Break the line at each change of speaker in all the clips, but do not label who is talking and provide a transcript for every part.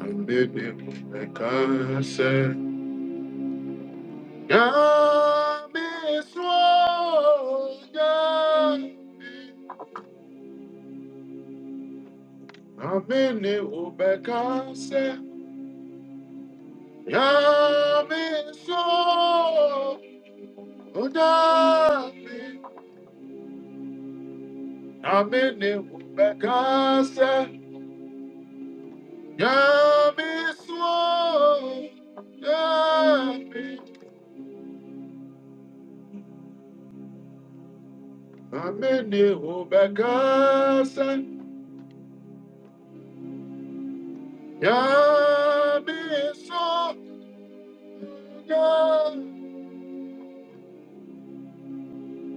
Ambede mekase Yami swo Yami Amini ubekase Yami swo Udami Amini ubekase Yami swo Yami Amini ubekase Yami swo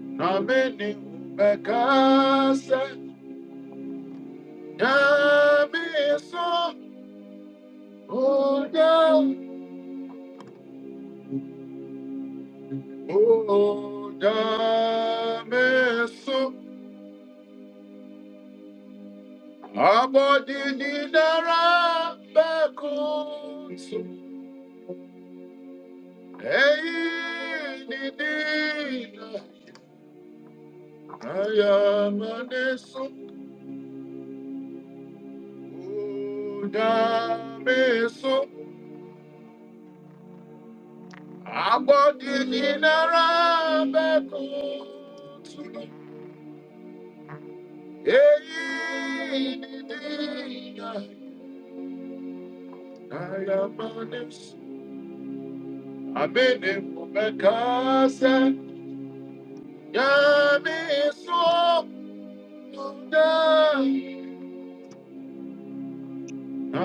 na mini ubekasa nyame so oda oda me so abodi ni dara beko so eyi ni dina aya so oda me so Abọ́dìyínnára bẹ́kún tún. Èyí nìdí ìyá Diamondis. Àbínibù bẹ́kásẹ́. Yẹ́mi sọ́kùnjà.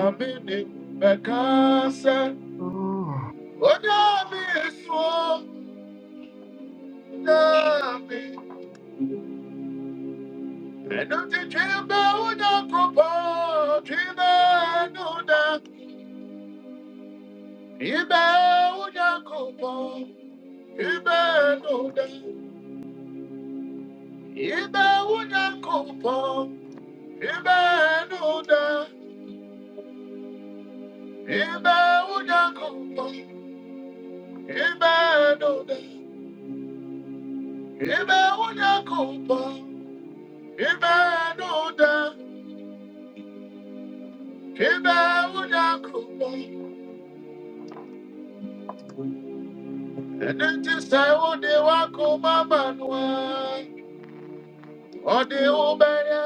Àbínibù bẹ́kásẹ́.
Oh,
Ó yẹ́ mi sọ́kùnjà mi. Ẹnu ti jí bẹ́ẹ̀ ó dà kó pọ̀ Iba uja kupo, ibe nuda, ibe uja kupo, iba nuda, iba uja kupo, ibe nuda, ibe uja kupo, ibe nuda, ibe uja kupo. Nti se udi wako mama nwa, odi ubeye,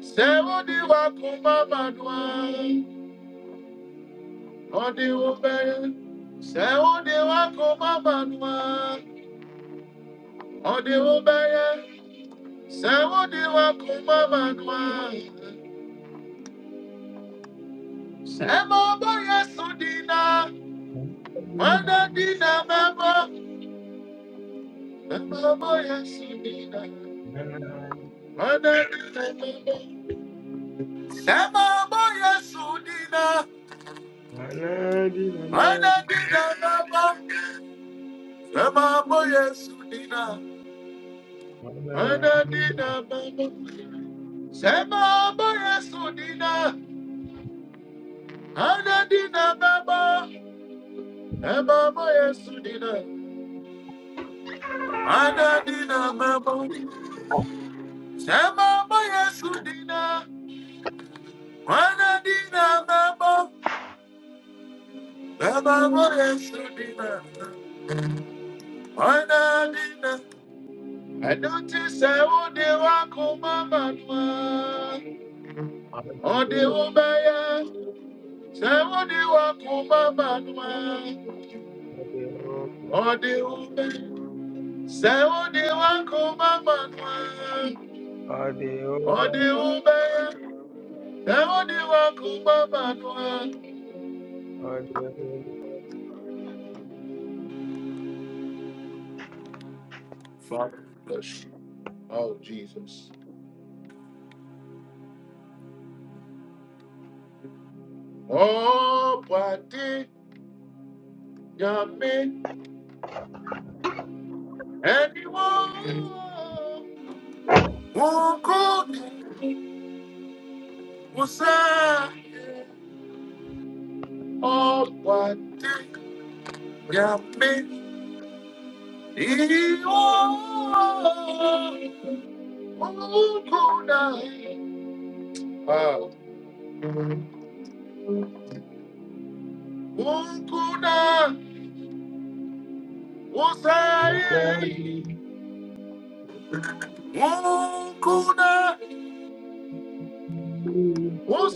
se udi wako mama nwa. Ode ode Ode wa koma banwa. ode obeye, se ode wa koma banwa. se mo boye sudina, mana dina mebo. Se mo boye sudina,
Manadi,
mana dina mebo. Se wa wa dina,
Manadi,
mebo.
Manadi,
Se mo boye sudina, mana dina ọdịwụbeye sewụdịwakụmamanụa ọdịwụbeye sewụdịwakụmamanụa semọbọyesudina nwanedinamebo semọbọyesudina nwanedinamebo
Manadi,
semọbọyesudina Se semọbọyesudina nwanedinamebo semọbọyesudina Anadina Baba, Emma Maya Sudina, Anadina Baba, Emma Maya Sudina, Anadina Baba, Emma Maya Sudina, Anadina. I notice I would never come, Mama, or the
Adeo,
Ubaya, Saudi Wakuma Manua,
Adeo,
or the Ube, Saudi Wakuma Manua, or the Ubaya. Father,
Adeo, Adeo,
bless you. Oh, Jesus. Oh, Pati Yami, anyone who could, who said, Oh, Pati Yami, anyone who could, ah, who could, who said,
Manadi,
who could,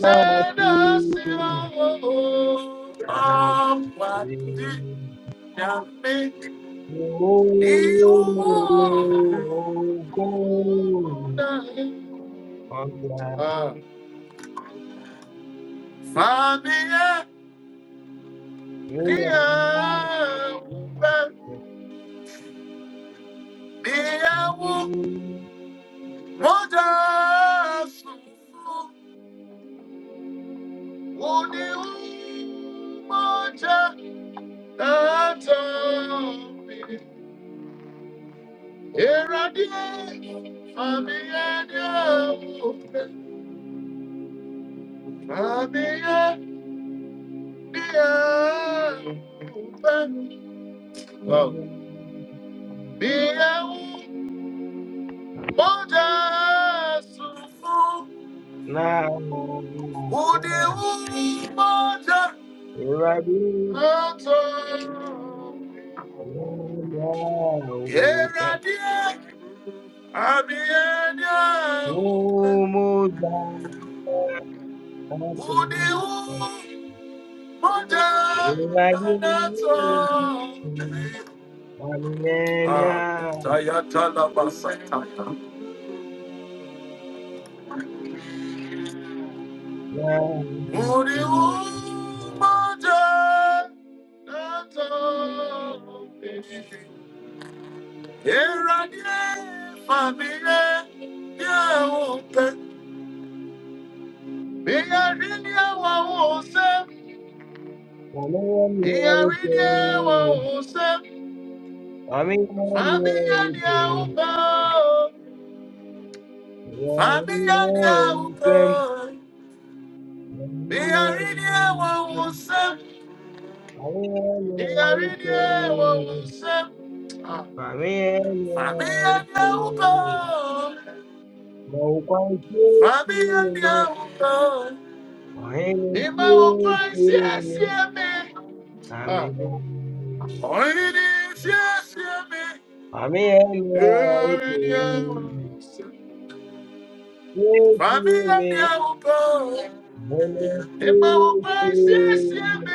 Manadi,
siwo amwati
Manadi.
nyame
Oh,
iwo
go, Manadi,
kuna Ah, famia dia uba dia wo Moja, sufu uni moja ata bi Eradi, mami adiawu, mami adiawu, wow. Biawu, moja sufu,
Manadi, Now,
udiwu moja
Ewurade
ato.
yɛn ahopɛ.
Eradi, mami
Wo
adiawu,
mu da atɔ.
udiwu moja
Ewurade
anato.
amenania
Ah, tayata la basata.
na
Uri
ahopɛ.
umaje nato. Eradi famile ye upe. Biyari ya wa use.
Ame yɛ mmea
Biyari
ahopɛ.
ya wa use.
Ame
Familia dia upe. Familia dia upe. Biyari ya wa use. Biyari ya wa use. Ah.
Amen.
Fabian Nauko, Fabian Nauko, Emma O'Brien, CSM, Oini, CSM, Fabian Nauko, Emma O'Brien, CSM,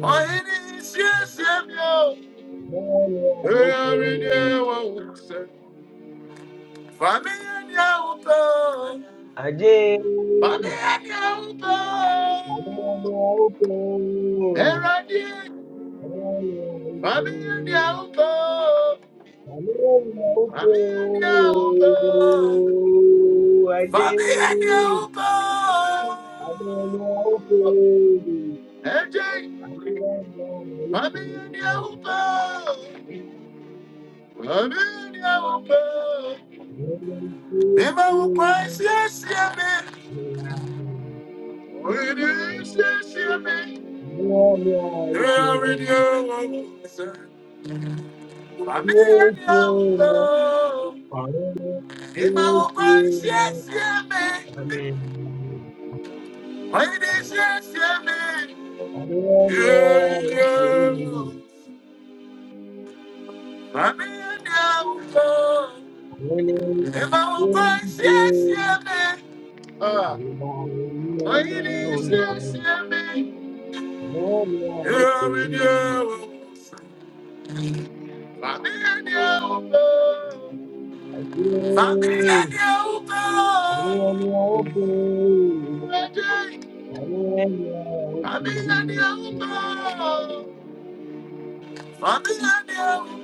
Oini, CSM, Fabian Nauko, Fabian Nauko. Eradi, Fami and Yaupo, Fami and Yaupo, Fami and Yaupo, AJ, Fami and Yaupo, Fami and Yaupo, Beba will price yes, yummy, reduce yes, yummy, already Fami and Yaupo, Beba will price yes,
Amen.
Ladies and gentlemen, yeah, yeah. I'm in the Am I right? Yes, yeah, man. Uh,
Thank you.
Ladies and gentlemen, yeah, we do. I'm in the I'm in the I'm in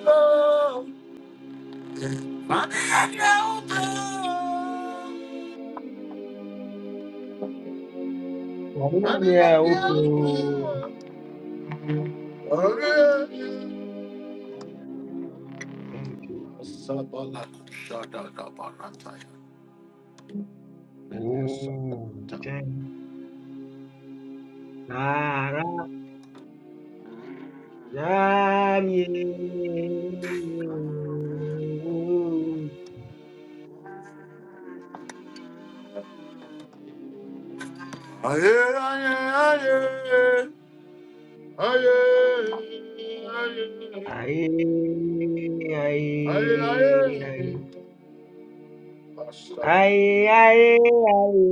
the Oh,
Oh, thank Nara Dami. Aye, aye, aye. Aye, aye, aye, aye, aye, aye, aye, aye, aye, aye, aye, aye, aye,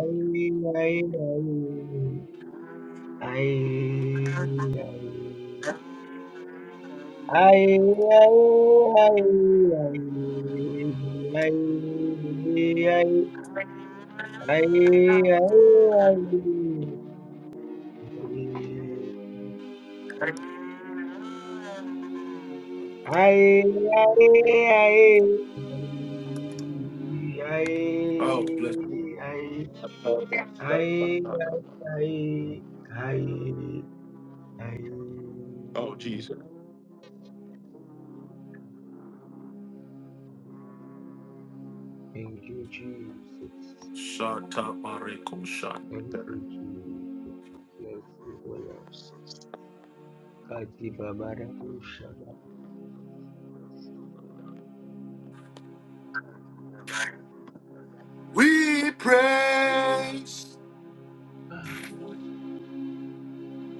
aye, aye, aye, aye. aye. Ay, ay, ay, ay, ay, ay, ay, ay, ay. Ay, ay, ay. Ay,
oh, bless you.
ay, ay, ay, ay, ay.
Oh, Jesus.
Thank you, Jesus.
Shut up, Mariko. Shut
Thank
up.
you, Jesus. Bless you, O Lord. Kati Babara Usha
We praise
Thank you, O Lord. Thank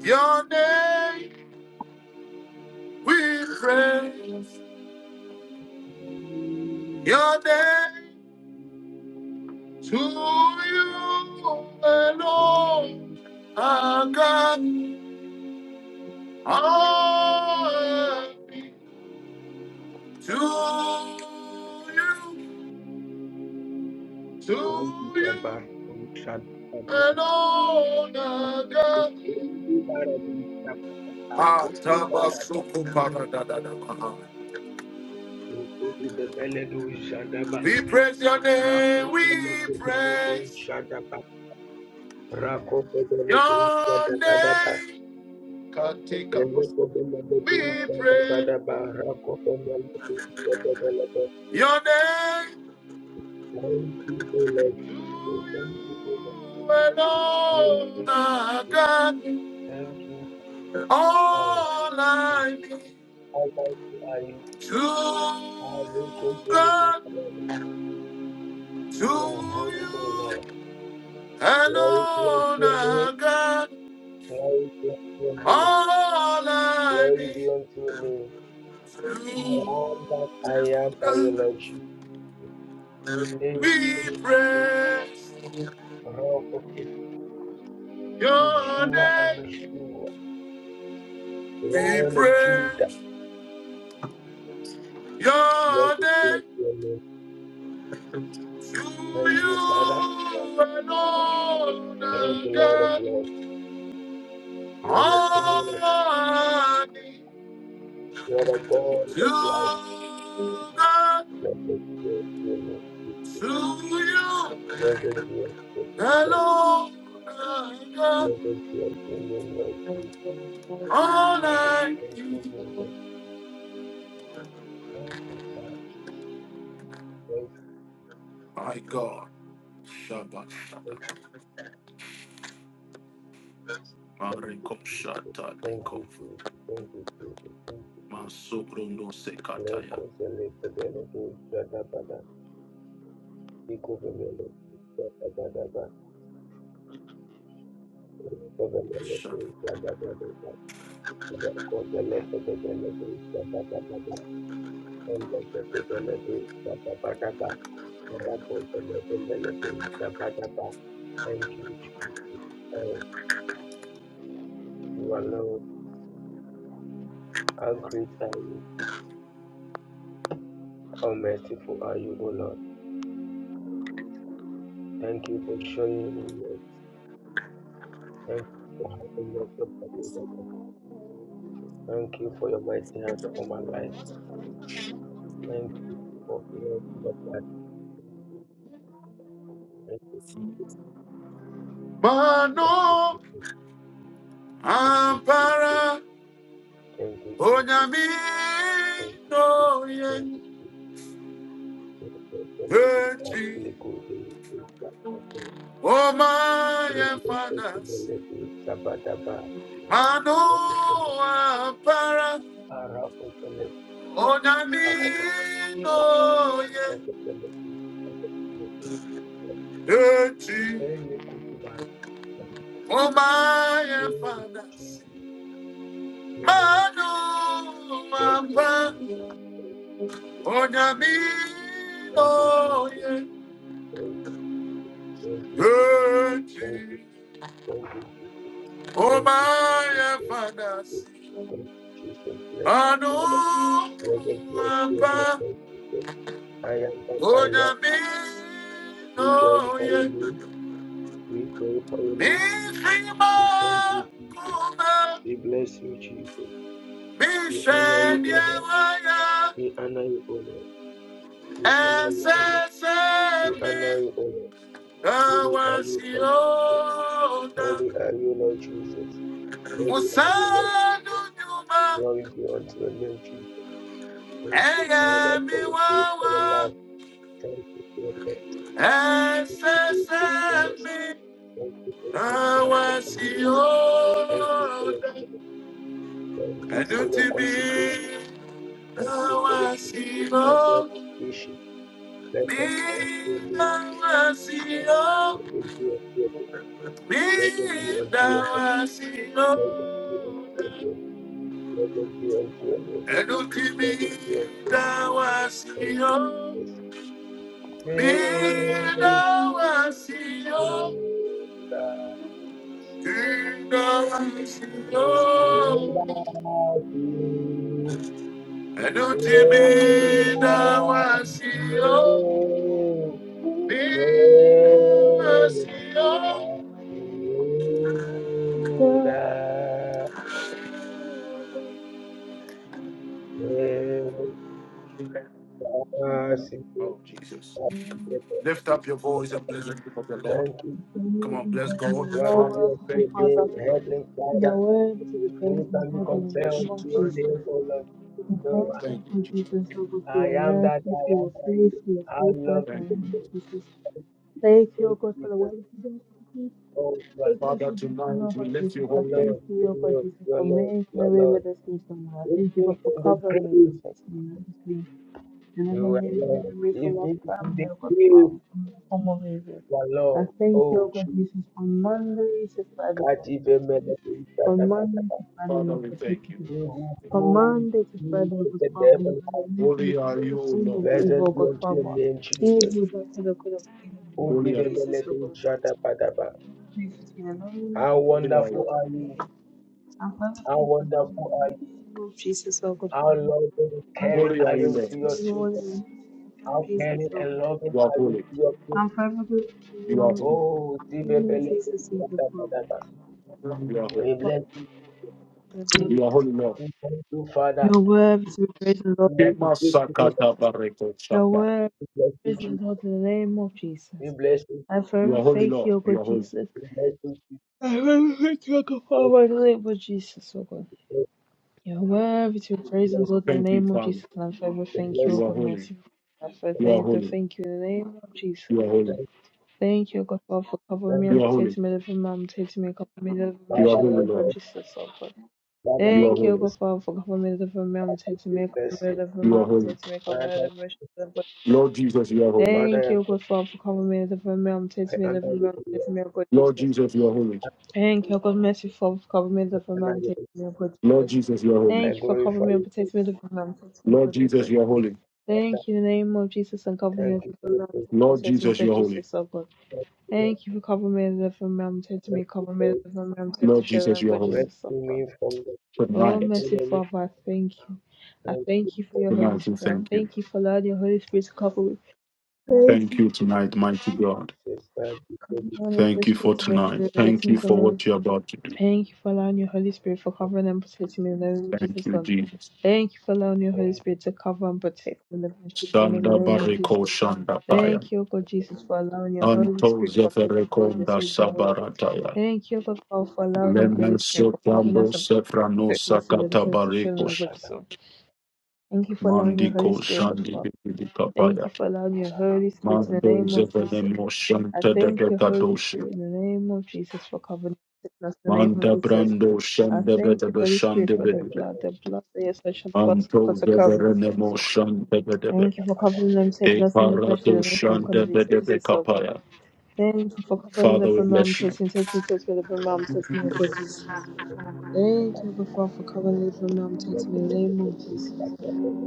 your name. We praise your name. To you alone, our God, all be to you, to
you, O Lord.
you alone, our God. Ah, Tabasukuparadadadamaha. We praise your name. We praise. Your name can take up. We pray your name to you alone, our God.
Thank
All I need
How mighty are you, All
to
we could really be
God, to
holy, O
you
Lord. Glory be unto
alone,
your name.
our God.
Glory be unto your name.
All I
Glory
need
be unto your name. I
to
am that I am by your
God.
Lord Jesus. Thank
We
you,
praise
Rock of
your
Yeshua and
name.
Meshua,
We
Lion of
pray.
Judah. Glory
Your
be
name
unto your name.
to you
Thank you, Father.
alone
Thank you, Lord of
again.
Lords. You are the King of
Honey
you are the God
to
of life.
God,
Blessed be unto your name.
to you
Blessed be unto your name.
alone again.
Blessed be your name, Lord Jesus.
All I
Blessed be your name, Lord. Thank you, Father. Thank
my God. Shabbat Shabbat. Mariko Shata
you, Jesus. thank
Nikova.
you, Jesus. Thank you, Jesus. Thank you, Jesus.
Masubruno Sekataya.
Leko zeleke beleko jadabada. Iko vemele jadabadaba. Iko vemeleko
Shabbat.
jadabadaba. Leko zeleke beleko jadabadaba. Leko zeleke jadabadaba. Leko zeleke beleko jadabadaba. Thank you, Jesus. Oh, you alone. How great are you? How merciful are you, O Lord? Thank you for showing me mercy. Thank you for having mercy upon me, O Lord. Thank you for your mighty hand for my life. Thank you for your love of life. Thank you, Jesus.
Mano
Thank
Ampara.
you, Jesus.
Onyamino
Thank you, Jesus. Thank you,
yen
Jesus. Thank you, Jesus. I
echi.
feel good. Thank you, Jesus. Thank you, Lord.
O my fathers,
Sabadaba.
Manoa para.
Arakoteleki.
Onyamino yen
Akovekoveteleki. Akovekoveteleki.
echi.
Elekutima
O my
Jesus,
fathers, Manoa para.
thank
Onyamino
you, Jesus, thank you, Jesus,
yen
thank you, thank you, thank
echi.
you, thank you,
O
thank you,
my fathers.
thank you, Jesus, bless you,
Anu
Father, bless us, bless you, bless
apa
us, Jesus. I am that I am.
una mi
We
no
glorify
ye
your name. We glorify your
mi
name.
shima
We thank you, Jesus.
kuma
We bless you, Jesus.
mi
We honor you, O
shenye
Lord.
waya
We honor you, O Lord. We honor you, O Lord. We
SSMB
honor you, O Lord. Holy are you, Lord Jesus.
Kawasiota
Holy are you, Lord Jesus. Holy are you, Lord.
Musadu
Jesus.
nyuma
Glory be unto your name, Jesus. Thank you, Father,
Ega
for
mi
the grace of your
wawa
love. Thank you for your mercy,
SSMB
faithfulness. Thank you for your mercy, for your love. Thank you for your
Kawasiota
thank you for your consecration.
Adutimi
Thank you for your consecration.
awasiro
God, we Let
mi
us bless your name.
awasiro
Let us be unto your name.
mi
Let us be unto your name.
dawasiro
Let us be unto your name.
Adutimi
Let us be unto your name. Let us be unto your
dawasiro mi
name.
Oh,
dawasiro
Praise the
mi
Thank
dawasiro
you,
Adutimi dawasiro mi dawasiro Oh, Jesus. Lift up your voice and bless the name of the Lord. Come on, bless God.
glory
Father,
be
we
unto
merciful
your
thank you for
Father,
name,
tonight.
Heavenly
we are
Father.
worthy to be praised
Who
and
can be
God
Father,
in
we
the
compared
bless
to
name
you
of
your
Jesus.
tonight.
name, O Lord?
We
We
No,
thank
thank
you
you,
for
Jesus.
Jesus, O God, for
I
your
am that
mercy, for
I
your
am. I,
grace, for your
I love
faithfulness,
Thank you.
and
Jesus.
Jesus. Thank you, O
you,
God, for the
Jesus.
wonderful
Oh, Lord,
Lord
Father,
Jesus, for my
tonight we
Lord
lift
Jesus.
your
I
Your
holy
thank
name.
Lord,
you, oh
your
Lord God
Lord,
Jesus,
your
for
Lord,
making a
your
way
Lord.
with us in some I thank you, God,
Even
for
in the
covering me,
grave,
protecting me, and everything. Deliver
you are
me and
Lord.
deliver me from my
Even in
family,
the
oh God,
grave,
from from the form of evil.
you are
I
Lord.
thank you,
Oh,
oh God,
Jesus.
Jesus, for Monday to Friday,
Can't
Lord God
even
Jesus.
meditate that
From
about
Monday
that.
to Friday,
Father,
Lord
we
God
thank you.
Jesus.
You who
From
hold the
Monday to
key
Friday, oh
to
God,
the
Father, you
devil.
have delivered me
Holy
from
are you,
every
O
form
Lord.
of evil,
Blessed
oh
be
God,
unto your
Father.
name, Jesus.
Evil that could have, could have been in the
Who
name of
Holy are
even
you.
Jesus, oh
meditate
God.
that about that.
Praise be to the name of
How
Holy are
Jesus,
you.
wonderful are you?
I'm
How
perfectly content
wonderful
in the
are you?
name of Jesus, O God,
How loving and
I'm
caring
Holy
are
are
perfectly
you,
you to
Lord.
your
content, Lord, in
children?
the name of
How caring
Jesus, O
and
God.
loving
You are
are you
holy.
to your people?
I'm perfectly content
You are
in
holy.
Oh,
the name of
Zibebele,
Jesus, O God, Father.
You are holy.
we bless you.
Thank
You are
you,
holy, Lord.
Father.
We thank you, Father.
Your word is praise the Lord
We want to
Kema
give you
Jesus.
sakata bareko
Your
shaka.
word
the bless you,
praise the
Jesus.
Lord in the name of
We
Jesus.
bless you.
I
You
forever
are holy,
thank you,
Lord.
O God
You are holy.
Jesus.
We bless you.
I forever thank you, O God
We
Father, in the name of Jesus, O God. You're worthy to be praised and
bless you.
Lord in the
Thank you,
name of
Father.
Jesus. And I forever
We bless you. We
thank you, O
bless
You are
God,
you.
holy.
mercy. I forever
You
Thank
are
thank you,
holy.
thank you in the name of Jesus.
You are holy.
you.
Thank you, O God, Father, for covering me
Thank
and
You
you.
are holy.
protecting me, delivering me, and protecting me, covering me, delivering me,
Father,
You are
shielding
holy,
me,
Lord,
God,
Lord.
Lord,
Jesus, O God.
Father,
You
Lord,
are
we
Thank you, O
holy.
bless
God, Father, for covering me, delivering me, and
you.
protecting
We
me, covering
bless
me,
you.
delivering me,
You are
and
holy.
protecting me, covering me,
Father,
delivering me, shielding me, God.
Lord Jesus, you are holy.
Thank you,
Father,
O God, Father, for covering me, delivering me, and
I
protecting me,
I honor
delivering me,
you.
and
Lord.
protecting me, O God,
Lord
Jesus.
Jesus, you are holy.
Thank you, God mercy for covering me with the
I honor
man taking
you.
me up with
Lord
Jesus.
Jesus, you are holy.
I
Thank you for
glorify
covering me and
you,
protecting me with the man taking me
Lord
with
Jesus,
Jesus.
you are holy.
Father.
Thank you in the name of Jesus and covering me
Thank
with
you for
the
your
man
presence.
Lord
protecting me
Jesus,
with
you are holy.
Jesus, oh God.
Thank you Lord.
Thank you for covering me with the man protecting
Thank
me,
you
covering me
for
with the man
Lord
protecting me
Jesus,
with
you are
God
holy.
Jesus, oh
rescuing
God.
me from the
Oh,
Tonight,
mercy,
enemy.
Father, I thank you. I
Thank
thank you for your Holy
tonight, we
Spirit. I
thank you.
thank you for allowing your Holy Spirit to cover me. Thank you.
Thank you tonight, mighty
you,
God.
sister.
Holy
Thank you
Spirit
for
to make a
tonight.
way with the
Thank you
things
for
of
what you're about to do.
Thank you for allowing your Holy Spirit for covering and protecting me in the name of
Thank
Jesus
you,
God.
Jesus.
Thank you for allowing your
Thank
Holy
you.
Spirit to cover and protect me in the friendship in the
Shanda
name of
bariko
Jesus.
shanda paya.
Thank you, O God Jesus, for allowing your Holy
Anto
Spirit for making me the
zeferekonda
sins no way.
sabarataya.
Thank you, O God Father, for allowing your Holy Spirit
Lemeso
for covering
Prambo
us and
Sefrano
protecting us in the
Sakata
defense of
Aleko
children and
Barekos
good soul. Thank you for allowing your Holy
Mandiko
Spirit, God
Shandi
Father. Thank
Bibikapaya
you for allowing your Holy Spirit in the
Mando
name of Jesus.
Zevenemo
I
Shanta de
thank you, Holy
Begadoshi
Spirit, in the name of Jesus, for covering us in the name of
Manda
Jesus.
Brando
I
Shanda
thank you,
Bedebe
Holy Spirit,
Shande
for the
Bedebe
blood, the blood that your session was
Manto
because of covering.
Zeverenemo Shanda Bedebe
Thank you for covering them, taking
E
us in the flesh,
Parato
deliverance from
Shanda
convicts, which
Bedebe
is so good.
Kapaya
Thank you for covering the
Father we
from mom,
Zebeleke,
bless you
taking, taking, taking the from mom, taking the good Jesus. Thank you, O God, Father, for covering the from mom, taking the name of Jesus.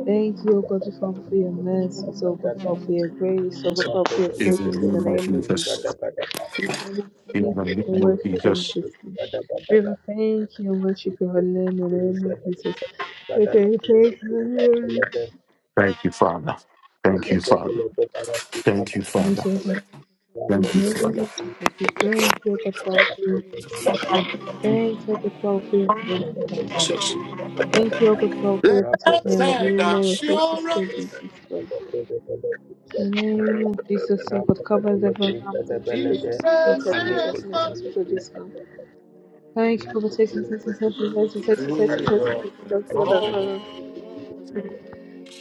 Thank you, O God, Father, for your mercies, O God, Father, for your grace, O God, Father, for your faithfulness in the name of Jesus. We thank you and worship your majesty. We will thank you and worship your holy name in the name of Jesus. We will thank you and worship- you.
Thank you Father Thank you Father Thank you
Thank
Father
you, God, in the
Thank you
name
Father
of Jesus. We thank you, God, for all your mercy. Thank you, God, for all your grace, God, Father. Thank you, God, for all your protection in the
Blessed
name of Jesus, Lord
assurance
Jesus, God. In the name of Jesus, so
Rafa
God, cover everyone. I'm to this.
Jesus
Peleke,
Protect, protect,
is the
protect, protect, protect, Thank you for protecting sets and sets and sets and sets and sets and
King
sets
Peleke,
of
and sets and
all.
sets
Peleme,
and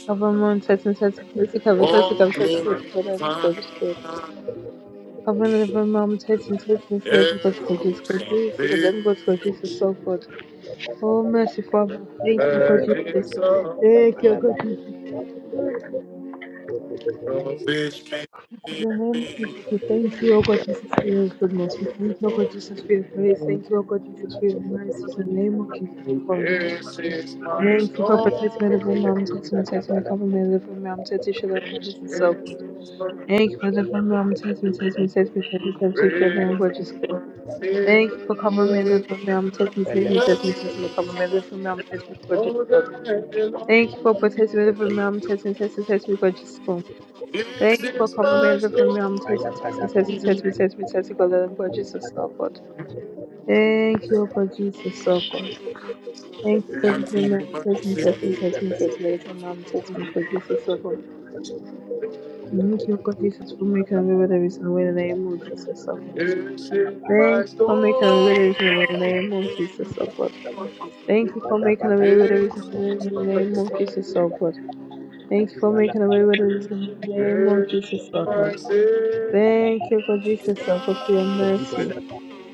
Cover moon sets and sets and sets and cover sets
All
and cover sets and
glory
sets and sets
divine,
and sets and Cover the river mom sets and sets and sets and go to God for Jesus,
eros
God
and
Jesus, God then go to God for Jesus,
peace,
so good. Oh mercy Father, thank you God Jesus.
virgins of
Thank you
God,
God Jesus.
of His people.
In the name of Jesus, we thank you, O God Jesus, for your goodness. We thank you, O God Jesus, for your grace. Thank you, O God Jesus, for your mercy. In the name of Jesus,
This is my
Thank you for protecting me,
story.
delivering me, I'm testing me, testing me, covering me, delivering me, I'm testing each other, I'm just so
This
good.
is my
Thank you for delivering me, I'm testing me, testing me, testing me, testing me, testing each other,
praise,
I'm just good. Thank you for covering me, delivering me, I'm testing me,
and
testing me, testing me, testing me, covering me,
worship.
delivering me, I'm testing me, God,
All
just good.
that
Thank you for protecting
belongs.
me, delivering me, I'm testing, testing, testing me, God, just good. Thank
This
you for
is
covering
my
me, delivering me, I'm
story.
testing, testing, testing, testing me, testing me, testing me, God, I'm God, Jesus, so good. Thank you, God, Jesus, so good. Thank you for
This
the
is
man.
my
Set me,
story.
set me, set me, set me, for mom. Set me for Jesus, so God. Thank you, God, Jesus, for making a way where there is no way in the name of Jesus, so God.
This is
Thank
my
Thank you for making a way where
story.
there is no way in the name of Jesus, so God. Thank you for making a way where there is
This
no way in
is
the
my
name of
story.
Jesus, so God. Thank you for making a way where there is no way in the name of
This is
Jesus, so God.
my Savior.
Thank you, for Jesus, so God, for your mercy,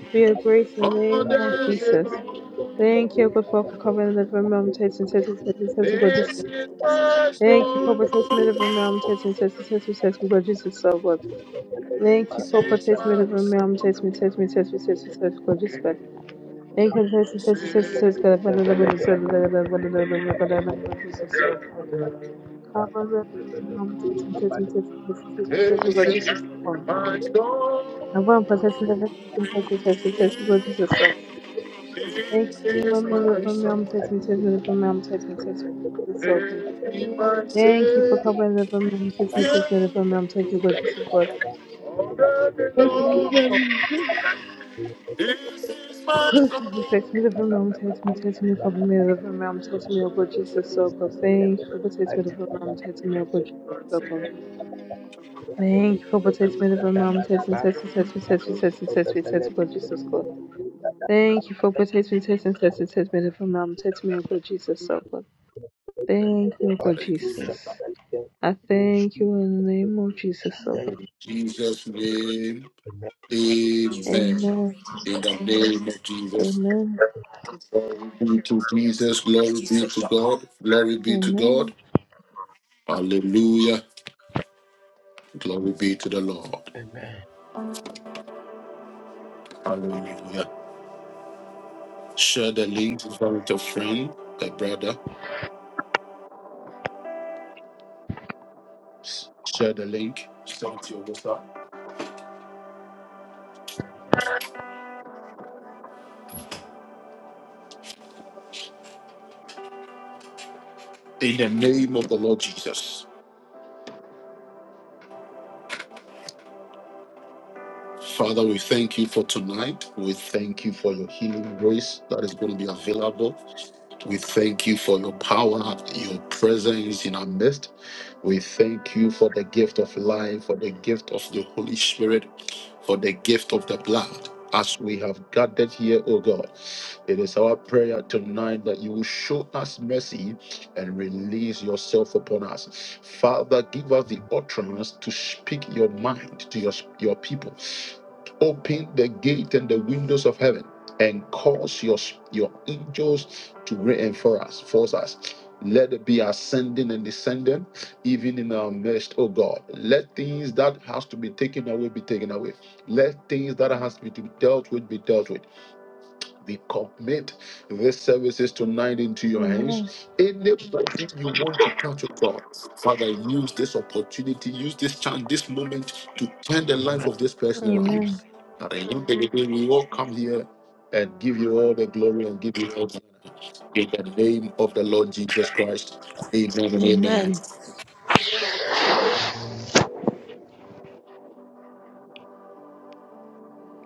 for your grace in the
All
name of
that
Jesus.
belongs.
Thank you, God, for for covering the very mom. Set me, set me, set me, set me, God, Jesus.
This is my
Thank you for
story.
protecting me from me. I'm testing, testing, testing, testing, because Jesus is so good. Thank you
This
for
is
protecting me
my
from me. I'm
story.
testing, testing, testing, testing, testing, because Jesus is good. Thank you for testing, testing, testing, testing,
Savior.
God. Father, the Lord is so good. Father, the Lord is so good. Father, the Lord is so good. Cover me from testing, testing, testing, testing, testing, testing,
This
because
is
Jesus.
my story.
I'm going for testing, testing, testing, testing, testing, because Jesus is so good. Thank
This
you for
is my
covering me from me. I'm
song.
testing, testing, from me. I'm testing, testing, testing, so
This
good.
is my
Thank you for
Savior.
covering me from me. I'm testing, testing, from me. I'm testing, because Jesus is good.
All that
Take me
belongs.
from
This is my
Take
song.
me to the realm, take me, take me,
you.
cover me to the realm, me, oh good Jesus,
In
so
Jesus'
good.
name,
Thank you for protecting me to the realm, take me, oh good Jesus, so good. Thank you for protecting me from mom, testing, testing, testing, testing, testing, testing, testing, God, Jesus, God. Thank you for protecting me, testing, testing, testing, me protect me from mom, testing me, oh God, Jesus, so good. Thank you, oh God, Jesus. I thank you in the name of Jesus, so God.
Jesus,
amen.
amen.
Amen,
Name of Jesus.
amen,
Glory be to Jesus. Glory be to God. Glory be to God.
amen,
Hallelujah. Glory be to the Lord.
Amen.
Hallelujah. Share the link with your friend, the brother. Share the link. Share it to your WhatsApp. In the name of the Lord Jesus. Father, we thank you for tonight. We thank you for your healing grace that is going to be available. We thank you for your power, your presence in our midst. We thank you for the gift of life, for the gift of the Holy Spirit, for the gift of the blood. As we have gathered here, O God, it is our prayer tonight that you will show us mercy and release yourself upon us. Father, give us the utterance to speak your mind to your, your people. Open the gate and the windows of heaven and cause your, your angels to reinforce us, force us. Let it be ascending and descending even in our midst, oh God. Let things that has to be taken away be taken away. Let things that has to be dealt with be dealt with. We commit these services tonight into your
amen,
hands. Anybody you want to touch, oh God, Father, use this opportunity, use this chance, this moment to turn the life
Amen.
of this person around.
amen,
At the end of we all come here and give you all the glory and give you all the honor. In the name of the Lord Jesus Christ, amen and
amen,
amen.
Amen.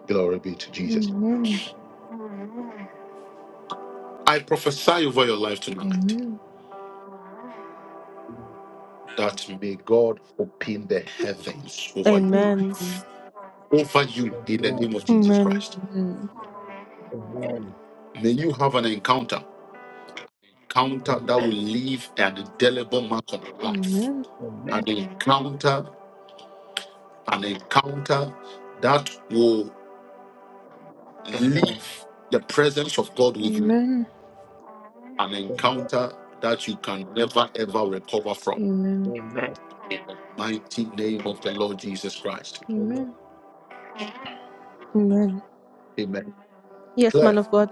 Glory be to Jesus.
amen.
I prophesy over your life tonight
Amen.
that may God open the heavens over your
Amen.
life, over you in the name of Jesus
Amen.
Christ.
Amen.
Amen. Amen. Amen. Amen. Amen.
May you have an encounter, encounter that will leave an indelible mark on your life,
Amen.
an encounter, an encounter that will
Amen. Amen.
leave the presence of God with you,
Amen.
an encounter that you can never ever recover from.
Amen.
In the mighty name of the Lord Jesus Christ.
Amen.
Amen.
Amen.
Amen.
Yes,
Claire.
man of God.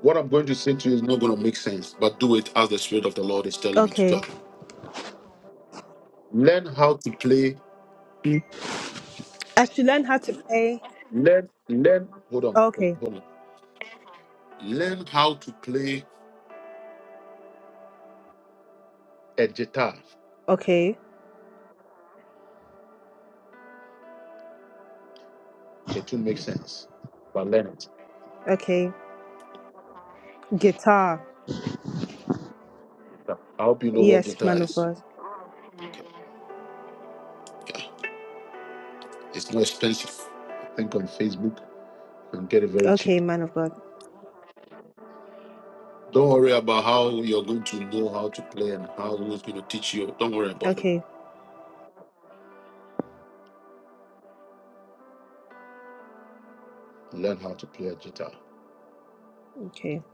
What I'm going to say to you is not going to make sense, but it's as of the Lord is telling me to
Okay.
tell. you. Lay,
I should learn how to play.
hold on, wait,
Okay.
hold on. Lay a guitar.
Okay.
It will make sense, but learn it.
Okay. Guitar.
I hope you know what
Yes,
guitar
man of
is.
God.
Okay. It's not expensive. I think on Facebook you can get it very cheap.
Okay, man of God.
Don't worry about how you're going to know how to play and how who's going to teach you. Don't worry about it.
Okay.
Learn how to play a guitar.
Okay.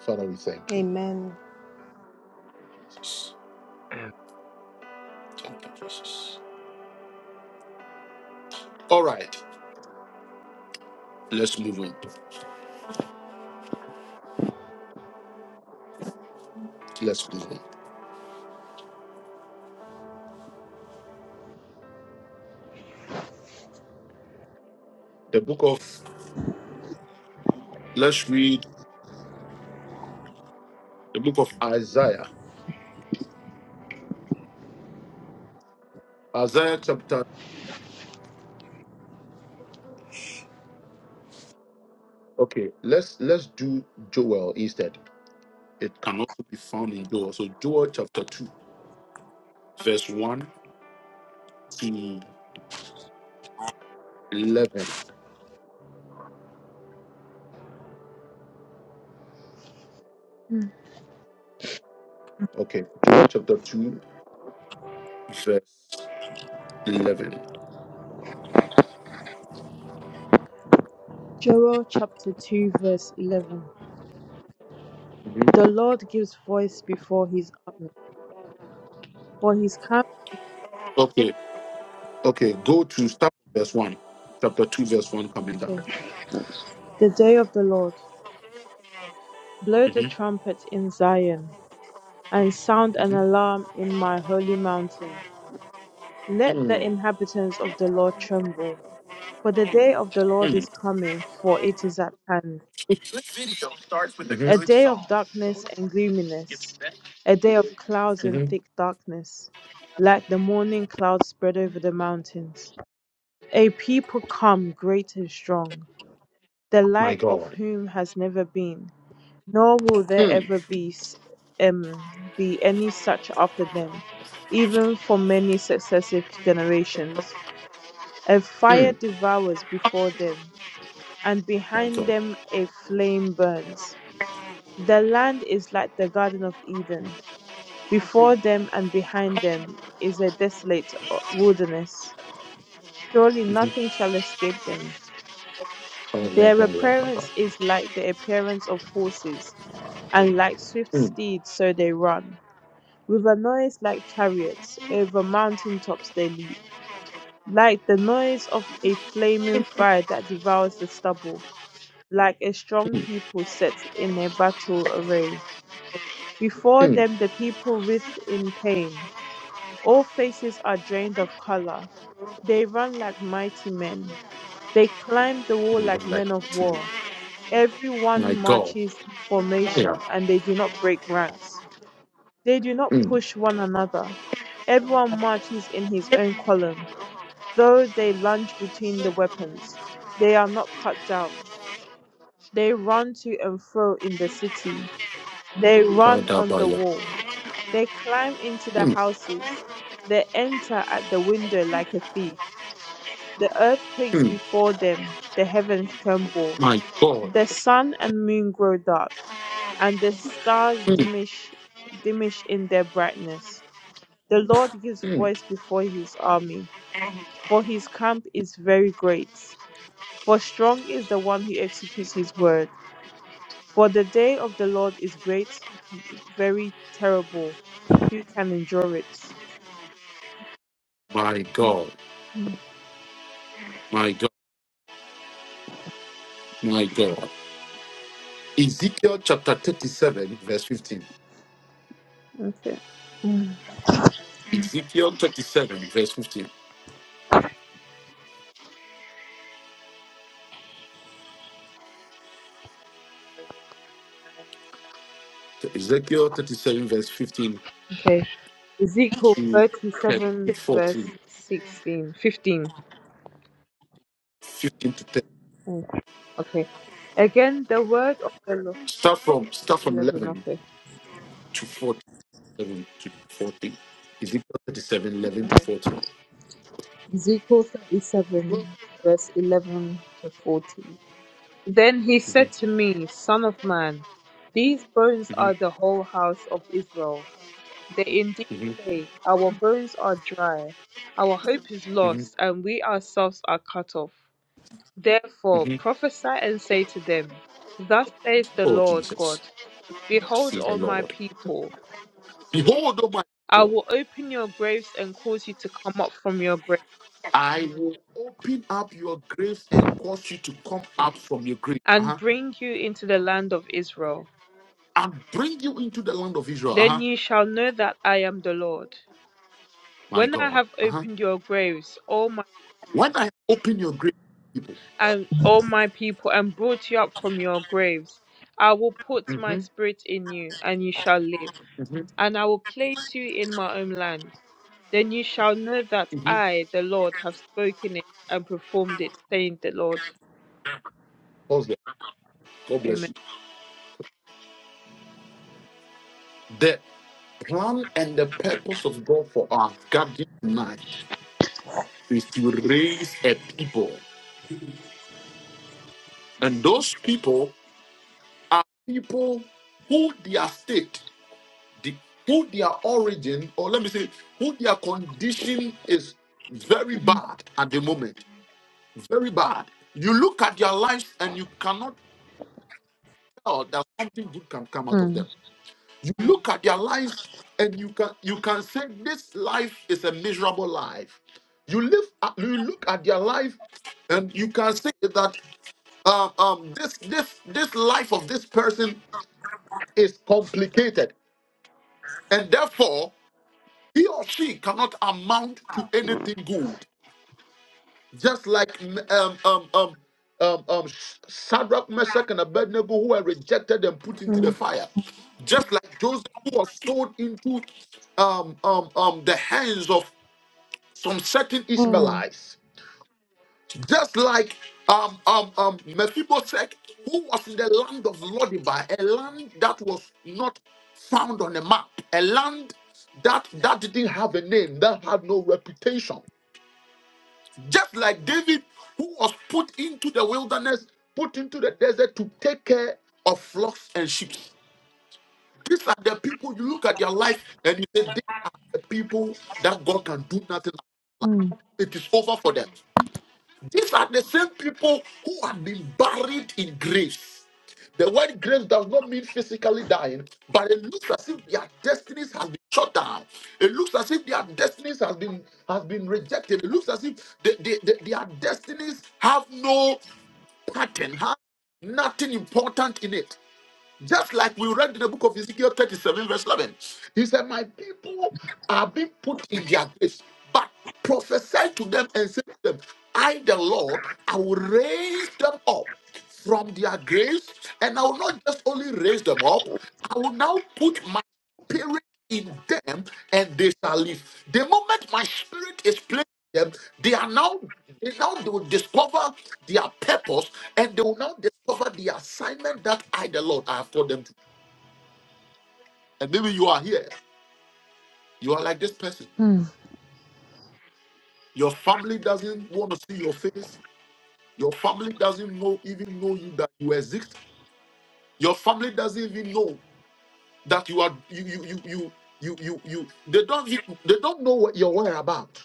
Father, we thank you.
Amen.
Jesus. Thank you, Jesus. All right, let's move on. Let's move on. The book of let's read The book of I as Okay, let's let's do Joel instead. It can also be found in Joel. So Joel chapter two, verse one to eleven. Okay, Joel chapter two, verse eleven.
Joel chapter 2, verse 11. The Lord gives voice before his army, for his camp.
Okay, okay. Go to start with verse one. Chapter two, verse one, coming down.
Okay. The day of the Lord. Blow the
Mhm,
trumpet in Zion, and sound an
mhm.
alarm in my holy mountain. Let the inhabitants of the Lord tremble, for the day of the Lord is coming, for it is at hand.
Video starts with a Mhm.
A
good
day of
song.
darkness and gloominess, a day of clouds and thick darkness, like the morning clouds spread over the mountains. A people come great and strong, the like of whom has never been, nor will there
Mm.
ever be, s- um, be any such after them, even for many successive generations. A fire devours before them, and behind them a flame burns. The land is like the Garden of Eden. Before them and behind them is a desolate uh, wilderness. Surely nothing shall escape them.
Oh, yeah,
Their
yeah, yeah.
appearance is like the appearance of horses, and like swift steeds, so they run. With a noise like chariots, over mountain tops they leap. Like the noise of a flaming fire that devours the stubble, like a strong people set in a battle array. Before them the people writhe in pain. All faces are drained of color. They run like mighty men. They climb the wall
They do
like men
like it
of war. Everyone marches in formation
Yeah.
and they do not break ranks. They do not push one another. Everyone marches in his own column. Though they lunge between the weapons, they are not cut down. They run to and fro in the city. They run on the wall. They climb into the houses. They enter at the window like a thief. The earth quakes before them. The heavens tremble. The sun and moon grow dark, and the stars diminish, diminish in their brightness. The Lord gives voice before his army, for his camp is very great. For strong is the one who executes his word. For the day of the Lord is great, very terrible. Who can endure it?
Now, Ezekiel chapter
Okay.
is
Okay. Ezekiel
in
37, verse
14,
16, 15.
15 to 10.
Mm, Okay. Again, the word of the Lord.
Start from start from
11,
11
okay.
to 47 to 40. Ezekiel 37, eleven to
okay.
14.
Ezekiel 37, verse 11 to 14. Then he
Mhm,
said to me, Son of man, these bones are
mhm,
the whole house of Israel. They indeed say, Our bones are dry, our hope is lost, and we ourselves are cut off. Therefore
mhm.
prophesy and say to them, Thus says the
Oh,
Lord
Jesus.
God Behold, all my people,
Behold, O my
I
God,
will open your graves and cause you to come up from your grave,
I will open up your graves and cause you to come up from your grave
and
uh-huh,
bring you into the land of Israel.
and bring you into the land of Israel.
Then
Uh-huh.
ye shall know that I am the Lord.
My
When I
God.
have
Uh-huh.
opened your graves, O
When I open your grave, people,
and all my people, and brought you up from your graves. I will put my spirit in you, and you shall live,
mhm,
and I will place you in my own land. Then you shall know that
mhm.
I, the Lord, have spoken it and performed it, saying the Lord.
pause there. God bless
Amen.
you. The plan and the purpose of God for our gathering tonight is to raise a people. And those people are people who their state, the, who their origin, or let me say, who their condition is very bad at the moment. Very bad. You look at their lives and you cannot tell that something good can come out of
Mm,
them. You look at their lives and you can you can say this life is a miserable life. You live at- you look at their life and you can say that um, um, this this this life of this person is complicated And therefore, he or she cannot amount to anything good. Just like um, um, um, um, um, Shadrach, Meshach, and Abednego, who were rejected and put into the
mm,
fire. Just like Joseph, who was thrown into um, um, um, the hands of some certain
Mm.
Ishmaelites. Just like um, um, um, Mephibosheth, who was in the land of Lodibar, a land that was not found on a map, a land that, that didn't have a name, that had no reputation. Just like David, who was put into the wilderness, put into the desert to take care of flocks and sheep. These are the people you look at their life and you say, these are the people that God can do nothing about.
mm,
It is over for them. These are the same people who have been buried in graves. The word graves does not mean physically dying, but it looks as if their destinies has been shut down. It looks as if their destinies has been has been rejected. It looks as if they, they, they- their destinies have no pattern, have nothing important in it. Just like we read in the book of Ezekiel 37, verse 11. He said, My people are being put in their graves, but prophesy to them and say to them, I, the Lord, I will raise them up from their graves, and I will not just only raise them up, I will now put my spirit in them and they shall live. The moment my spirit is placed in them, they are now they now they will discover their purpose and they will now discover the assignment that I, the Lord, I have told them to. And maybe you are here. You are like this person.
mm.
Your family doesn't want to see your face. Your family doesn't know even know you that you exist. Your family doesn't even know that you are you you you you you you. you- They don't e- they don't know what you're about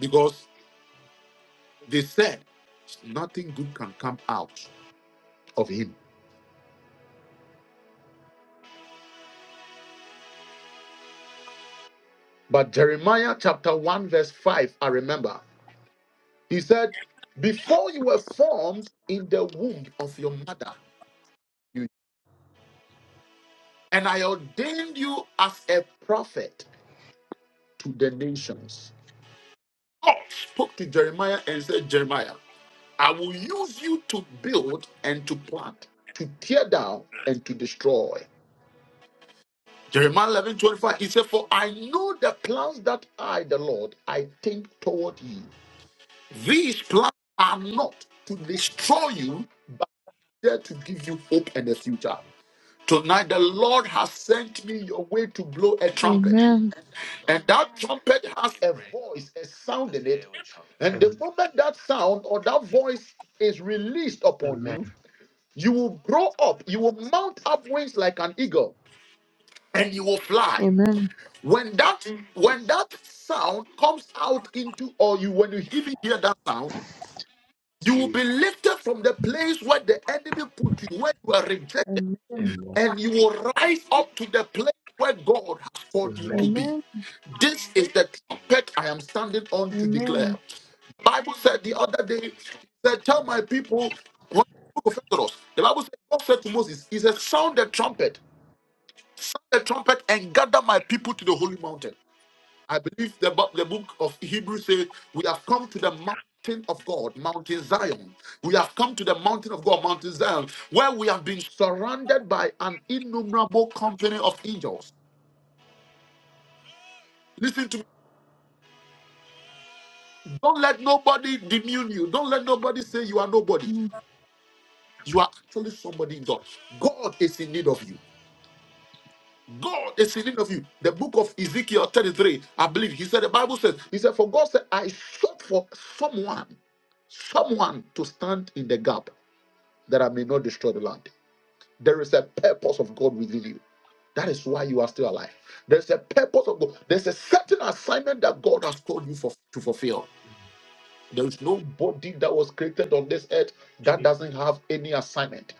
because they said nothing good can come out of him. But Jeremiah chapter one verse five, I remember. He said, Before you were formed in the womb of your mother, you, and I ordained you as a prophet to the nations. Spoke to Jeremiah and said, Jeremiah, I will use you to build and to plant, to tear down and to destroy. Jeremiah 11 25. he said, For I know the plans that I, the Lord, I think toward you. These plans are not to destroy you, but there to give you hope and a future. Tonight, the Lord has sent me your way to blow a trumpet.
Amen.
And that trumpet has a voice, a sound in it. And the
Amen.
moment that sound or that voice is released upon
Amen.
you, you will grow up, you will mount up wings like an eagle, and you will fly.
Amen.
When that when that sound comes out into or you when you even hear that sound, you will be
Jesus.
lifted from the place where the enemy put you, where you are rejected
Amen.
Amen.
and you will rise up to the place where God has called you to
Amen.
be.
Amen.
This is the trumpet I am standing on to declare.
Amen.
Bible said the other day, he said, Tell my people, when the book of Exodus, the Bible said, God said to Moses, He said, Sound the trumpet, sound the trumpet, and gather my people to the holy mountain. I believe the, bu- the book of Hebrews says, We have come to the mountain of God, Mountain Zion. We have come to the mountain of God, Mountain Zion, where we have been surrounded by an innumerable company of angels. Listen to me. Don't let nobody demean you. Don't let nobody say you are nobody.
Mm,
You are actually somebody in God. God is in need of you. God is in need of you. The book of Ezekiel 33, I believe, he said, the Bible says, He said, For God said, I sought for someone someone to stand in the gap that I may not destroy the land. There is a purpose of God within you. That is why you are still alive. There's a purpose of God. There's a certain assignment that God has told you for, to fulfill. There is nobody that was created on this earth that
Jesus.
doesn't have any assignment.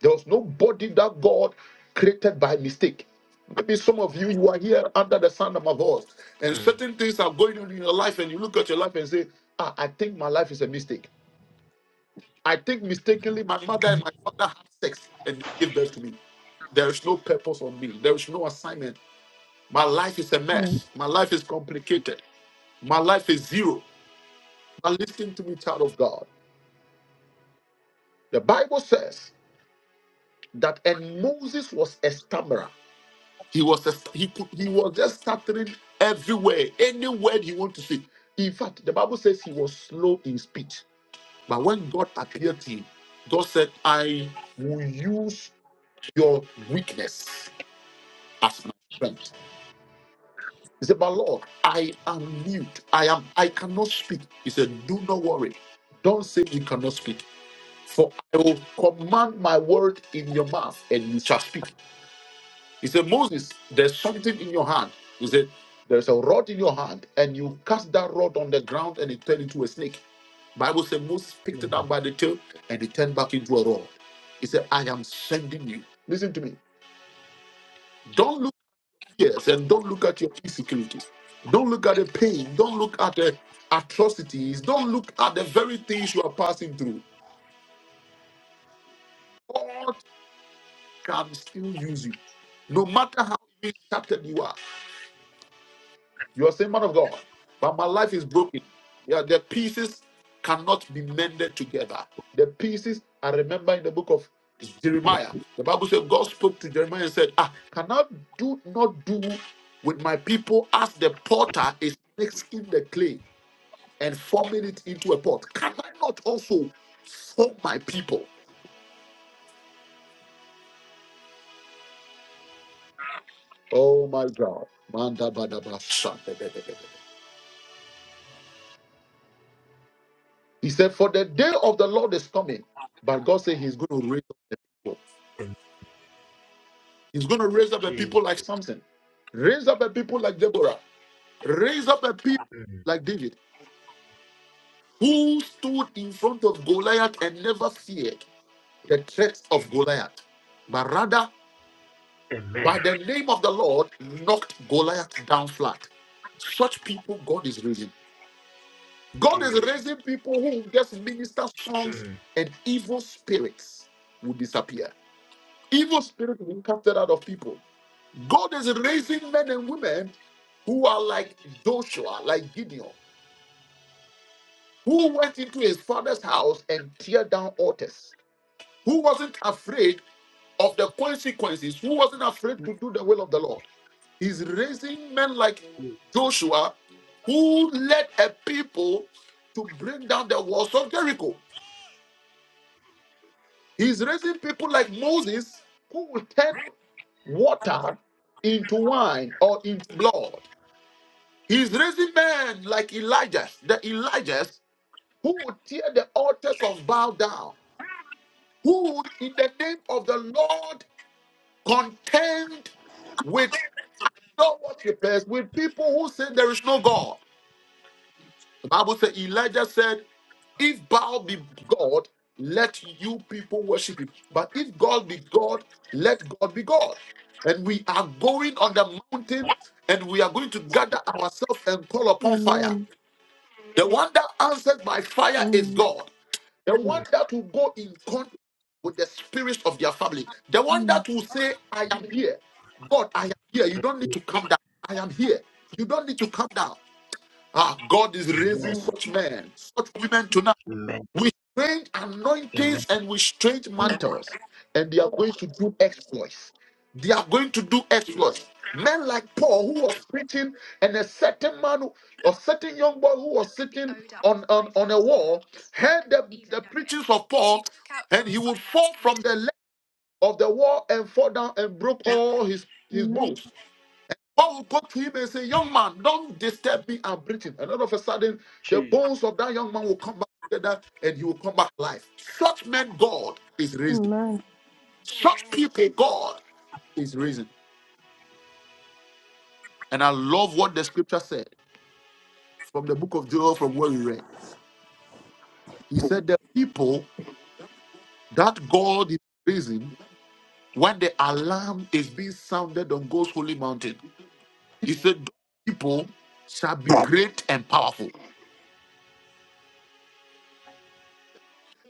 There was nobody that God created by mistake. Maybe some of you, you are here under the sound of my voice, and certain things are going on in your life, and you look at your life and say, ah, I think my life is a mistake. I think mistakenly my mother and my father had sex and they gave birth to me. There is no purpose on me. There is no assignment. My life is a
mm,
mess. My life is complicated. My life is zero. But listen to me, child of God. The Bible says that and Moses was a stammerer. He was a, he could, he was just stuttering everywhere, any word he wanted to say. In fact, the Bible says he was slow in speech. But when God appeared to him, God said, "I will use your weakness as my strength." He said, But Lord, I am mute. I am I cannot speak. He said, Do not worry. Don't say you cannot speak. For I will command my word in your mouth and you shall speak. He said, Moses, there's something in your hand. He said, There's a rod in your hand, and you cast that rod on the ground and it turned into a snake. Bible said Moses picked it up
Amen.
by the tail and it turned back into a rod. He said, I am sending you. Listen to me. Don't look." Yes, and don't look at your insecurities. Don't look at the pain. Don't look at the atrocities. Don't look at the very things you are passing through. God can still use you. No matter how shattered you are, you are saying, Man of God, but my life is broken. Yeah, the pieces cannot be mended together. The pieces, I remember in the book of Jeremiah, the Bible said, God spoke to Jeremiah and said, Ah, can I do not do with my people as the potter is mixing the clay? and forming it into a pot. Can I not also form my people? Oh my God. Manda bada ba He said, For the day of the Lord is coming. But God said He's going to raise up people. He's going to raise up a people like Samson, raise up a people like Deborah, raise up a people like David, who stood in front of Goliath and never feared the threat of Goliath. But rather By the name of the Lord, knocked Goliath down flat. Such people God is raising. God is
Jesus.
raising people who will just minister songs
Amen.
and evil spirits will disappear. Evil spirits will be casted out of people. God is raising men and women who are like Joshua, like Gideon, who went into his father's house and tear down altars, who wasn't afraid of the consequences, who wasn't afraid to do the will of the Lord. He's raising men like
Jesus.
Joshua who led a people to bring down the walls of Jericho. He's raising people like Moses who will turn water into wine or into blood. He's raising men like Elijah, the Elijahs who will tear the altars of Baal down, who would, in the name of the Lord, contend with non worshippers, with people who say there is no God. The Bible said Elijah said, If Baal be God, let you people worship him. But if God be God, let God be God. And we are going on the mountain and we are going to gather ourselves and call upon fire.
Amen.
The one that answers by fire is
Mm.
God. The one
Mm.
that will go in contact with the spirit of their family. The one
mm.
that will say, I am here. God, I am here. You don't need to come down. I am here. You don't need to come down. Ah, God is raising
Amen.
such men, such women tonight
Amen.
with strange
Amen.
anointings and with strange mantles, and they are going to do exploits. They are going to do exploits. Men like Paul, who was preaching, and a certain man who- or certain young boy who was sitting, heard the voice of Paul, and he would fall from the length of the wall and fall down and broke all his his
Amen.
bones. Paul will talk to him and say, Young man, don't disturb me. I'm breathing. And all of a sudden, the
Jesus.
bones of that young man will come back together and he will come back alive. Such men, God is raising.
Amen.
Such people, God is raising. And I love what the scripture said from the book of Joel, from where we read. He said, The people that God is raising, when the alarm is being sounded on God's holy mountain, he said, Those people shall be great and powerful.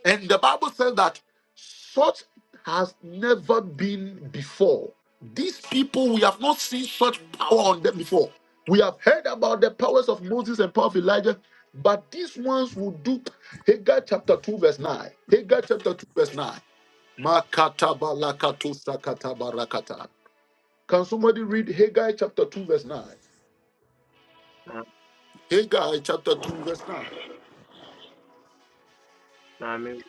And the Bible says that such has never been before. These people, we have not seen such power on them before. We have heard about the powers of Moses and power of Elijah, but these ones will do. Hagar chapter 2, verse 9. Hagar chapter 2, verse 9. Makatabalakato sakatabarakata. Can somebody read Hagar chapter 2, verse 9?
Ma-
Hagar chapter 2, verse 9.
Maame,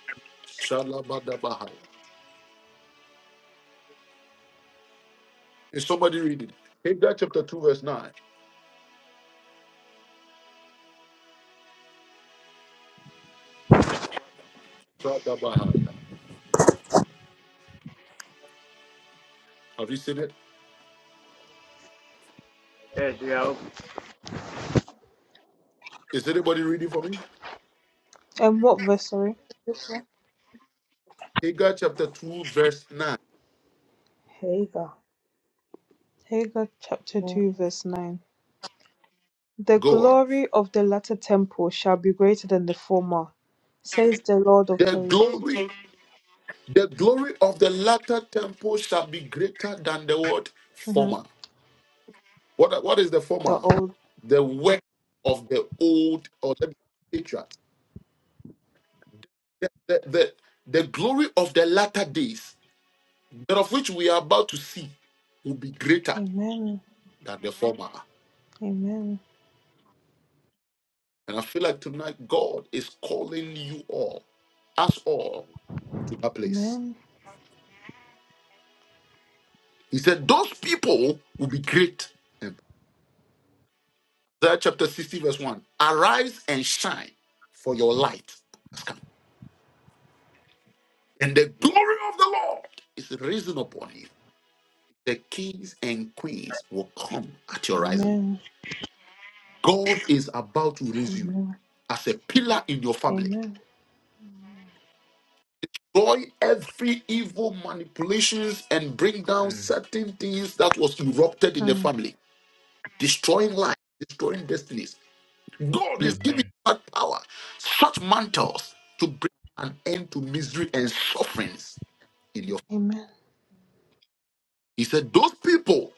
Shalabadabahaya. Is somebody reading? Hagar chapter 2, verse 9. Bahaya. Have you seen it?
yes, we are open.
Is it about me?
And what verse, sorry?
Hagar chapter 2, verse 9.
Hey God.
Hagar chapter
Amen.
2, verse 9. The
Go on.
glory of the latter temple shall be greater than the former, says the Lord of
The
hosts.
glory, the glory of the latter temple shall be greater than the word
hmm
former. What, what is the
The
former?
old.
The work of the old or let me patriarchs. The, the, the, the glory of the latter days, that of which we are about to see, will be greater
Amen.
than the former.
Amen.
And I feel like tonight God is calling you all, us all, to that place
Amen.
He said, Those people will be great. And Isaiah chapter 60, verse 1 Arise and shine, for your light has come. And the glory of the Lord is risen upon you. The kings and queens will come at your rising.
Amen.
God is about to raise you
Amen.
as a pillar in your family.
Amen.
Destroy every evil manipulations and bring down
Mm.
certain things that was erupted in the
Hmm.
family, destroying life, destroying destinies God is giving you
Amen.
that power, such mantles to bring an end to misery and sufferings in your.
Amen.
He said, Those people,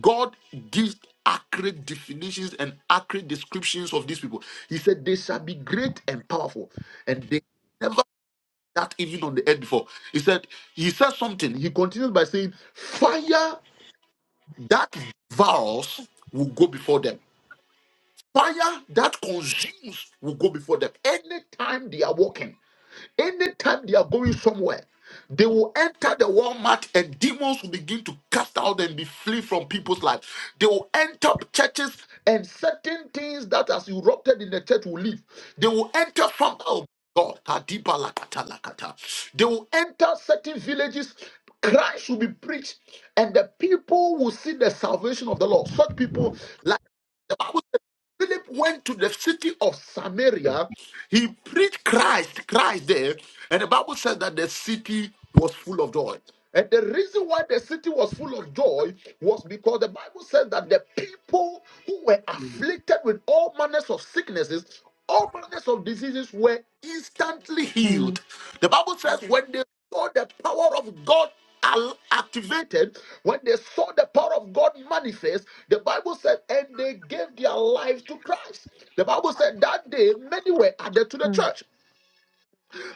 God gives accurate definitions and accurate descriptions of these people. He said, They shall be great and powerful, and they never did that even on the earth before. He said, He said something. He continues by saying, Fire that devours will go before them. Fire that consumes will go before them. Anytime they are walking. Anytime they are going somewhere, they will enter the Walmart and demons will begin to cast out and be flee from people's lives. They will enter churches and certain things that has erupted in the church will leave. They will enter from oh God. Kadiba lakata lakata. They will enter certain villages. Christ will be preached, and the people will see the salvation of the Lord. Such people the Bible says Philip went to the city of
Amen.
Samaria. He preached Christ, Christ there. And the Bible says that the city was full of joy. And the reason why the city was full of joy was because the Bible says that the people who were
Mm.
afflicted with all manners of sicknesses, all manners of diseases were instantly
Hmm.
healed. The Bible says when they saw the power of God al- activated, when they saw the power of God manifest, the Bible said, and they gave their lives to Christ. The Bible said that day many were added to the
Hmm.
church.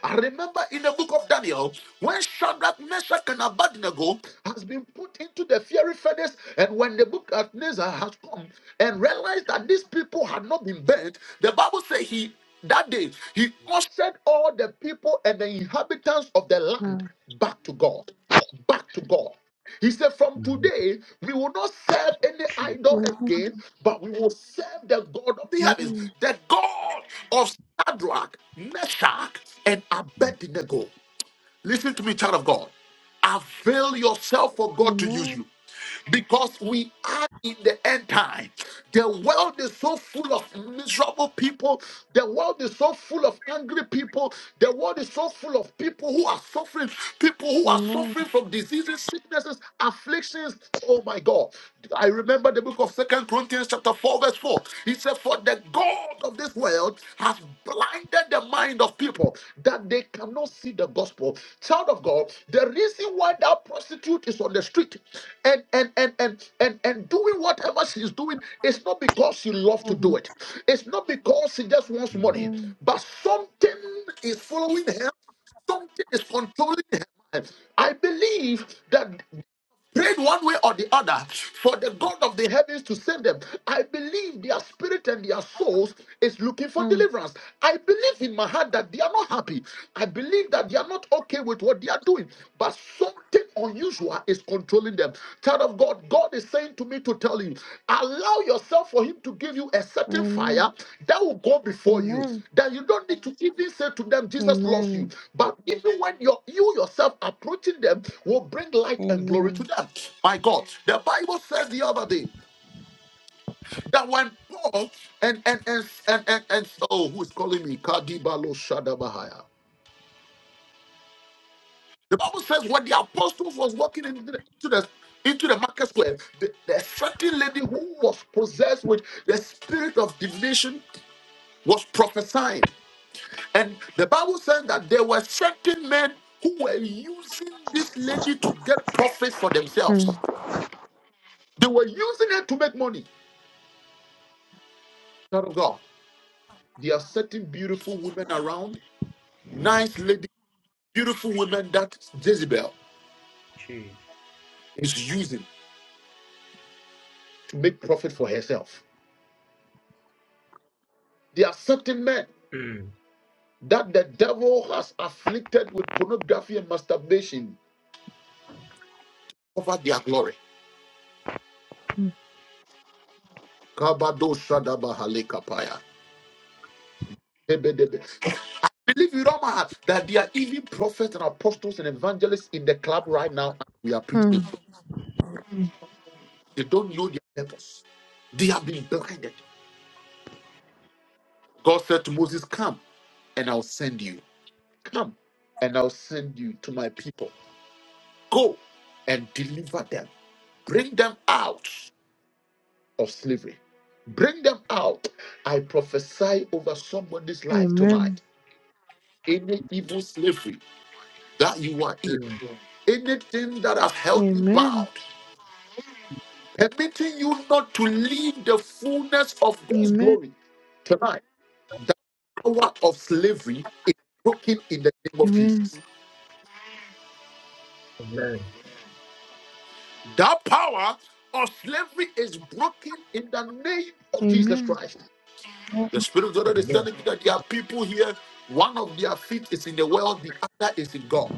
I remember in the book of Daniel, when Shadrach, Meshach, and Abednego has been put into the fiery furnace, and when the book of Nebuchadnezzar has come and realized that these people had not been burnt, the Bible says he that day he ushered all the people and the inhabitants of the land
Hmm.
back to God, back to God. He said, From
Amen.
today, we will not serve any
Jesus.
idol
Amen.
again, but we will serve the God of the heavens,
Amen.
the God of Shadrach, Meshach, and Abednego. Listen to me, child of God. Avail yourself for God to use you
Amen.
because we are in the end time. The world is so full of miserable people. The world is so full of angry people. The world is so full of people who are suffering, people who are
Amen.
suffering from diseases, sicknesses, afflictions. Oh my God. I remember the book of Second Corinthians chapter 4, verse 4. He said, For the God of this world has blinded the mind of people that they cannot see the gospel. Child of God, the reason why that prostitute is on the street and and and and and and doing whatever she's doing it's not because she loves to do
Hmm.
it it's not because she just wants
Amen.
money
Hmm.
but something is following her something is controlling her mind i believe that prayed one way or the other for the God of the heavens to save them. I believe their spirit and their souls is looking for
Hmm.
deliverance. I believe in my heart that they are not happy. I believe that they are not okay with what they are doing. But something unusual is controlling them. Child of God, God is saying to me to tell you, allow yourself for Him to give you a certain fire
Amen.
that will go before you.
Amen.
That you don't need to even say to them, Jesus loves you.
Amen.
But even when you're, you yourself approaching them, will bring light and glory to
Amen.
them. My God, the Bible says the other day that when Paul and and and and and, and oh, who is calling me? Kadibalo Shadabahaya. The Bible says when the apostles was walking into the, into the into the market square, the, the certain lady who was possessed with the spirit of divination was prophesying. And the Bible says that there were certain men who were using this lady to get profit for
Hmm.
themselves. They were using it to make money. Child of God. There are certain beautiful women around, nice lady, beautiful women that Jezebel
Jesus.
is using to make profit for herself. There are certain men
Mm.
that the devil has afflicted with pornography and masturbation over their glory.
Hmm.
Kabado shadaba halekapaya. Ebedebe. Believe with all my heart that there are even prophets and apostles and evangelists in the club right now. and We are
Hmm.
preaching. They don't know their purpose. They have been blinded. God said to Moses, Come and I'll send you. Come and I'll send you to my people. Go and deliver them. Bring them out of slavery. Bring them out. I prophesy over somebody's life
Amen.
tonight. Any evil slavery that you are in,
Mm.
anything that has held you
Amen.
bound, permitting you not to live the fullness of
Amen.
God's glory tonight, the power of slavery is broken in the name of
Amen.
Jesus.
Amen.
That power of slavery is broken in the name of Jesus
Amen.
Christ. The Spirit of the Lord is
Amen.
telling you that there are people here, one of their feet is in the world, the other is in God.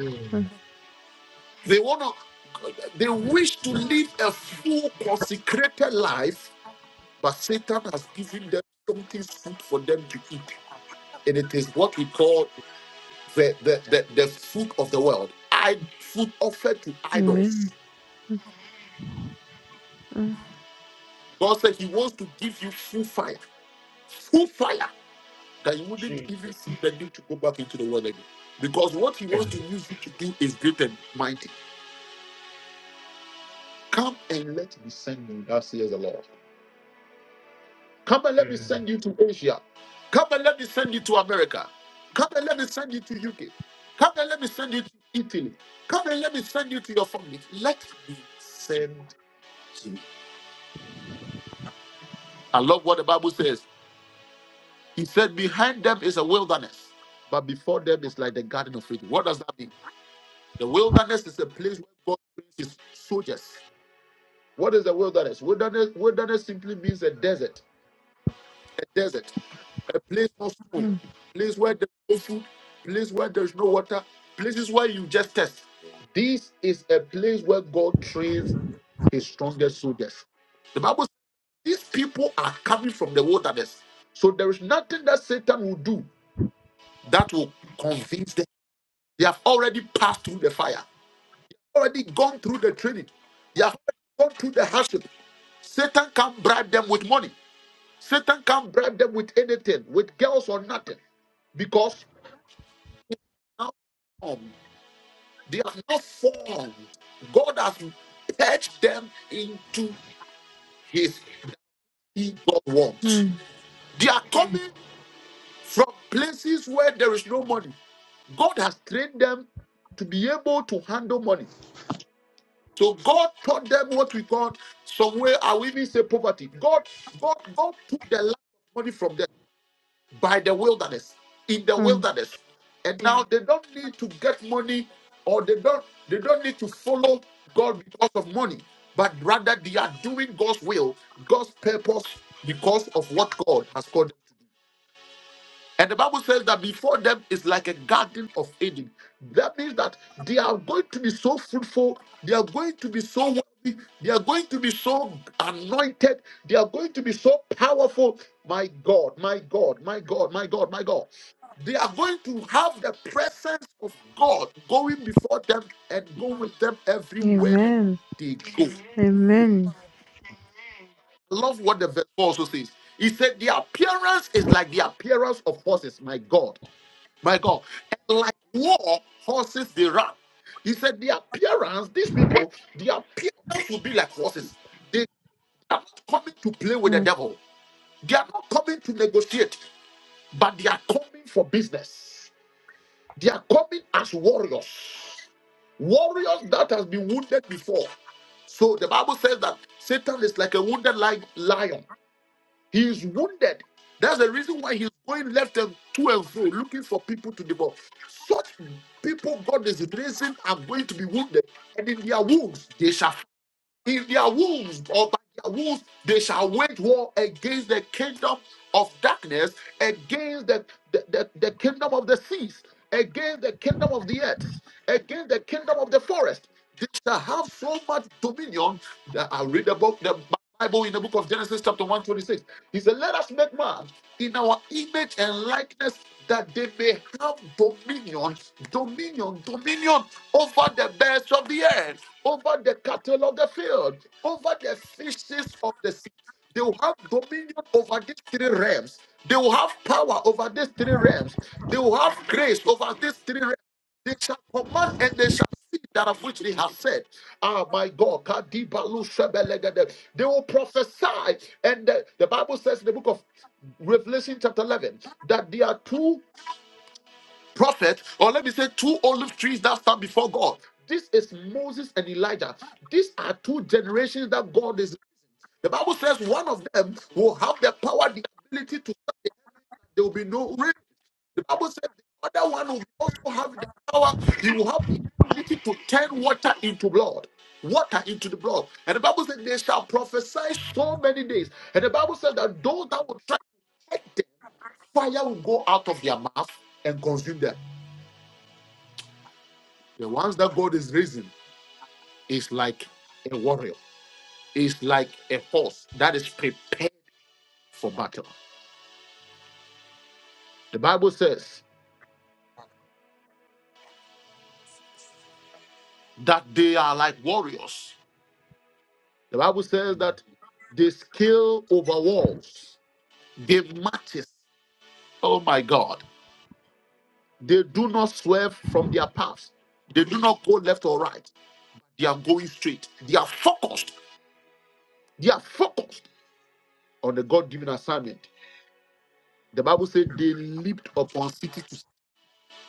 Mm.
Amen.
They want to, they wish to live a full consecrated life, but Satan has given them something food for them to eat. And it is what we call the, the, the, the food of the world. I food offered to idols.
Amen.
God said he wants to give you full fire. Full fire. that you wouldn't even
Jesus.
see the need to go back into the world again. Because what he wants
Amen.
to use you to do is great and mighty. Come and let me send you, that says the Lord. Come and let me
Mm.
send you to Asia. Come and let me send you to America. Come and let me send you to UK. Come and let me send you to Italy. Come and let me send you to your family. Let me send you. I love what the Bible says. He said, Behind them is a wilderness, but before them is like the garden of Eden. What does that mean? The wilderness is a place where God brings his soldiers. What is the wilderness? Wilderness, wilderness simply means a desert, a desert, a place not food, place where there's no food, place where there's no water, places where you just test. This is a place where God trains his strongest soldiers. The Bible says these people are coming from the wilderness. So there is nothing that Satan will do that will convince them. They have already passed through the fire. already gone through the training. They have already gone through the hardship. Satan can't bribe them with money. Satan can't bribe them with anything, with girls or nothing, because now um, they are not formed. God has purged them into His evil ones. They are coming from places where there is no money. God has trained them to be able to handle money. So God taught them what we call somewhere I will even say poverty. God, God, God took the lack of money from them by the wilderness, in the wilderness. And now they don't need to get money or they don't they don't need to follow God because of money, but rather they are doing God's will, God's purpose because of what God has called. them. And the Bible says that before them is like a garden of Eden. That means that they are going to be so fruitful, they are going to be so wealthy, they are going to be so anointed, they are going to be so powerful. My God, my God, my God, my God, my God. They are going to have the presence of God going before them and going with them everywhere they go. I
Amen.
love what the verse also says. He said, The appearance is like the appearance of horses, my God. My God. And like war horses, they run. He said, the appearance, these people, the appearance will be like horses. They are not coming to play with the
Oh,
devil. They are not coming to negotiate, but they are coming for business. They are coming as warriors. Warriors that has been wounded before. So the Bible says that Satan is like a wounded li- lion. He is wounded. That's the reason why he's going left and to and fro, looking for people to devour. Such people God is raising are going to be wounded, and in their wounds they shall in their wounds or by their wounds they shall wage war against the kingdom of darkness against the, the, the, the kingdom of the seas against the kingdom of the earth against the kingdom of the forest they shall have so much dominion that i read about the bible in the book of genesis chapter 126 he said let us make man in our image and likeness that they may have dominion dominion dominion over the birds of the air over the cattle of the field, over the fishes of the sea. They will have dominion over these three realms. They will have power over these three realms. They will have grace over these three realms. They shall command and they shall see that of which they have said. Ah, my God. Kadibalu sebelegede. They will prophesy. And the, the Bible says in the book of Revelation, chapter 11, that there are two prophet, or let me say two olive trees that stand before God. This is Moses and Elijah. These are two generations that God is. The Bible says one of them will have the power, the ability to. There will be no rain. The Bible says the other one will also have the power. He will have the ability to turn water into blood. Water into the blood. And the Bible says they shall prophesy so many days. And the Bible says that those that will try, to take them, fire will go out of their mouth and consume them. The ones that God is raising. is like a warrior, is like a horse that is prepared for battle. The Bible says that they are like warriors. The Bible says
Jesus.
that they scale over walls, they matches. Oh my God. They do not swerve from their paths. They do not go left or right. They are going straight. They are focused. They are focused on the God given assignment. The Bible said they leaped upon city to.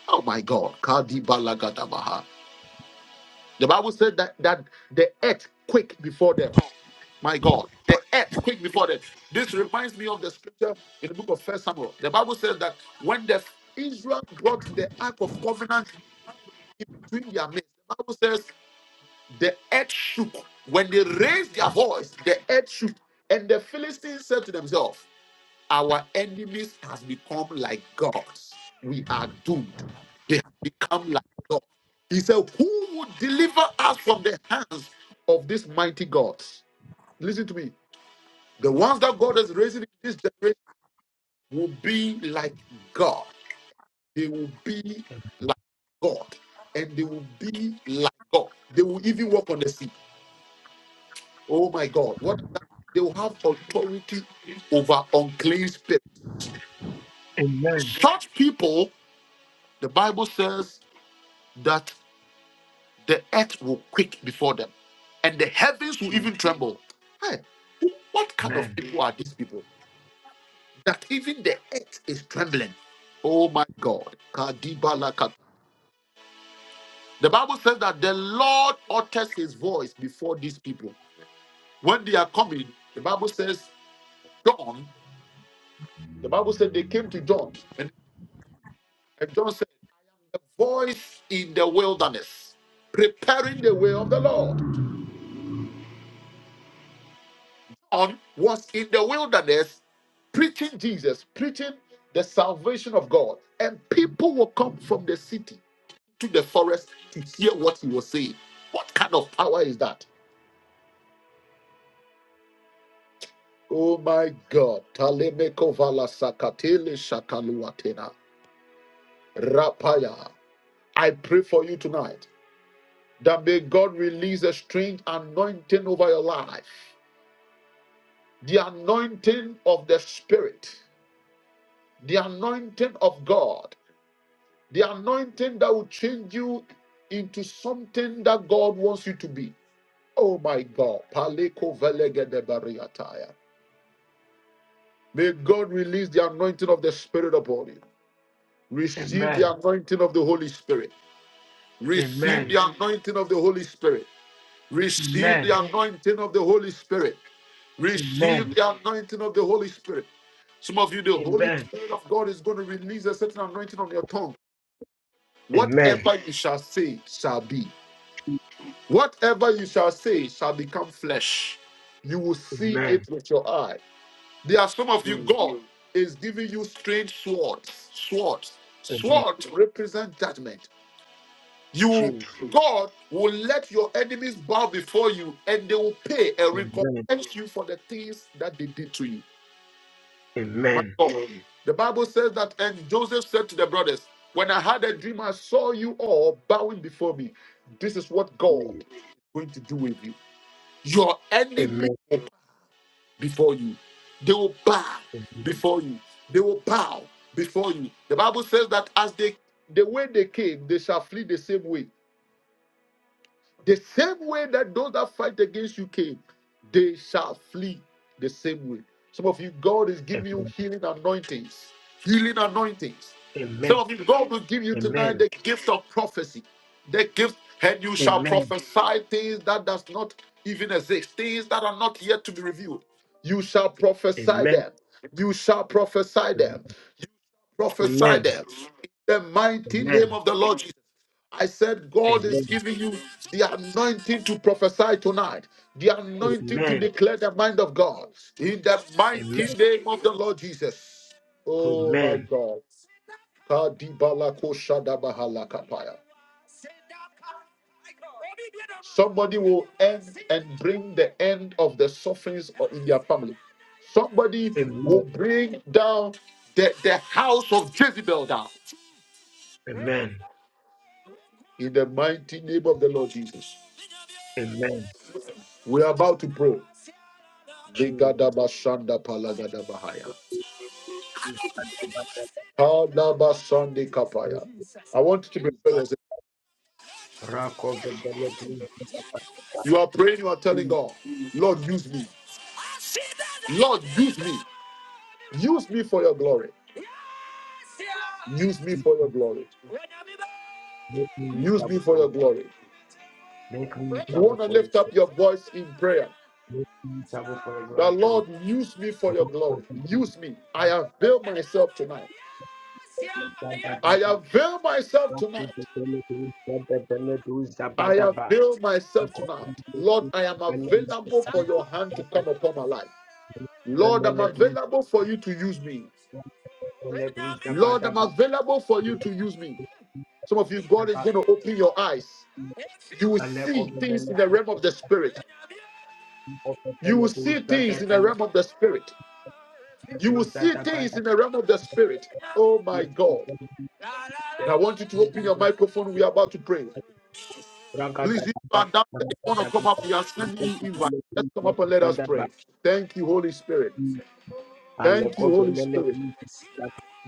Oh my God. Kadi The Bible said that, that the earth quaked before them. My God, the earth quaked before them. This reminds me of the scripture in the book of First Samuel. The Bible says that when the Israel brought the Ark of Covenant in between their midst, the Bible says the earth shook. When they raised their voice, the earth shook. And the Philistines said to themselves, our enemies has become like gods. We are doomed. They have become like gods. He said, Who would deliver us from the hands of these mighty gods? Listen to me. The ones that God is raising in this generation will be like God. They will be like God. And they will be like God. They will even walk on the sea. Oh my God. What does that mean? They will have authority over unclean spirits.
Amen.
Such people, the Bible says. that the earth will quake before them and the heavens will
Jesus.
even tremble. Hey, what kind
Amen.
of people are these people that even the earth is trembling? Oh my God. Kadibalaka. The Bible says that the Lord utters his voice before these people. When they are coming, the Bible says, John, the Bible said they came to John, and and John said, The voice in the wilderness, preparing the way of the Lord. on was in the wilderness preaching Jesus, preaching the salvation of God, and people will come from the city to the forest to hear what he was saying. What kind of power is that? Oh my God. Talemeko vala sakatele shakaluatena. Rapaya. I pray for you tonight that may God release a strange anointing over your life. The anointing of the Spirit, the anointing of God The anointing that will change you into something that God wants you to be. Oh my God. Paleko velegede bariataya. May God release the anointing of the Spirit upon you. Receive the
Amen.
anointing of the Holy Spirit. Receive
Amen.
the anointing of the Holy Spirit. Receive
Amen.
the anointing of the Holy Spirit.
Amen.
Receive the anointing of the Holy Spirit. Some of you, the Holy
Amen.
Spirit of God is going to release a certain anointing on your tongue.
Amen.
Whatever you shall say shall be. Whatever you shall say shall become flesh. You will see
Amen.
it with your eye. There are some of you,
Mm.
God is giving you strange swords. Swords.
Amen.
Swords represent judgment. You,
Jesus.
God, will let your enemies bow before you and they will pay and
Amen.
recompense you for the things that they did to you.
Amen.
God. The Bible says that, and Joseph said to the brothers, When I had a dream, I saw you all bowing before me. This is what God
Mm.
is going to do with you. Your enemy will bow before you. They will bow
Amen.
before you. They will bow before you. The Bible says that as they the way they came, they shall flee the same way. The same way that those that fight against you came, they shall flee the same way. Some of you, God is giving you
Amen.
healing anointings. Healing anointings.
Amen.
Some of you, God will give you tonight
Amen.
the gift of prophecy. The gift, and you shall
Amen.
prophesy things that does not even exist, things that are not yet to be revealed. You shall prophesy
Amen.
them. You shall prophesy them. You prophesy
Amen.
them. In the mighty name
Amen.
of the Lord Jesus. I said, God is
Amen.
giving you the anointing to prophesy tonight, the anointing to
Amen.
declare the mind of God in the
Amen.
mighty name of the Lord Jesus. Oh my
Amen.
God. Kadibalako-shadabahalakapaya. Somebody will end and bring the end of the sufferings or in their family. Somebody
Amen.
will bring down the, the house of Jezebel down
Amen.
in the mighty name of the Lord Jesus.
Amen.
We are about to pray.
Jesus.
Legadabashandapalagadabahaya. Kala Sunday Kapaya. I want you to be present.
Rako the
You are praying, you are telling God, Lord me, Lord, use me, use me for it, use me for your glory,
Make me
use me
usable
for
for
your
you.
glory.
Make me usable for you. Make me usable for your
The
glory.
Lord, use me for your glory, use me. I avail myself tonight. I avail myself tonight. I
Amen.
avail myself tonight. Lord,
Ragada
I am available for your hand to come upon my life. Lord, I'm available for you to use me. Lord, I'm available for you to use me. Some of you, God is going to open your eyes. You will see things in the realm of the spirit. You will see things in the realm of the spirit. You will see things in the realm of the spirit. Oh my God. We're about to pray. Please, if you are down there, you want to come up, we are sending you invite. Let's come up and let us pray. Thank you, Holy Spirit. Thank you, Holy Spirit.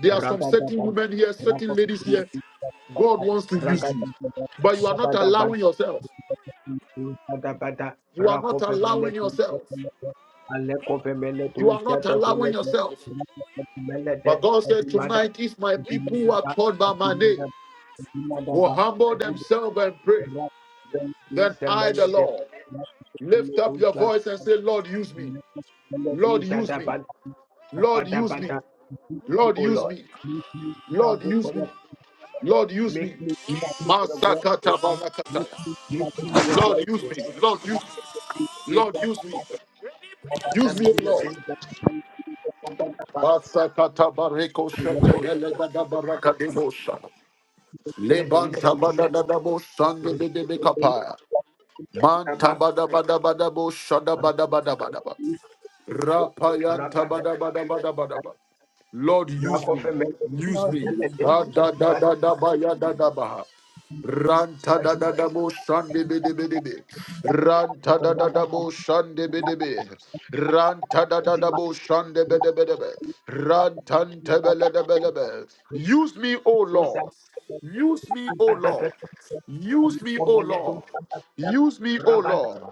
There are some certain women here, certain ladies here. God wants to use you, but you are not allowing yourself. You are not allowing yourself. You are not allowing yourself. But God said, Tonight, if my people who are called by my name, will humble themselves and pray, then I, the Lord, lift up your voice and say, Lord, use me. Lord, use me. Lord, use me.
Adabada,
Lord,
O
use
Lord,
me.
make me
Lord,
stand up
use
for
me.
your,
Lord, use
make
me.
me stand up
Masakata balakata.
for your glory,
Lord, use
O
me.
Lord.
Lord, use
make
me.
me
Lord,
stand
use me.
up for
Use me, O Lord. Masakata bareko shete elegada baraka debosha.
your
Lebanta
glory,
badada dabo
O
sande de de de
Lord.
kapaya. Manta bada bada bada bo shada bada bada bada. ba. Rapayan
Ragada,
tabada bada bada bada ba. Lord, use me, use
Lord,
me.
we thank
Da
you.
da da da da ba ya da da ba. Ranta da da da mo shan de be de be de be. Ranta da da da mo shan de be de be. Ranta da da da mo shan de be de be de be. Ran te be le de be le be. Use me, O Lord. Use me, O Lord. Use me, O Lord.
Dimanda,
Use me, O Lord.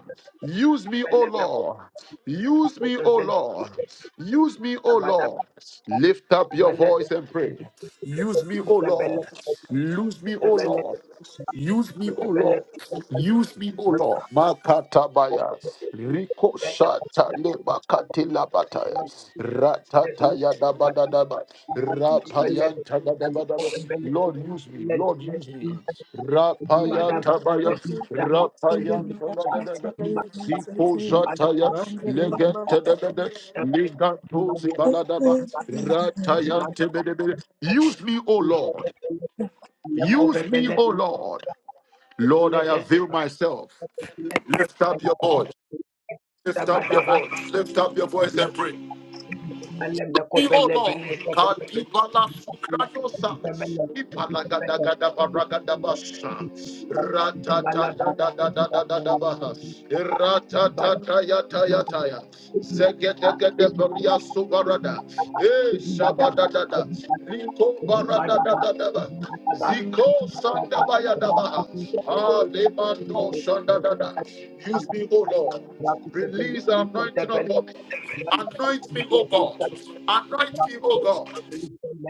Use me, O Lord. Use me, O Lord. Use me, O Lord. Lift up your voice and pray. Use me, O Lord. Use me, O Lord. Use me, O Lord. Use me, O Lord. Makatabaya. Rico shata lebakati labataya, bataya. Ratata ya daba da Rapaya taba daba Lord use me. Lord use me. Rapaya
Hallelujah.
tabaya.
Thank you. The
Rapaya
devil has
taba da
tried to
daba.
hide your hands, thank
Siko
you.
jataya.
Under the
Legente da da zibala daba.
hammer.
Rataya Use me, O Lord. Use me, O Lord. Lord, I avail myself. Lift up your voice. Lift up your voice. Lift up your voice and pray. Oh Lord, God, Ibala Sukratosa, Ibala Gada Gada Baraga Dabasha, Ratata da da da da da da da Baha, Ratata Taya Taya Taya, Zegete Gede Baria Subarada, Eh Shabada da da, Liko Barada da da da da,
Thank
Ziko Sanda Baya da Baha, Ah Lemano Shanda da da. Use me, O Lord. Release the anointing upon Anoint me, O God. Anoint me, O God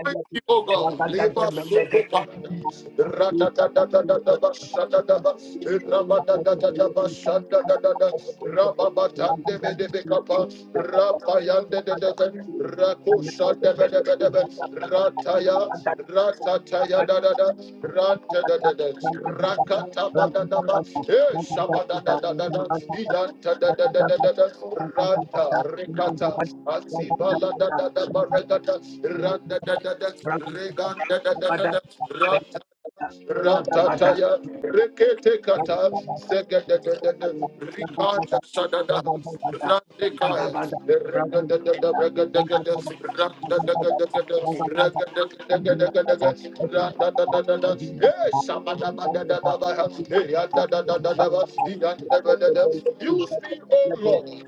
you, O God. Leba soko pa. Ra-da-da-da-da-da-da-ba, sha-da-da-ba. Ra-ba-da-da-da-da-ba,
you.
sha-da-da-da-da. Ra-ba-ba-tan-de-be-de-be-ka-pa. Ra-pa-yan-de-de-de-be. Ra-ko-sha-de-be-de-be-de-be. Ra-ta-ya, ra-ta-ta-ya-da-da-da. Ra-ta-da-da-da. Ra-ka-ta-ba-da-da-ba. Eh, sha-ba-da-da-da-da-da. Iyan-ta-da-da-da-da-da. Ra-ta, re-ka-ta. Asiba-la-da-da-da-ba, Randa da da da, Regan da da da
Bada
da da,
bada,
Ratataya, Rekete
Thank
Kata, Segedededede, Rikanda Sadada, Ratikaya, Regadadada, Regadagada, Ratadagada, Regadagada, Ratadadada, Eh, Shabadabadadadaba, Eh, Yadadadadadaba, Use me, O Lord.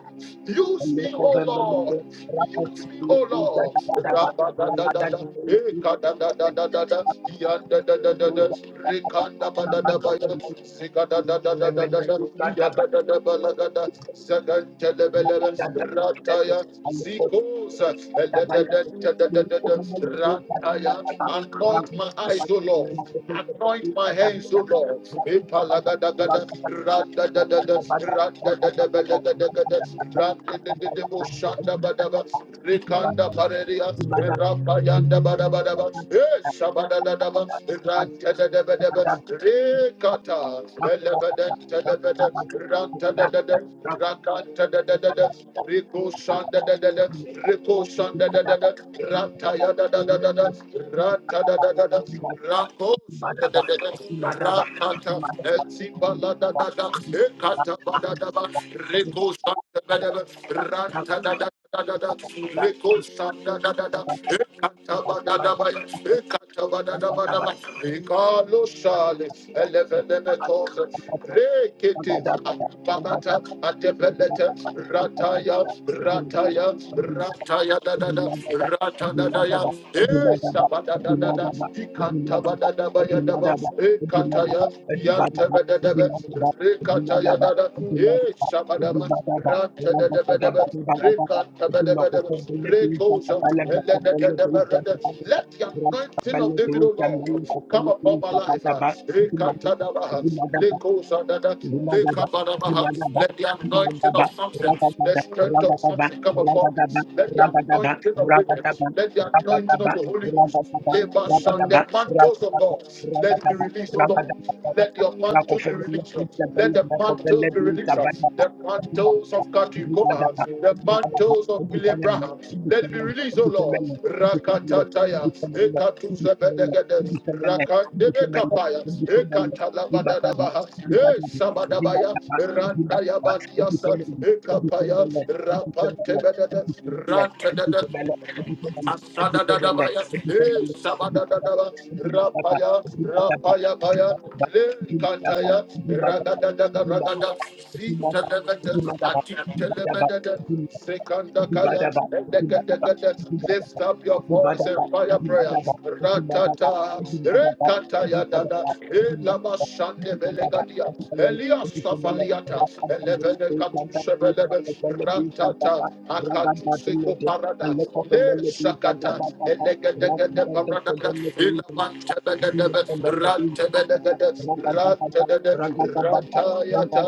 Use me, O Lord. Use me, O Lord. Rabadadadada, Eh, kadadadadadada,
you.
Yadadadadada, Rikanda badada baya, zikada da da da da da da, yaka da da balaga da, zagan telebelebe, rataya, zikosa, ele da da da da da da da, rataya. Anoint my eyes, O Lord. Anoint my hands, O Lord. Epalaga da da da, rada da da da, rada da da da da da da rada da da da, boshanda Rikanda Pareria, Rapayanda Badabadaba, Shabadadaba, Rantadabadaba,
Thank
Rikata, Elevaden, Telebede, Rantadadada, Rakantadadada, Rico Sandadadada, Rico Sandadadada, Rantayadadadada, Rantadadada, Rako Sandadadada, Rakata, Ezibaladadada, Ekata Badadaba, Rico Sandadadada, Rantadadada. Rataya, rataya,
you.
rataya, da da
Thank
da, rata da da ya, eh, sabada da da da, ikanta ba da da ba ya da ba, eh, kata ya, yanta ba da da ba, rekata ya da da, eh, sabada ba, rata da da ba da ba, let the anointing of David, O Lord, come upon my life. ah. Rekatadabaha,
you. Dimadaba, dimadaba,
Let the anointing
dimadaba,
of something, the
ragadaba,
strength of
ragadaba,
something come
ragadaba,
upon me.
ragadaba,
Let the
ragadaba,
anointing of David,
ragadaba,
let the anointing
ragadaba,
of the Holy
ragadaba,
Ghost, labors and
ragadaba,
the mantles of God, let it be
ragadaba, ragadaba,
released, O Lord. Let
ragadaba.
your mantles be
Rakofemele,
released. Let
bisabele,
the
rakofele,
mantles be released
bisabadaba,
the
dimadaba,
mantles of Kakikoma,
dimadaba,
the mantles of
Thank
William Braham. Let it be released, O Lord. Rakatataya, Ekatu Zebedegede, Rakandebe Kapaya, Ekatalabadadabaha, E Sabadabaya, Rantaya Batiasa, Ekapaya, Rapantebedede, Asadadadabaya, eh, sabadadadaba, rapaya, rapaya baya, le kataya, radadadada, radada, sitadadada, atitelebedada,
you. Thank
sekandakaya, edekadekade. Lift up your voice and fire prayer. Ratata, rekataya dada, elabashande belegadia, Elias Safaliata, elevenekatushe belebe, ratata, Akatusiko parada, le sakata, elegedegede parada,
you.
ilapantebedebe, rantebedegede, rantebede, ratayata,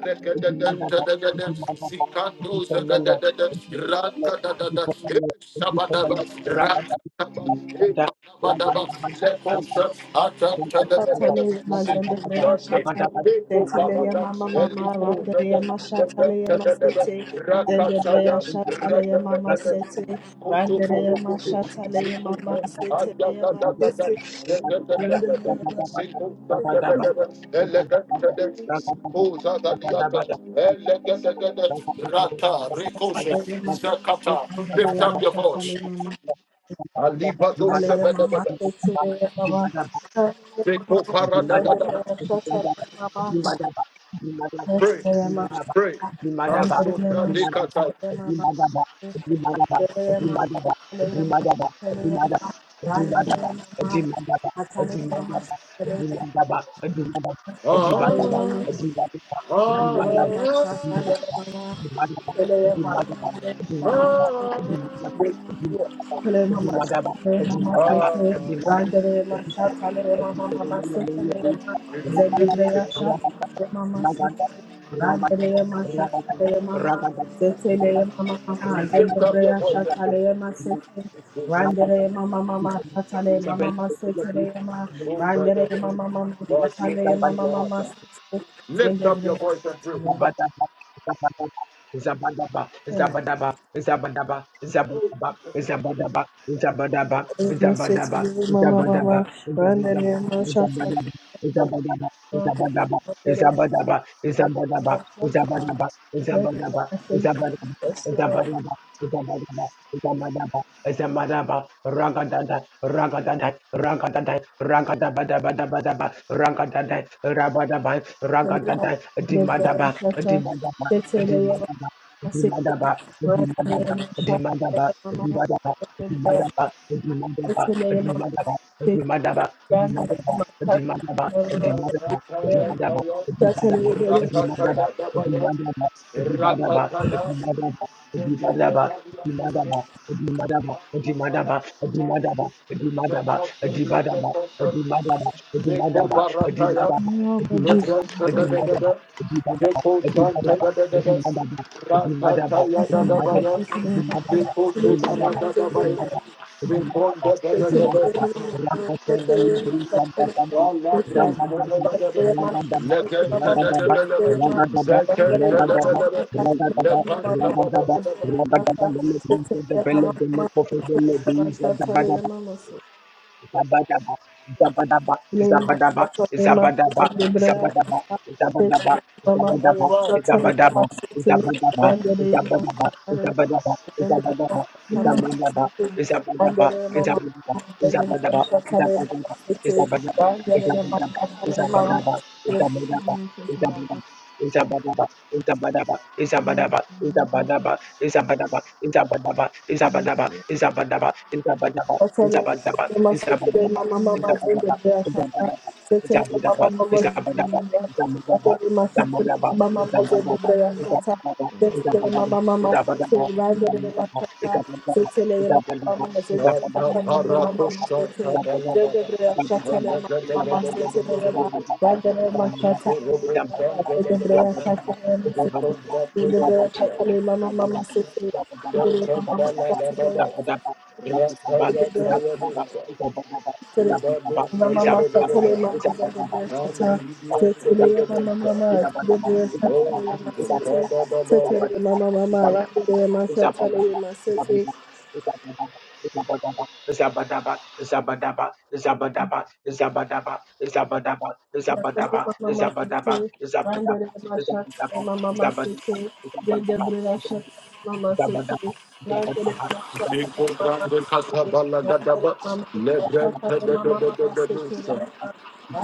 regedegedegede, zikandozegedegede, rakadadada, Hey, sabadaba, rakadaba, ipadabadaba, lekosa,
Ragada
atatebedebe,
Shatale mazende breya
zikutande,
shatale
liko
setele ya
parada,
mama mama randere
elizo,
ya mashatale ya masete zende breya
Rakataya,
shatale ya mama
Rakataya,
sete randere ya mashatale ya mama sete ya
Thank
masete randere ya
Rata, Ricochet,
mashatale ya masete
Sakata,
randere
lift
ya
up your
mashatale
voice.
ya mama
Alibado
ale ya mama
Sebedebebe,
sete ya mama
you.
ale ya mama
Sepo
zende
Dimadaba,
Paradadadada,
breya shatale
Dimadaba,
ya mama
Dimadaba, Dimadaba, Dimadaba,
pray,
Thank
Dimadaba,
pray.
Dimadaba,
Kaso
Dimadaba,
Pradekata,
Dimadaba, Dimadaba, Dimadaba, Dimada- Dimadaba, Dimadaba, Dimadaba, Dimadaba, Dimada- Dimadaba, Dimadaba, Dimadaba, Dimadaba, Dimadaba,
you.
ah,
Randere
Dimadaba,
mama mama
ah,
satale mama mama setele mama
Dimadaba, Dim- Dimadaba, Dimadaba, Dimadaba,
Randere mama mama
Dimadaba, Dimadaba, Ragada, ragada, ragada, ragada, ragada, ragada, ragada, ragada, Isabel, Isabel, Isabel,
satale mama
Isabel,
mama Thank you.
Zeko Barataya,
God, Jesus.
Lebron
God.
Tadadada, Zeko Santada, Atatara, Sarada, Legan Tadadada, Zekan Tadadada,
mama,
Lepan Tabadabadaba,
The badadada, the little devil, the little coffee devil, the badadada.
You are have mercy upon my soul.
you.
Have mercy upon my body. Mercy in the name of Jesus. Mercy.
Satele
Thank
mama mama satele
Mercy
mama mama zende bea shaka. Satele mama mama
in the
satele
name of Jesus.
landele ma mama mama
Mercy in the name of Jesus. Mercy
zende
in the
bea
name of
shaka.
Jesus.
Satele mama mama satele landele ma
Mm.
shaka. Satele mama mama zende
Mercy in the
bea shaka le mama mama
Tataparakusha
satele
name
zende
Tadalabada,
bea shaka le mama
of
mama satele mama,
Legadadadadadadadada,
landele ma shaka
Iko
le
Robert
mama mama zende
Sandadada,
bea shaka le mama
Zeko
satele zende bea
Ratadadada,
shaka le mama mama satele landele
Zekan
mama mama shaka le
Baladabada,
mama
you.
Rataya
Zabba
setele
Tayadada, Ibadu
Mama Katale
Tadadada,
Mama Zendebere Shata Setele Mama
Mandibidiyandabadabasa.
Mama Zendebere
Oh
Shatale Mama
Jesus,
Sete
Kababababa.
Setele Mama Mama Randele Mama Shatale Mama Sete Mama City, Bandere Mashakale Mama City, Dedebrea Shakale Mama City, Bandere Mashakale Mama
the
City, Bandere
Katabalagadaba,
Mama
Lebrenta
Mashakale
de de
Mama
de. de
Mama
de de
City,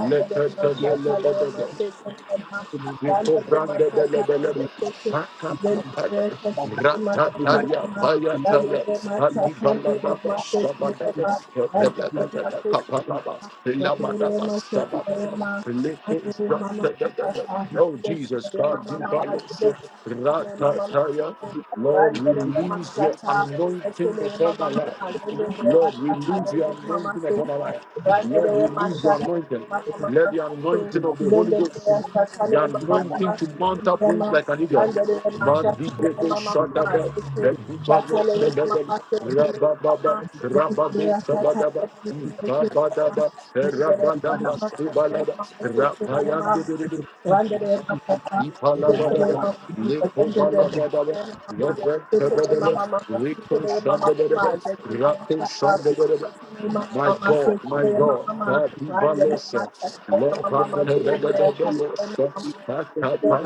de de de de de de de
Mashakale
de de
Mama City,
Thank
Iko
Bandere
brande bele
Mashakale
bele
Mama
bele.
City,
Shaka papaya.
Dedebrea Shakale
Ratataya
Mashakale
paya taya.
Bandere
Adi bala
Mashakale
baba
Mama City, Bandere
shabada
Mashakale
bele bele
Mama
bele.
City,
Kapalaba. Labada
Bandere
baba shabada
Mashakale Mama City,
bele. Leke is
Mama,
brande bele bele. Oh Jesus God, di
Mama,
bala se
Mama,
ratataya. Lord,
Thank
release your
you.
anointing upon my life. Lord, release your anointing upon my life. Lord, release your anointing. Let the anointing of the Holy Ghost the anointing to mount up wings like an eagle. Mandigobo Shadaba, Edibalo Sebedem, Rabababa, Rababo Sabadaba, Ibabadaba, Rabadaba, Sibalaba, Rapayandibidibi, Ipalabadaba, Lekobalabadaba, Lebrem
Sitele
Sebedebe,
mama mama
Riko
sitele mama
Shandabedebe,
mama jene mama
Rapo
chaka
Shandabedebe,
sitele mama
my
mama
God, my
sitele mama
God,
mama randele mama
Kadivalosa,
sitele mama mama jene mama chaka
Lepantebedebedebosa,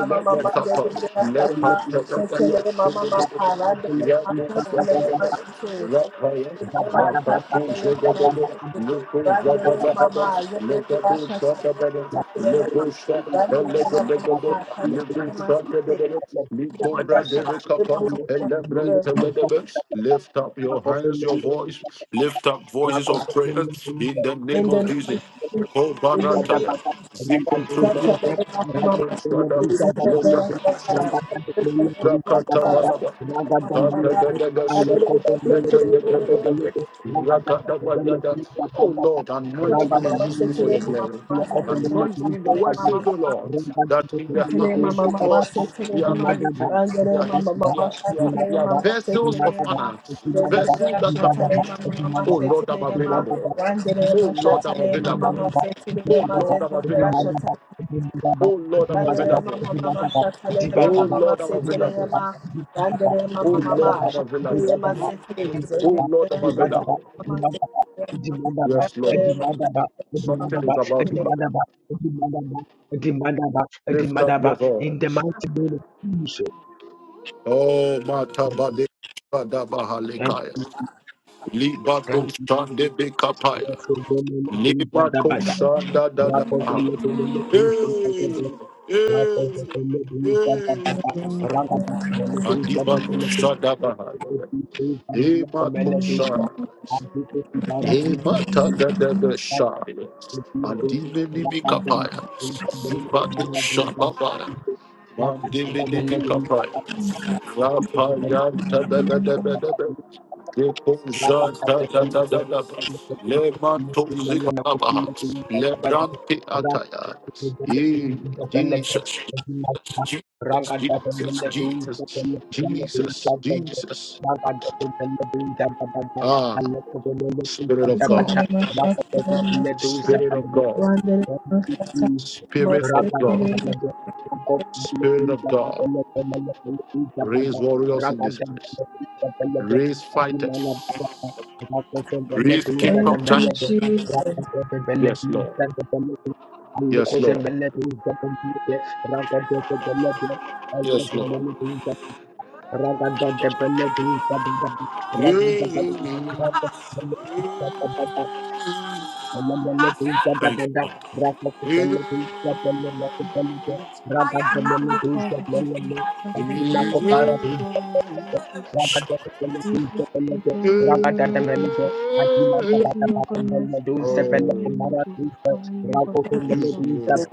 mama mama jene mama chaka sitele mama
Lepantebedebedebedebedebede,
mama randele mama chaka le mama
Yakusabedebede,
sitele
Lapaya,
jene mama chaka le mama
Lapakuzebedebede,
sitele randele
you.
mama
Lukuzabadabada,
jene mama chaka le mama
Lekadusabadabada,
sitele
Lekusa,
randele mama mama
Elekedekede,
chaka le mama sitele
Lekusabedebede,
in the name of
Likubradebekapakabe. Lift voice, lift up voices of prayer in the name of Jesus.
Jesus, in the name of
Kobarata, Zigoba,
Dr. Lorena Mama
Zikon
Masiki,
Shada,
in the name
Logada,
of God, in the name of Mama
Rakata
Masiki,
Badaba,
Mama Mama, I
Kapedegashi,
believe that today, today, today,
Legedegedegede, Rakata Bayada. Oh Lord,
today,
anoint me
Mama
and use me for
Masiki,
your
Ragada
Mama
glory.
Mama, in the
Thank
name of God, in
Anoint me, the
the name of
word
Mama
says, O
Mama.
Lord, that in the
Tele
house
mama
of
mama
God
se tele
there are
mama
many things. There
rangere
are,
mama
there,
mama
are,
sha
there, are,
tele
there are
mama se
vessels of
tele
honor,
mama dele
vessels
bra
that
sha
can be
tele
used.
mama mama
Oh
se
Lord, I'm
tele mama
available.
rangere
Oh
mama sha
Lord, I'm
tele mama
available.
mama se
Oh
tele mama
Lord, I'm
dele bra sha
available.
tele
Oh Lord, I'm
rangere
available.
mama mama sha tele
Oh
mama mama
Lord, I'm
se tele
available.
mama rangere
Oh
mama
Lord,
mama
I'm
sha
available.
tele mama se tele
Oh
dele
Lord,
bra
I'm
sha tele
available.
mama
you.
se tele
Dimadaba,
Yes, Lord.
rangere mama
Dimadaba,
Something
mama
Dimadaba,
is
se
about to
tele
happen.
Dimadaba, Dimadaba, Dimadaba,
Lift up
Dimadaba,
your
in the
voice.
mighty name of Jesus.
Oh,
Thank you,
Matabade.
thank
Jesus.
you.
Badabahalekaya.
thank
Libato
you.
Shande Bekapaya.
Lord, for the name of Jesus,
Limato
Dabada.
Shanda
Rapo de
Dadabaha.
le de le le de se ka de
Hey,
de. Rapo de
hey,
le le de se ka da
hey.
da. da. Raga da da le de se ka de de
Kadibalo
le thank, Se se se
Shadabaha.
se se se se le ko me
Emato
le de se.
Shah.
Ab de se ki bara de se ka de
Emata
de.
da da da shaya.
Thank
Andimini mikapaya. Zibato shababaya. Mandimini mikapaya. Rapaya ta da da da da da da.
you. Ragada
Depoja ta da da da da da. Le manto zikalabaha. Le brante ataya. Eh, Jesus, Jesus, Jesus, Jesus, Jesus, Jesus. Ah, of
tele
God,
mama sha tele mama Wonderful Savior,
Spirit
most
of
Ranga
God,
damba
certainly.
damba, Jacob damba
Spirit of
damba,
God.
damba damba damba,
Raise
damba.
warriors in
Ranga
this
damba
place.
damba damba,
Raise
Ajimala
fighters.
damba, Ranga damba damba damba,
Thank you,
damba.
Jesus.
Ranga damba damba
Yes, Lord.
damba, damba. Allah ko
Yes,
se
Lord.
mele tu japan diye, Ranga damba damba damba, Allah ko mele tu japan, Ranga damba damba damba, damba. Ranga damba damba damba, Jacob damba damba, damba. Raga
Merciful Father, God, you yourself, Lord Jesus, I pray, use me for your glory in the name
Ragada
of Jesus. Use me for your glory in the name of Jesus. Use me, O God, merciful Father, in the
Oh,
name of Jesus. Cover me, O God, Father, with
use
your
me, O
Thank
Lord.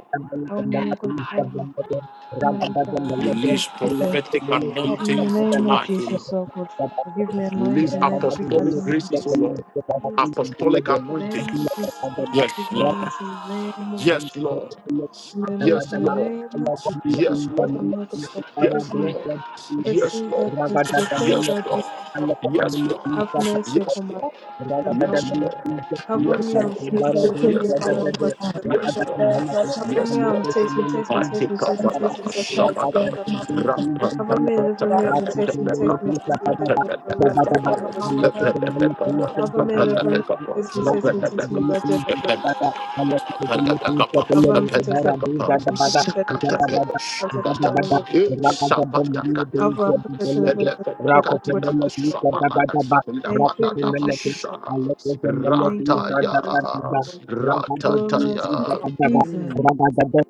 Help me, O God, Father, not live that life, God,
Release
you,
Father.
prophetic
Help me in the
anointings
name of
tonight, O Lord.
Jesus, O God, Father. Give me
Release
anointing in every
apostolic
category, O God,
graces, O
Jesus.
Lord.
Give me anointing
Apostolic
in the name of
anointings.
Jesus, O God.
Yes,
Give me
Lord.
anointing in the name of
Yes,
Jesus.
Lord.
Give me
Yes,
anointing in the
Lord.
name of Jesus, O God.
Yes,
That's what
Lord.
I'm here, God, Father. Forgive
Yes,
me.
Lord.
for the
Yes,
sins I
Lord.
sins, for the
Thank
things
Yes,
I do
Lord.
not love.
Yes, Lord.
Have mercy
Yes,
upon my life
Lord.
and help
Yes,
me.
Lord.
Cover me
Yes,
and protect
Lord.
me, deliver me
Yes,
to the
Lord.
unfortunate
Yes,
God.
Lord.
Cover
Yes,
me and
Lord.
protect me, protect me,
I
protect me,
take up
protect
a
me, protect
lot
me,
of
protect me, God. is God. Cover me and deliver me and protect me, protect me, protect me, protect me, deliver me and protect me, God. Cover me and deliver me, protect me, protect me, protect me,
shabbat.
God. is God.
Palabakapa,
Cover and protect me, protect
Palabakapa,
me, protect me, protect me, protect me, protect me, God is
Sakatapelo, Shakata,
you.
Eh,
In the
God.
name of
Sapatakatapa,
Cover and protect me, deliver me, protect me, deliver me, God.
Elebekatina,
is God.
Sabalada,
Thank you, God
Labadadaba,
Jesus.
Shara,
Thank you, for Jesus, Lord
Rataya,
God. Oh,
Ratataya,
merciful Father.
Jesus.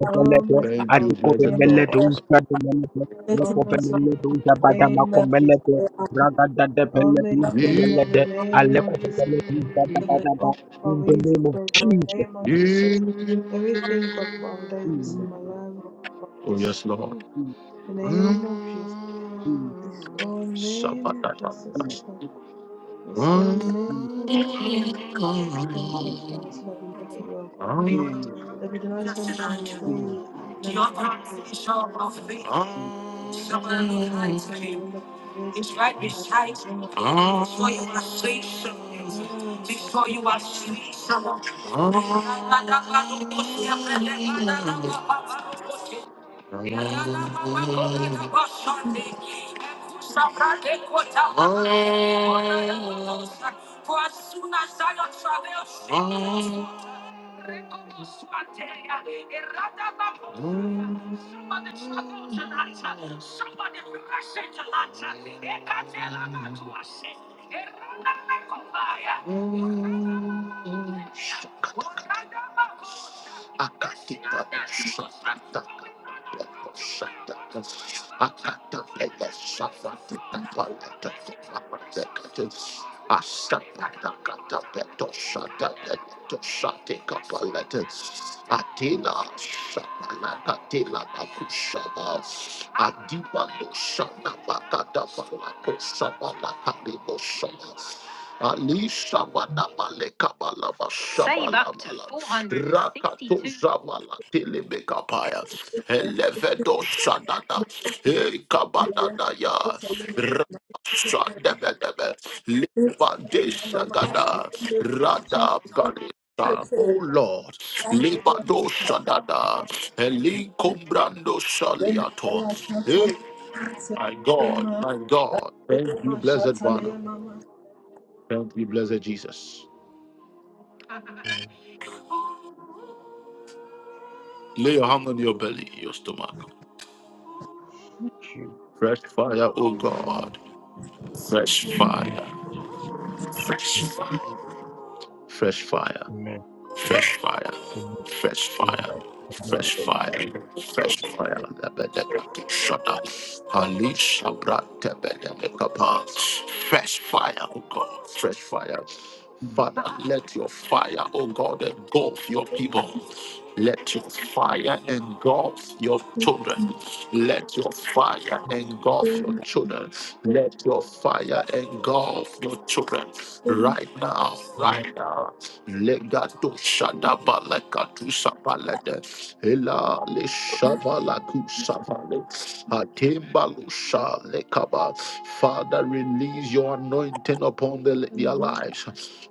Oh, merciful
praise
Father.
the
Name of Jesus.
Let's
God.
Oh, merciful Father. Name of Jesus. Oh, merciful
remember
Eh,
Father. Name of Jesus.
the great
Oh, Father, you for God. Lord, in
Jesus
the Name of
Christ.
Jesus. Everything, God, Father, that is missing
Mm,
in my life, God, Father,
Oh, yes, Lord.
restore.
mm,
In the name
Mm,
of Jesus.
mm,
Restore in the name of
Sabatata,
Jesus,
mm,
oh God. Restore in the
Mm,
name
mm,
of Jesus, oh God, Father, so that we know that you are
Ah,
God.
mm,
That we do not turn from your
Mm,
ways. None of your ways. and
ah,
spiritual and the number of years that
mm.
you can have in my
ah,
life.
Shakata. Save up to one. Zavala Tilibikapaya, Elevedo Shanana,
day.
Kabadadaya,
Let's remember the great day.
Rasandebedebe,
Let's
Libade
remember the great
Shagada,
day. Let's
Rada
remember
Galita, O Lord, Libado Shadada, Elinkombrando
the
Shaliato. Hey,
great day.
my God,
Amen.
my God, thank you, blessed one, thank you, blessed Jesus.
Amen.
Lay your hand on your belly, your stomach. Fresh fire, oh God. Fresh
Amen.
fire. Fresh fire. Fresh fire.
Amen.
Fresh fire,
Amen.
fresh fire, fresh fire, fresh fire. Lebedeke Shut up. Halish Abrata Bedekapa. Fresh fire, oh God, fresh fire. Father, let your fire, oh God, engulf your people. Let your fire engulf your children. Let your fire engulf your children. Let your fire engulf your children. Right now,
Amen.
right now. Legato Shadaba Lekatu Sapalete Hela Le Shavala Kusavale Hatimbalusha Lekaba. Father, release your anointing upon the, their
Amen.
lives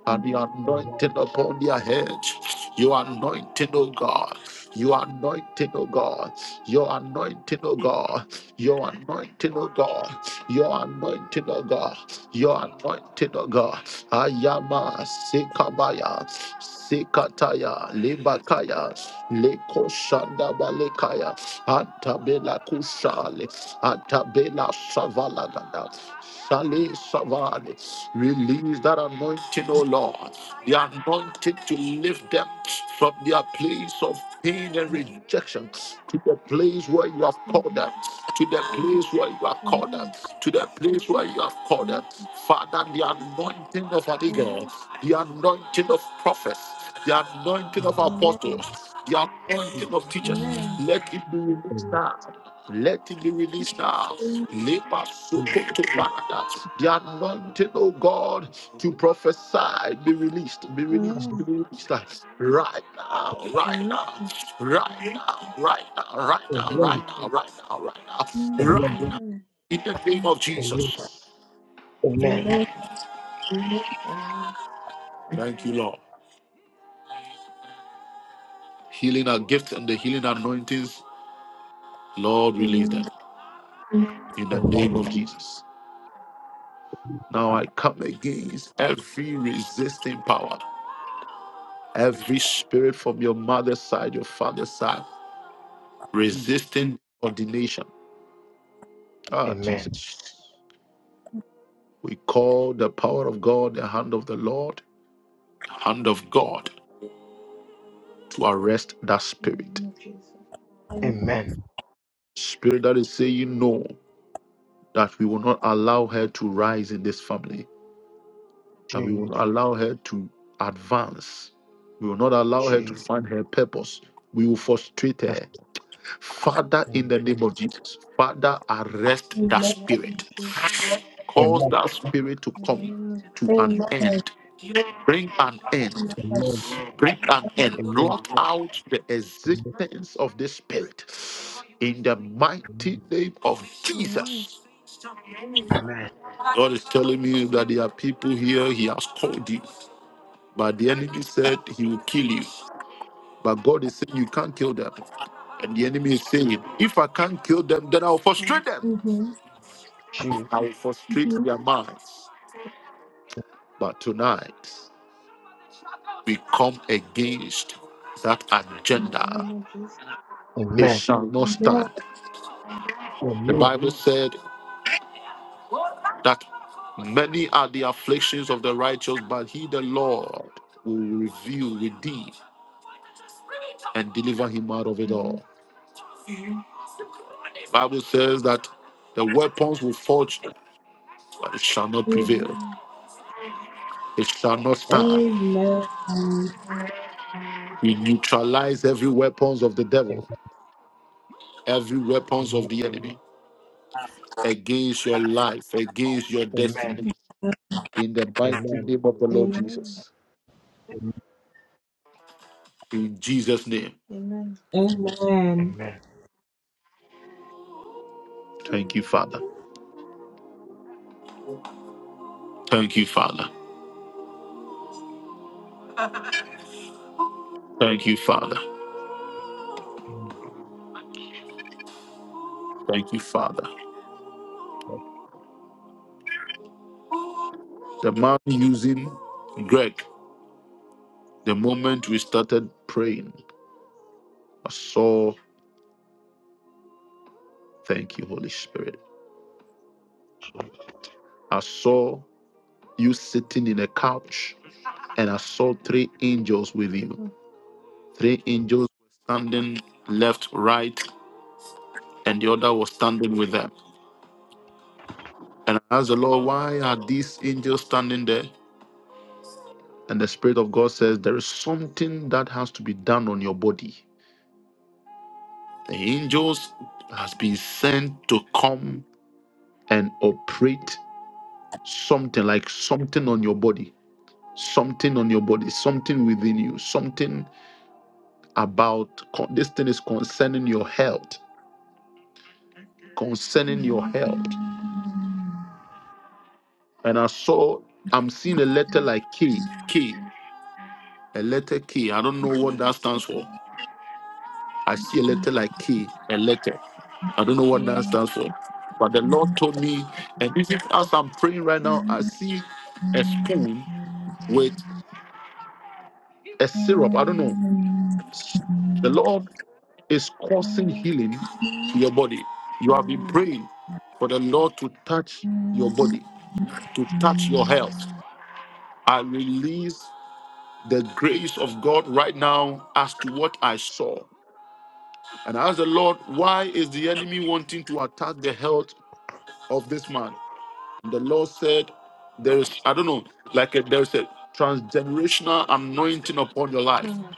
and the
Amen.
anointing upon their heads. Your anointing, O God. Your anointing, O God. Your anointing, O God. Your anointing, O God. Your anointing, oh God. Your anointing, oh God. Ayama Sikabaya Sikataya Libakaya Leko Shanda Balekaya Antabela Kushale Antabela Savalagada Sale Savale. Release that anointing, O Lord. The anointing to lift them from their place of pain and rejection to the place where you have called them.
Amen.
To the place where you are called them
Amen.
to the place where you have called
Amen.
them. Father, the anointing of an eagle,
Amen.
the anointing of prophets, the anointing of
Amen.
apostles, the anointing of
Amen.
teachers,
Amen.
let it be released now. Let it be released now. Leba
Amen.
sokoto barada. The anointing, oh God, to prophesy, be released, be released, be
Amen.
released right now. right
Amen.
now, right now, right now, right
Jesus.
now, right now, right now, right now, right now, right
Amen.
now,
Amen.
in the name of Jesus.
Amen.
Amen.
Thank you, Lord. Healing our gifts and the healing anointings, Lord, release them. In the name of Jesus.
Amen.
Now I come against every resisting power, every spirit from your mother's side, your father's side, resisting ordination.
Amen.
Ah, Jesus. We call the power of God, the hand of the Lord, hand of God to arrest that
In the
spirit.
name of Jesus.
Amen.
Spirit that is saying no, that we will not allow her to rise in this
Oh,
family that we
Amen.
will allow her to advance. We will not allow her to
Jesus.
find her purpose. We will frustrate her. Father, in
Amen.
the name of Jesus, Father, arrest
In
that
Amen.
the name of
spirit.
Jesus.
Cause
Amen.
that spirit to
In the
come
name of
to an end. Bring an end.
Amen.
Bring an end. Blot out the
Amen.
existence of this spirit. In the mighty name of
Amen.
Jesus.
Amen.
He's telling me that there are people here, he has called you. But the enemy said he will kill you. But God is saying you can't kill them. And the enemy is saying, if I can't kill them, then I'll
Oh,
frustrate them, frustrate their minds. But tonight, we come against that
In the
agenda.
name of Jesus.
It shall not stand. The
Amen.
Bible said that many are the afflictions of the righteous, but he, the Lord, will reveal, redeem, and deliver him out of it
Amen.
all. Bible says that the weapons will forge, but it shall not prevail.
Amen.
It shall not stand.
Amen. Amen.
We neutralize every weapons of the devil, every weapons of the enemy against your life, against your destiny. In the Bible,
Amen.
Amen.
in Jesus' name.
Amen.
Amen.
Thank you, Father. Thank you, Father. Thank you, Father. Thank you, Father. The man using Greg, the moment we started praying, I saw, thank you, Holy Spirit. I saw you sitting in a couch, and I saw three angels with you.
Oh,
Three angels standing left, right, and the other was standing with them. And I asked the Lord, why are these angels standing there? And the Spirit of God says, there is something that has to be done on your body. The angels has been sent to come and operate something like something on your body, something on your body, something within you, something about con- this thing is concerning your health, concerning your health. And I saw, I'm seeing a letter like K, K. A letter K. I don't know what that stands for. I see a letter like K, a letter. I don't know what that stands for. But the Lord told me, and even as I'm praying right now, I see a spoon with a syrup. I don't know.
Amen.
The Lord is causing healing to your body. You have been praying for the Lord to touch your body, to touch your health. I release the grace of God right now as to what I saw. And I asked the Lord, why is the enemy wanting to attack the health of this man? And the Lord said, there is, I don't know, like a, there's a transgenerational anointing upon your life,
oh,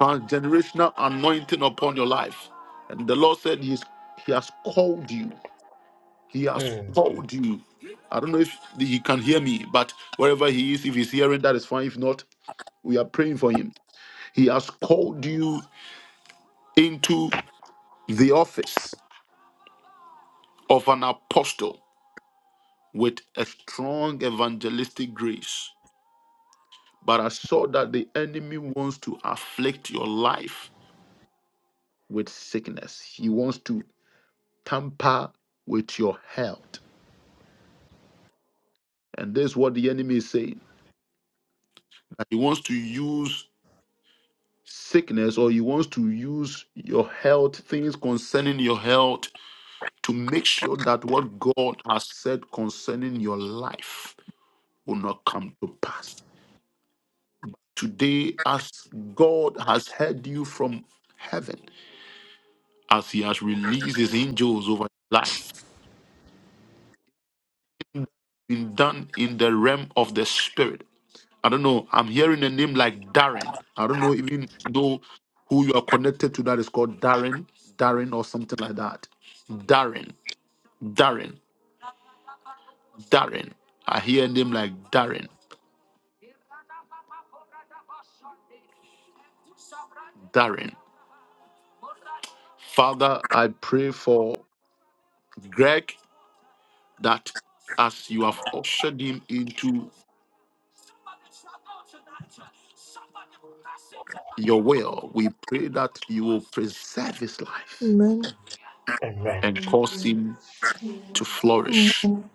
transgenerational anointing upon your life. And the Lord said, He's, He has called you. He has called you. I don't know if he can hear me, but wherever he is, if he's hearing, that is fine. If not, we are praying for him. He has called you into the office of an apostle with a strong evangelistic grace. But I saw that the enemy wants to afflict your life with sickness. He wants to tamper with your health. And this is what the enemy is saying. that He wants to use sickness or he wants to use your health, things concerning your health, to make sure that what God has said concerning your life will not come to pass. Today, as God has heard you from heaven, as he has released his angels over your life. Been done in the realm of the spirit. I don't know. I'm hearing a name like Darren. I don't know even though who you are connected to that is called Darren, Darren or something like that. Darren, Darren, Darren. I hear a name like Darren, Darren. Father, I pray for Greg that as you have ushered him into your will, we pray that you will preserve his life
Amen.
Amen. Amen.
and cause
Amen.
him to flourish
Amen.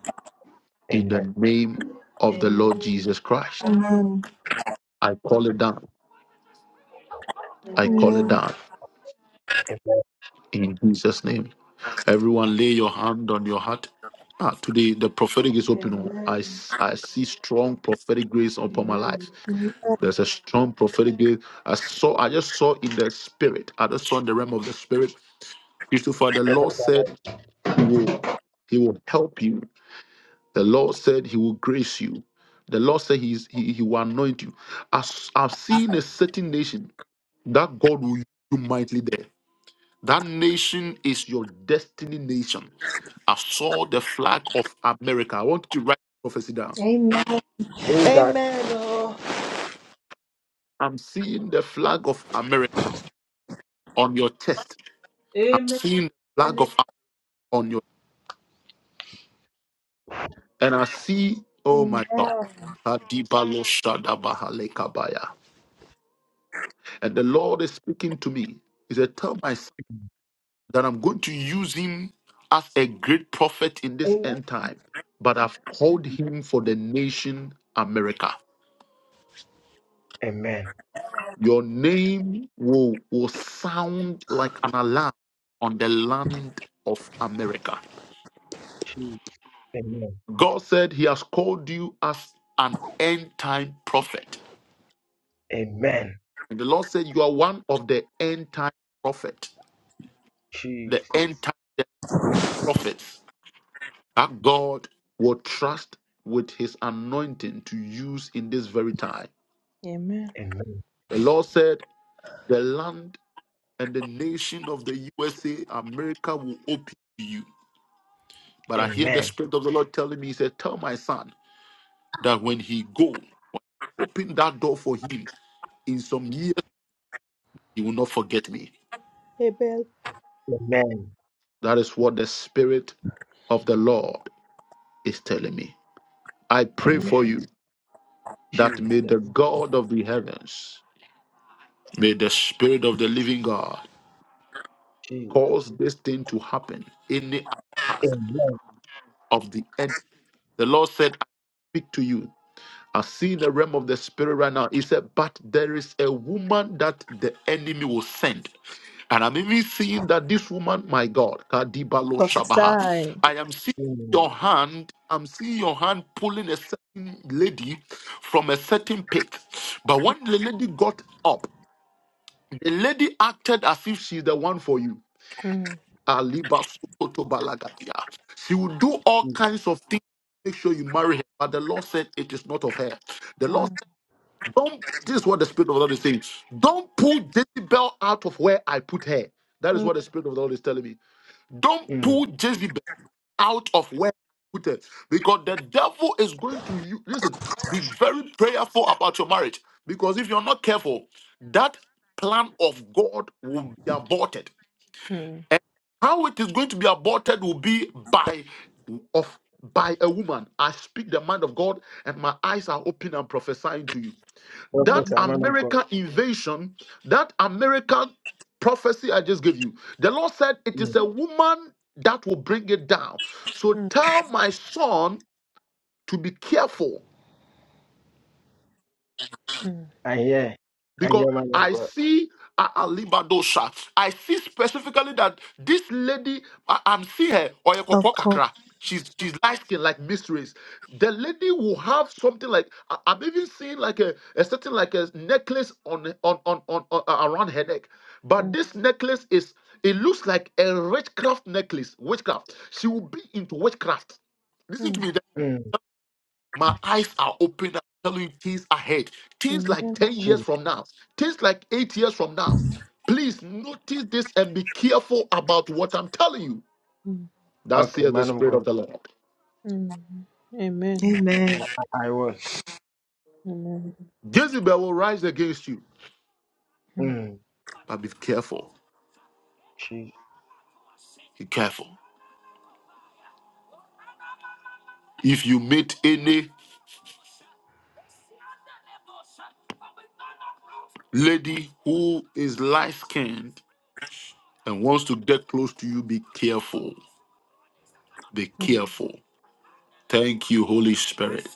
in
Amen.
the name of the Lord Jesus
Amen.
Christ. I call it down. I call it
Amen.
down
Amen.
in Jesus' name. Everyone, lay your hand on your heart. Ah, today the prophetic is
Amen.
open. oh. I,
Amen.
s- I see strong prophetic grace upon my
Amen.
life. There's a strong prophetic grace. I saw. I just saw in the spirit. I just saw in the realm of the spirit. Christopher, the Lord
Professor,
said He will, He will help you The Lord said He will grace you. The Lord said He is, he, he will anoint you. As I've seen a certain nation that God will use you mightily there. That nation is your destiny nation. I saw the flag of America. I want you to write the prophecy down.
Amen. Amen.
who is
Amen.
that?
Oh.
I'm seeing the flag of America on your chest. I'm
Amen.
seeing the flag
Amen.
of on your and I see, oh my God.
Amen.
Kadibalo Shadabahalekabaya. And the Lord is speaking to me. He said, Tell my that I'm going to use him as a great prophet in this
Amen.
end time, but I've called him for the nation America.
Amen.
Your name will, will sound like an alarm on the land of America.
Jesus. Amen.
God said he has called you as an end time prophet.
Amen.
And the Lord said, You are one of the end time prophet, the end
Jesus.
time prophets that God will trust with his anointing to use in this very time
Amen.
Amen.
The Lord said, The land and the nation of the USA, America will open to you. But I hear the
Amen.
Spirit of the Lord telling me, He said, Tell my son that when he go, open that door for him. In some years, he will not forget me.
Abel.
Amen.
That is what the Spirit of the Lord is telling me. I pray
Mm,
for
Amen.
you that may
Jesus.
the God of the heavens, may the Spirit of the living God
Jesus.
cause this thing to happen. Any attack
Amen.
of the enemy The Lord said, I speak to you. I see the realm of the spirit right now. He said, But there is a woman that the enemy will send. And I'm even seeing that this woman, my God, Kadibalo Shabaha,
Prophesy.
I am seeing
Amen.
your hand, I'm seeing your hand pulling a certain lady from a certain pit. But when the lady got up, the lady acted as if she's the one for you.
mm,
Aliba Sokoto Balagadia. She will do all
Jesus.
kinds of things. to Make sure you marry her. But the Lord said it is not of her. The Lord
mm,
said, Don't this is what the Spirit of the Lord is saying. Don't pull Jezebel out of where I put her. That is
mm.
what the Spirit of the Lord is telling me. Don't
Mm.
pull Jezebel out of where I put her. Because the devil is going to you. Listen, be very prayerful about your marriage. Because if you're not careful, that plan of God will be aborted
mm.
and how it is going to be aborted will be by of by a woman. I speak the mind of God, and my eyes are open and prophesying to you.
Amen.
That
Professor, man of God.
American invasion, that American prophecy I just gave you, the Lord said it
Mm.
is a woman that will bring it down. So tell my son to be careful
I hear. I
because
hear, man of
I
God.
see a- Alibadosha. I see specifically that this lady, I, am seeing her,
Of
Oyekoko
course.
Kakra. She's she's light skin like mistress. The lady will have something like I, am even seeing like a, a certain like a necklace on on, on on on uh, around her neck. But this necklace is it looks like a witchcraft necklace. Witchcraft. She will be into witchcraft. Listen to me.
Mm.
My eyes are open. I'm telling you things ahead. Things
Mm,
like
mm,
10 years
Jesus.
from now. Things like 8 years from now. Please notice this and be careful about what I'm telling you.
mm,
That's
Okay,
here the
man of
Spirit
God.
of the Lord.
mm. Amen.
Amen.
I, I, I will.
Mm,
Jezebel will rise against you.
mm.
Mm.
But be careful.
Jesus.
Be careful. If you meet any lady who is light skinned and wants to get close to you, be careful. Be careful. Thank you, Holy Spirit.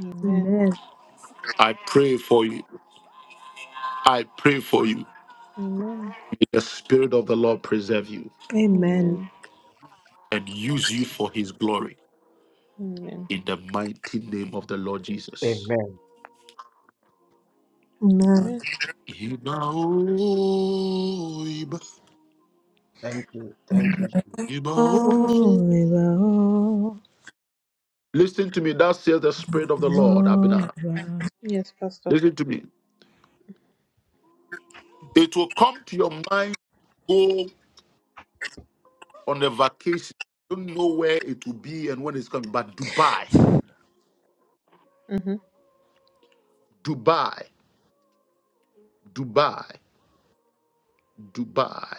Amen.
Amen.
I pray for you. I pray for you.
Amen. Mm, mm. Amen. Amen.
The Spirit of the Lord preserve you
Amen.
Amen.
and use you for His glory
Amen.
in the mighty name of the Lord Jesus.
Amen.
Amen.
Amen.
Listen
Thank you. Thank you, Jesus.
Holy Lord,
to me. That says the Spirit of the Lord,
Holy
Abinah.
Lord.
Yes, Pastor.
Listen to me. It will come to your mind, go on a vacation. don't know where it will be and when it's coming, but Dubai,
Mm-hmm.
Dubai, Dubai, Dubai,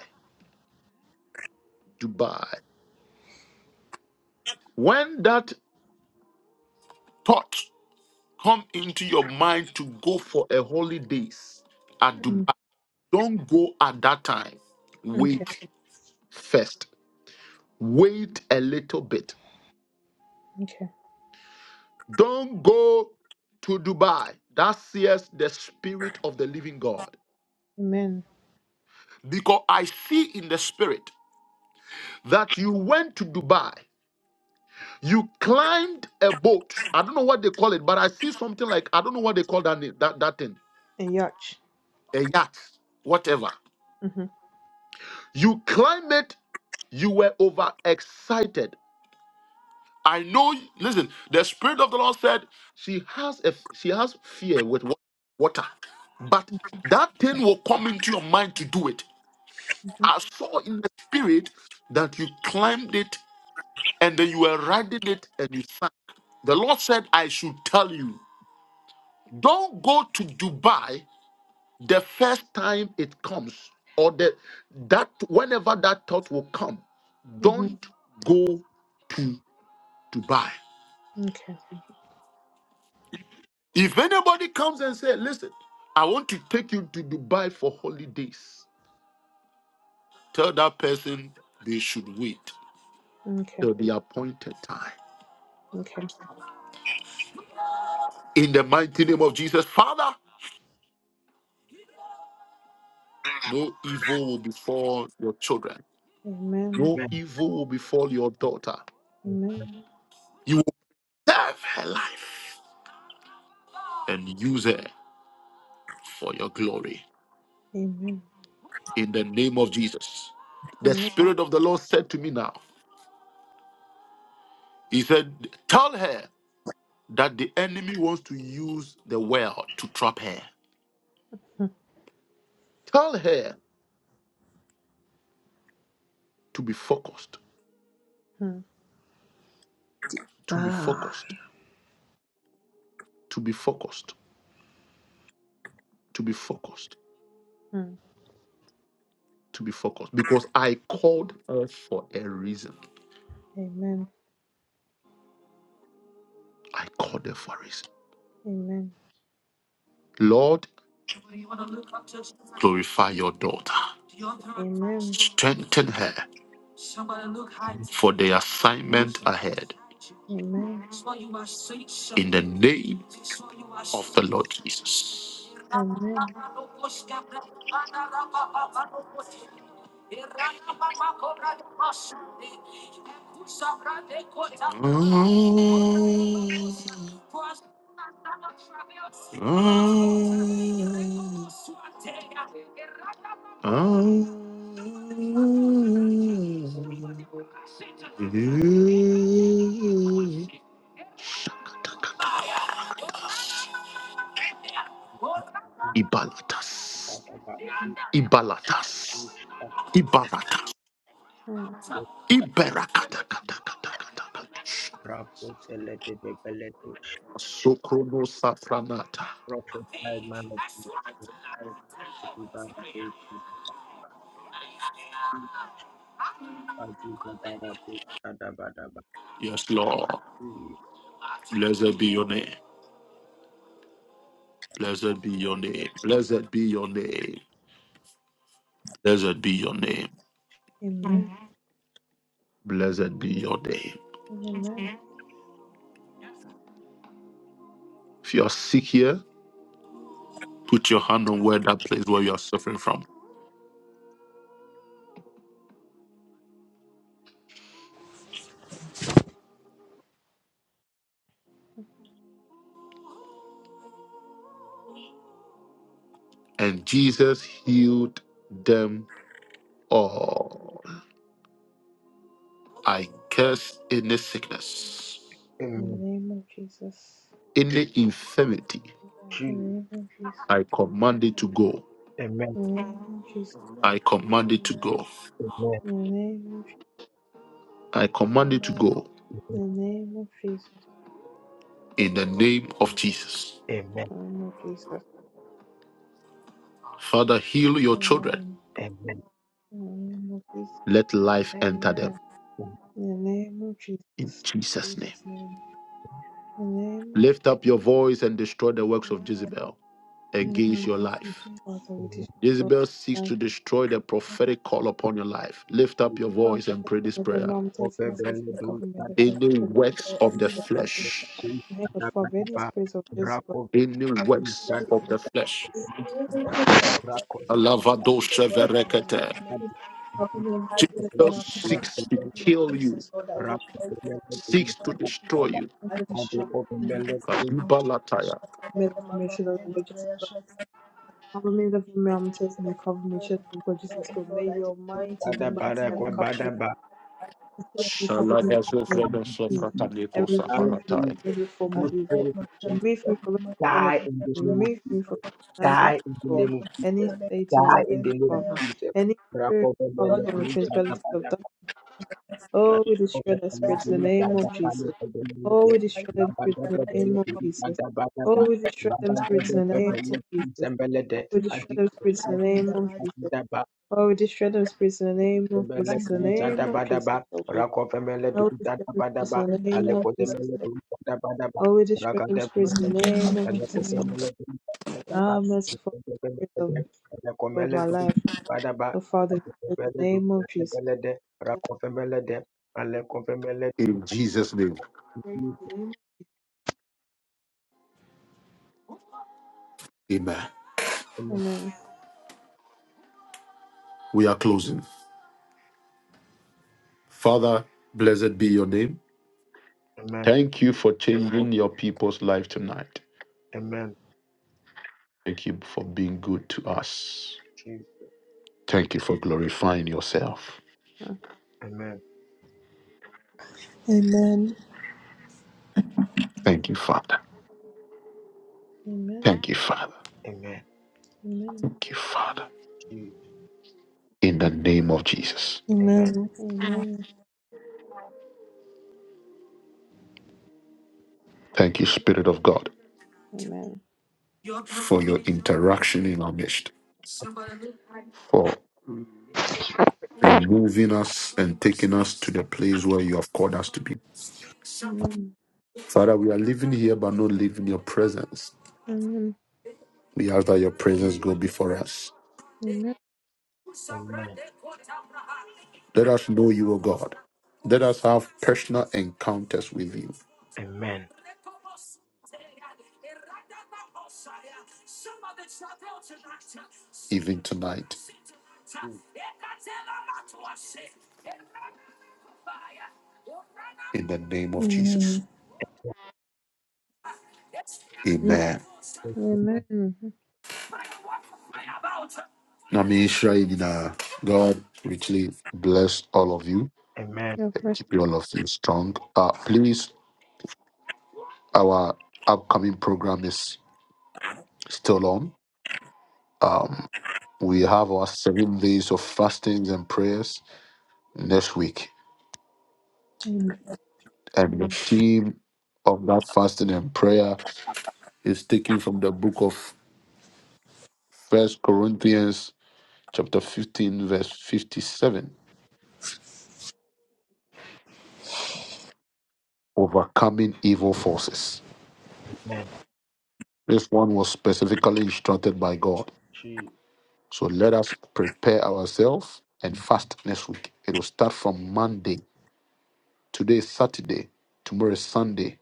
Dubai. When that thought come into your mind to go for a holidays at
Mm,
Dubai. Don't go at that time.
okay.
Wait first. Wait a little bit.
Okay.
Don't go to Dubai. That sees the spirit of the living God.
Amen.
Because I see in the spirit that you went to Dubai. You climbed a boat. I don't know what they call it, but I see something like I don't know what they call that name, that, that thing.
A yacht.
A yacht. Whatever.
Mm-hmm.
You climb it, you were overexcited. I know, listen, the Spirit of the Lord said she has a she has fear with wa- water, but that thing will come into your mind to do it.
Mm-hmm.
I saw in the spirit that you climbed it and then you were riding it and you sang. The Lord said, I should tell you, don't go to Dubai The first time it comes, or the that whenever that thought will come,
Mm-hmm.
don't go to Dubai.
Okay.
If anybody comes and say, "Listen, I want to take you to Dubai for holidays," tell that person they should wait
Okay.
till the appointed time.
Okay.
In the mighty name of Jesus, Father, no evil will befall your children.
Amen.
No
Amen.
evil will befall your daughter.
Amen.
You will save her life and use her for your glory.
Amen.
in the name of Jesus. The
Amen.
Spirit of the Lord said to me now, He said, Tell her that the enemy wants to use the well to trap her.
Mm,
Tell her to be focused,
mm,
to be
Ah.
focused, to be focused, to be focused,
mm.
to be focused. Because I called her for a reason.
Amen.
I called her for a reason.
Amen.
Lord, glorify your daughter.
Amen.
Strengthen her for the assignment ahead.
Amen.
In the name of the Lord Jesus.
Amen.
Ibalatas.
Mm.
Ibalatas. Ibaratas. Iberakatakatakatakata.
Prophesy,
Sokrono safranata.
man of God. Amen.
Yes, Lord. Blessed be your name. Blessed be your name. Blessed be your name. Blessed be your name.
Amen.
Blessed be your name.
Amen.
If you are sick here, put your hand on where that place where you are suffering from. And Jesus healed them all. I curse any sickness,
In the name of Jesus.
any infirmity
In the
True.
name of Jesus.
I command it to
Amen. Amen.
go.
Amen.
In the name of Jesus.
I command it to
Amen.
go.
Amen.
In the name of Jesus.
I command it to
Amen.
go
In the name of Jesus.
in the name of
Jesus.
Jesus.
Amen. Amen.
Father, heal your children.
Amen.
Amen.
In the name of Jesus.
Let life enter them
Amen.
Amen.
In the name of Jesus. In the name of
in
Jesus.
Jesus' name.
Jesus name.
In the name of Jesus.
Lift up your voice and destroy the works of
Amen.
Jezebel
In the
against
name
your
of Jesus.
Thank you,
life.
Jesus.
Father, we
Amen.
destroy.
Jezebel seeks
Thank
to destroy the
you
prophetic call upon your life. Lift up your
for
voice and pray this
every
prayer.
mom, test me,
For
Obebele
test me,
do
cover me,
sada
defend
Any
me,
works of the
any works
defend
of the
flesh,
flesh
do
me. Help us
sada ba
for
da
any
ba.
space of this
Rako be
any
I
do
works
destroy
sada
it
of the
in Jesus.
flesh.
All of the devil
rako
that I
Alavado
destroy it in the
sheverekete.
mighty name.
is
sada
Properly
I
obsessed with the
ba
destroy
da
Jesus
camera,
ba
it in
do
the
seeks to
sada.
name
kill
of
you,
Jesus. Lord, I
Rako
destroy it in
obebele do
seeks
the
to
name
sada
of Jesus.
ba
destroy
da.
you.
I
Obe
destroy
obebele do
it in Jesus.
Kadubalataya.
made of
Shakaya mama
information that the
zende
gorgeous is
braya
good.
shaka.
Cover me the
I
film test
destroy
me,
every
cover me
spirit
shit
of
the gorgeous
Oh
is
oh
good. May
Lord, I
your
destroy
mind
it in
sada
the
just
ba
mighty
da
have
ko
a
name of
cover
ba
me
da ba.
the me, cover me with
Come to
me,
Jesus,
and remove me
Shalagazofredosofrakadetosafaratai.
from
Jesus.
every form
I
of
our
evil.
am a
Jesus.
shaka
Remove me from every
mama.
kind of
Die
I am
in
a
the
the
name
shaka
of
remove
Jesus.
me from
mama.
every kind of
I
Die in the
evil.
am
name of
a shaka
Any
Jesus.
Satan's
Die
mama. then
in
the
the name of
prayer
father,
Jesus.
any spirit power
Lord,
from the
every spirit of
principalities
this
of darkness Oh, we destroy that spirit
in
in the
the
name of
mighty name,
Jesus. Oh, we
die by
destroy them spirits
the
in the
mighty
name
name
of
of
Jesus. Oh, we destroy them
God,
spirits
in
in the
the
name
lightning
of Jesus. Oh, we destroy them
in
spirits
the
in
mighty
the
name, lightning in
name
the
of Jesus.
Rabba
Oh, we destroy them spirits in the name of
Mele
Jesus. In
mighty
the
du jada
name of
bada
Jesus,
ba,
oh God.
rakofe mele
Oh,
du
we destroy
jada
them
bada
spirits
ba,
in the name of
alekote
Jesus.
mele
Oh, God.
du jada bada ba,
Oh, we destroy them
rakade
spirits in
mele
the
de,
name of Jesus.
alekote
Oh,
name
God.
of God.
mele du jada ba,
ah, merciful
rakofe
spirit
mele
of,
de, aleko
of
mele
my
du
life.
jada bada ba,
Oh, Father,
rakofe
in the
mele du
name of
jada
Jesus.
mele de, rakofe mele de, alekofe mele du.
Amen.
Amen.
Amen.
We are closing. Father, blessed be your name.
Amen,
Thank you for changing your people's life tonight.
amen,
Thank you for being good to us.
Jesus,
Thank you for glorifying yourself.
amen,
Amen.
Thank you, Father.
Amen.
Thank you, Father.
amen,
Amen.
Thank you, Father.
Jesus,
In the name of Jesus.
amen,
Amen.
Amen.
Thank you, Spirit of God,
Amen.
for your interaction in our midst. For removing us and taking us to the place where you have called us to be.
Amen.
Father, we are living here but not living your presence.
Amen.
We ask that your presence go
Jesus,
before us.
Amen.
amen,
Let us know you, O God. Let us have personal encounters with you,
amen,
even tonight,
Jesus,
in the name of Jesus.
Amen.
Amen.
Amen.
Now, may Israel, you know, God richly bless all of you
amen,
God
and
bless.
keep all of you strong. Uh, please, our upcoming program is still on. Um, We have our seven days of fastings and prayers next week. And the theme of that fasting and prayer is taken from the book of First Corinthians chapter 15, verse 57. Overcoming evil forces.
amen,
This one was specifically instructed by God.
Jesus.
So let us prepare ourselves and fast next week. It will start from Monday. Today is Saturday. Tomorrow is Sunday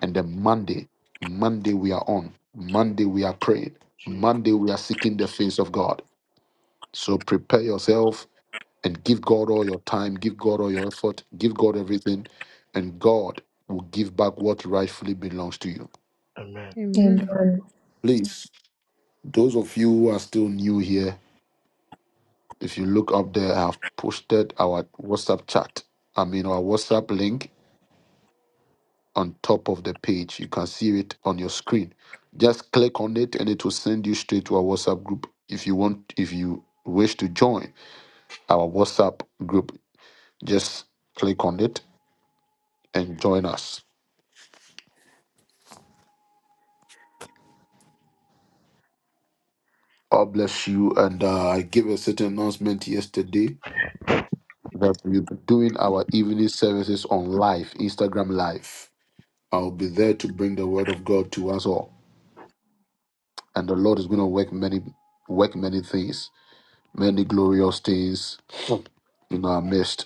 And then Monday, Monday we are on. Monday we are praying.
Jesus.
Monday we are seeking the face of God. So prepare yourself and give God all your time, give God all your effort, give God everything, and God will give back what rightfully belongs to you.
Amen.
Amen.
Amen.
Please, those of you who are still new here, if you look up there, I have posted our WhatsApp chat. I mean, our WhatsApp link on top of the page. You can see it on your screen. Just click on it and it will send you straight to our WhatsApp group. If you want, if you wish to join our WhatsApp group, just click on it and join us. God bless you. And uh, I gave a certain announcement yesterday that we'll be doing our evening services on live, Instagram live. I'll be there to bring the word of God to us all. And the Lord is going to work many, work many things, many glorious things in our midst.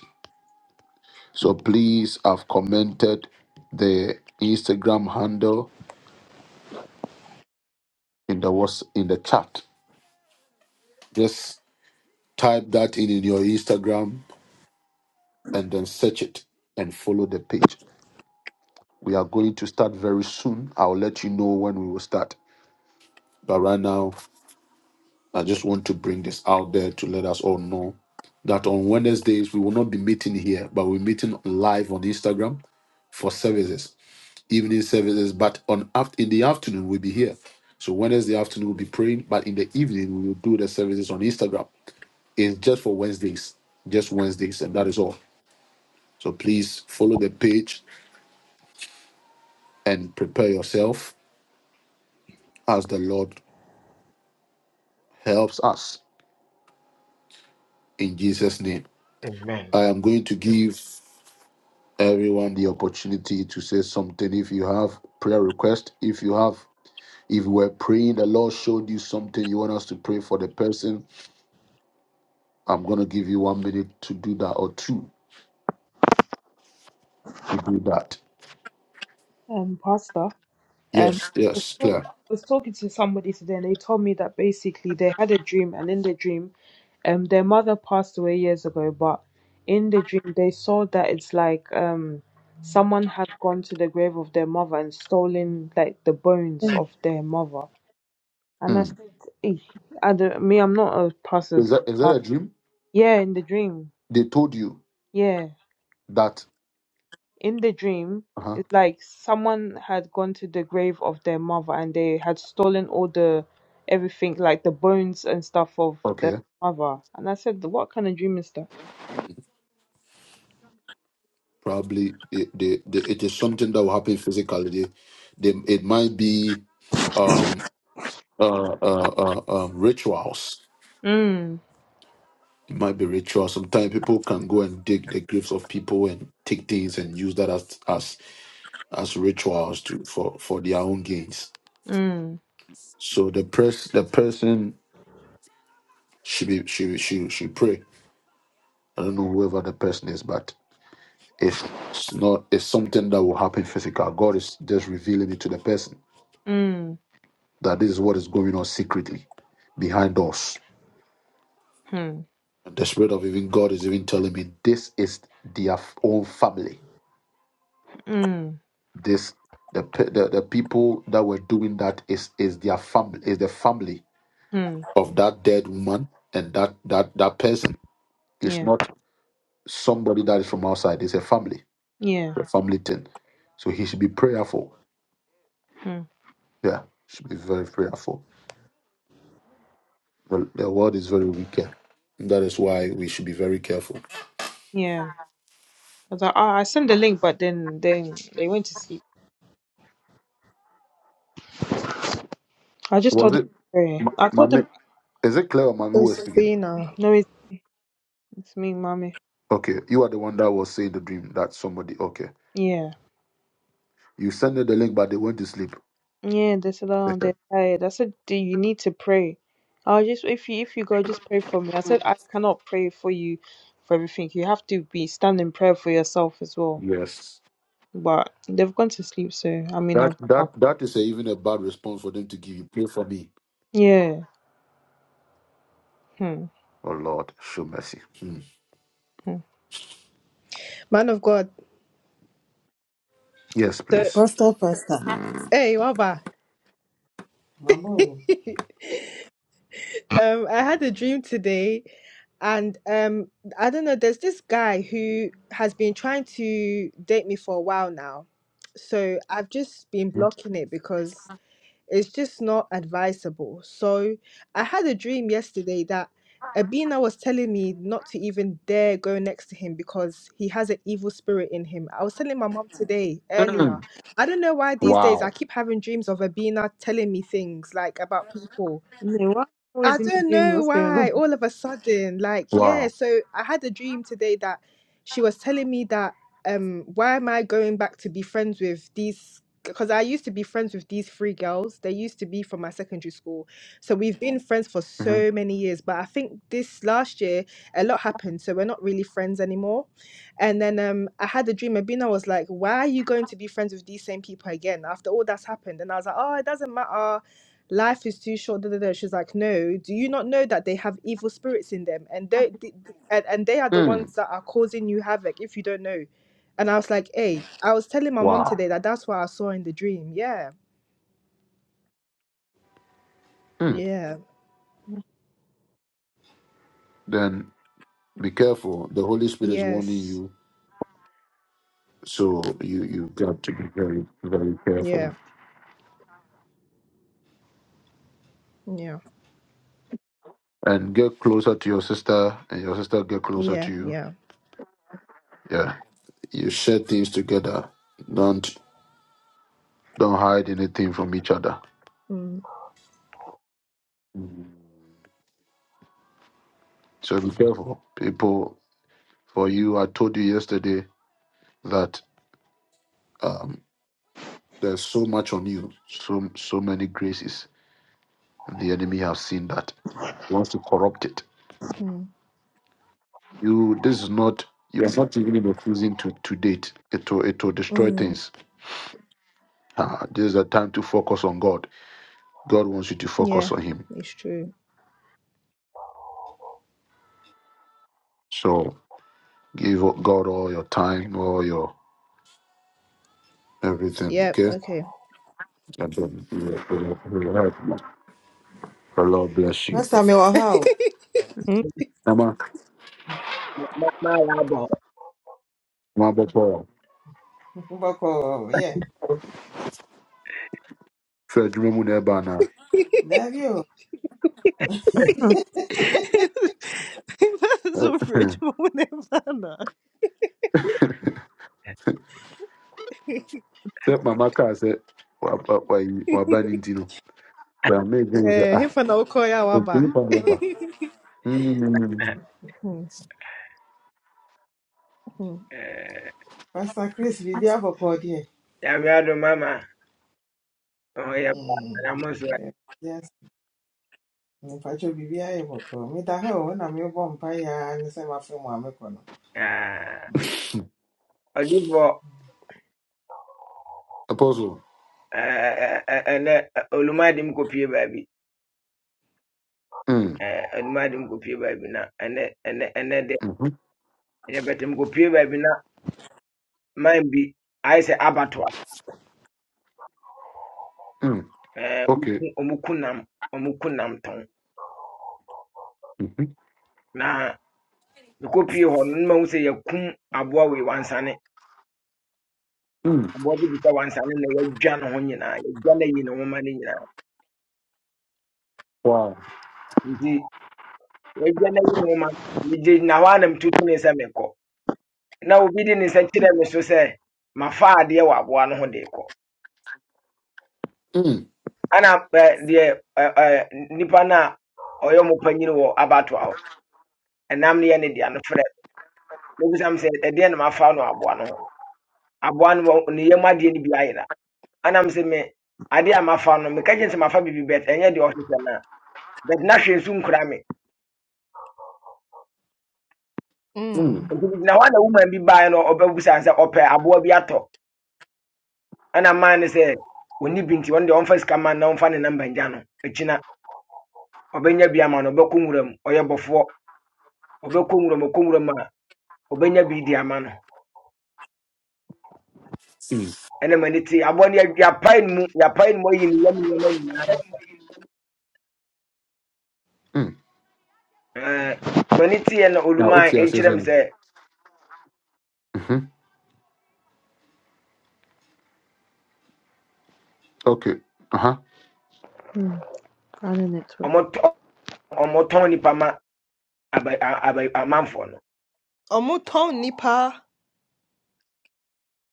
So please, I've commented the Instagram handle in the was in the chat. Just type that in in your Instagram and then search it and follow the page. We are going to start very soon. I'll let you know when we will start. But right now, I just want to bring this out there to let us all know that on Wednesdays we will not be meeting here, but we're meeting live on Instagram for services. evening services, but on aft in the afternoon we'll be here. So Wednesday afternoon we'll be praying, but in the evening we will do the services on Instagram. It's just for Wednesdays, just Wednesdays, and that is all. So please follow the page and prepare yourself as the Lord helps us in Jesus' name.
Amen.
I am going to give everyone the opportunity to say something if you have prayer request, if you have if you were praying, the Lord showed you something you want us to pray for the person I'm going to give you one minute to do that or two to do that.
Um, Pastor, um,
Yes, yes,
I
clear.
was talking to somebody today, and they told me that basically they had a dream, and in the dream, um, their mother passed away years ago, but in the dream they saw that it's like um, someone had gone to the grave of their mother and stolen like the bones
Amen.
of their mother. And I
Mm.
said, "Eh, I don't, me, I'm not a pastor.
Is
so-
that is
uh,
that a dream?
yeah, in the dream,
They told you
yeah.
that.
in the dream,
Uh huh.
it's like someone had gone to the grave of their mother and they had stolen all the everything, like the bones and stuff of their
Okay.
mother. And I said, What kind of dream is that?
Probably they, they, they, it is something that will happen physically. They, they, it might be um, uh, uh, uh, uh, rituals.
Mm,
It might be rituals. Sometimes people can go and dig the graves of people and take things and use that as as, as rituals to for, for their own gains.
mm,
So the press the person She be she she she pray. I don't know whoever the person is, but it's not it's something that will happen physical. God is just revealing it to the person
mm,
that this is what is going on secretly behind doors.
hmm,
And the spirit of even God is even telling me this is their f- own family.
mm,
This the pe- the, the people that were doing that is is their family is the family
hmm,
of that dead woman and that that that person. It's
yeah,
not somebody that is from outside. It's a family.
yeah,
the family thing. So he should be prayerful.
hmm,
Yeah, should be very prayerful. The, the world is very wicked. That is why we should be very careful.
yeah. I was like, ah, I sent the link, but then then they went to sleep. I just
Was
told them to
it,
pray.
Ma-
I told them,
Mami? Is it clear, or Mami who was
It's
speaking?
been a
no, it's, it's me, mommy.
Okay, you are the one that was saying the dream that somebody. Okay,
Yeah.
you sent them the link, but they went to sleep.
Yeah, they sit down on their tired. I said, Do you need to pray? I'll just if you if you go, just pray for me. I said, I cannot pray for you for everything. You have to be stand in prayer for yourself as well.
yes,
But they've gone to sleep, so I mean
that
I've
that that is a, even a bad response for them to give you. Pray for me,
yeah. Hmm.
oh Lord, show mercy. Hmm.
hmm.
man of God.
Yes,
So,
please.
Pastor, pastor.
hey, Waba. Um, I had a dream today, and um, I don't know. There's this guy who has been trying to date me for a while now, so I've just been blocking it because it's just not advisable. So I had a dream yesterday that Abina was telling me not to even dare go next to him because he has an evil spirit in him. I was telling my mom today
Hmm.
earlier. I don't know why these days
Wow,
I keep having dreams of Abina telling me things like about people.
Yeah, why am I
I
always in a
don't
dream?
know
What's going
why all of a sudden, like,
wow,
yeah. So I had a dream today that she was telling me that, um, why am I going back to be friends with these? Because I used to be friends with these three girls. They used to be from my secondary school. So we've been friends for so many years. But I think this last year, a lot happened. So we're not really friends anymore. And then um, I had a dream. Abina was like, why are you going to be friends with these same people again after all that's happened? And I was like, oh, it doesn't matter life is too short. Da, da, da. She's like, no, do you not know that they have evil spirits in them, and they th- th- and, and they are the ones that are causing you havoc if you don't know. And I was like, hey, I was telling my mom
wow.
today that that's what I saw in the dream. Yeah,
Hmm.
yeah,
on?
Then Be careful. The Holy Spirit is warning
yes,
you, so you you got to be very very careful
yeah, yeah,
and get closer to your sister, and your sister get closer
yeah,
to you.
yeah.
Yeah, you share things together. Don't don't hide anything from each other.
Mm,
So be careful, people. For you, I told you yesterday that um, there's so much on you, so so many graces. The enemy have seen that He wants to corrupt it.
mhm,
You, this is not. You're not refusing to to date. It will it will destroy
mm,
things Ah, this is a time to focus on God. God wants you to
yeah,
focus on Him.
it's true.
So give God all your time, all your everything.
Yep.
Okay.
Okay.
And then He will- He will- He will help you. The Lord bless you.
Pastor
That's
Mewahau,
Hmm.
Mama,
Mama Yabɔ.
Mama, Papa,
Mboko, yeah.
Fred, remember that banner.
Love you.
so fridge. Whenever.
Except Mama Car said, "We're banning Tino." So I made say,
Eh,
"Ah,
hifana ukoya
okay,
waba.
you can go back." Mm, mm, mm.
Mm.
Pastor Chris, Bibia Boko, dear.
Yàrá mama, ọ̀hún pa
Mm.
na mo nso
Yes, Mpacho Bibia Boko. Mita ho, na mi bo mpaya, nise mafi mu amekono.
ah, ɔdifo,
Apostle.
eh, eh, eh, ɛnnɛ olumadi m kɔpie
Mm,
Eh, Olumadi m kɔpie na ɛnɛ ɛnɛ ɛnɛ dɛ
mm,
yɛbɛtɛ m kɔpie baabi na man bi ayɛ
mm.
Eh, ɔmo
Okay.
ku ɔmo
Mm,
na mekɔpie hɔ no na mahu sɛ yɛkum aboa wansane.
mm.
bɔdi bi ka wansi ale na yɛdwa ne ho nyinaa yɛdwa ne yi ne nwoma ne nyinaa
Wow.
nti yɛdwa ne yi ne nwoma megye na hɔ anam tutu ne nsa mekɔ na obi di ne nsa kyerɛ me so sɛ mafa adeɛ wɔ aboa no ho de kɔ
Mm,
ana ɛ, deɛ ɛ, ɛ, nipa no a ɔyɛ mo panyini wɔ abatoa hɔ ɛnam ne yɛ ne dea no frɛ me. mebisa me sɛ ɛdeɛ na mafa no wɔ aboa no ho aboa no wɔ- ne yam adeɛ no bi ayera anam sɛ me adeɛ a mafa no meka gye sɛ mafa biribi bɛt ɛnyɛ deɛ ɔhwehwɛ no a bɛt na hwɛ nso nkura me
Mm.
na hɔ woman bi baeɛ no ɔbɛbusa sɛ ɔpɛ aboa bi atɔ ɛna maa no sɛ ɔni bi nti ɔno deɛ ɔmfa sika ma no na ɔmfa ne namba ngya no akyina ɔbɛnya bi ama no ɔbɛkɔ nwura mu ɔyɛ bɔfoɔ ɔbɛkɔ nwura mu ɔkɔ a ɔbɛnya bi di ama no Ene maniti ne tie aboa no yɛ- yɛapae no mu ya no mu ayi ne yam nneɛma nyinaa
mm.
Ɛɛ, nti ma ne tieɛ na
Now, what's
olumaa
your
ɛkyerɛ m
saying?
sɛ
hmm Okay. Uh huh.
Hmm. I don't know. too.
ɔmɔtɔ- ɔmɔtɔn nipa ma aba- a- aba- amanfoɔ no
Omuton nipa.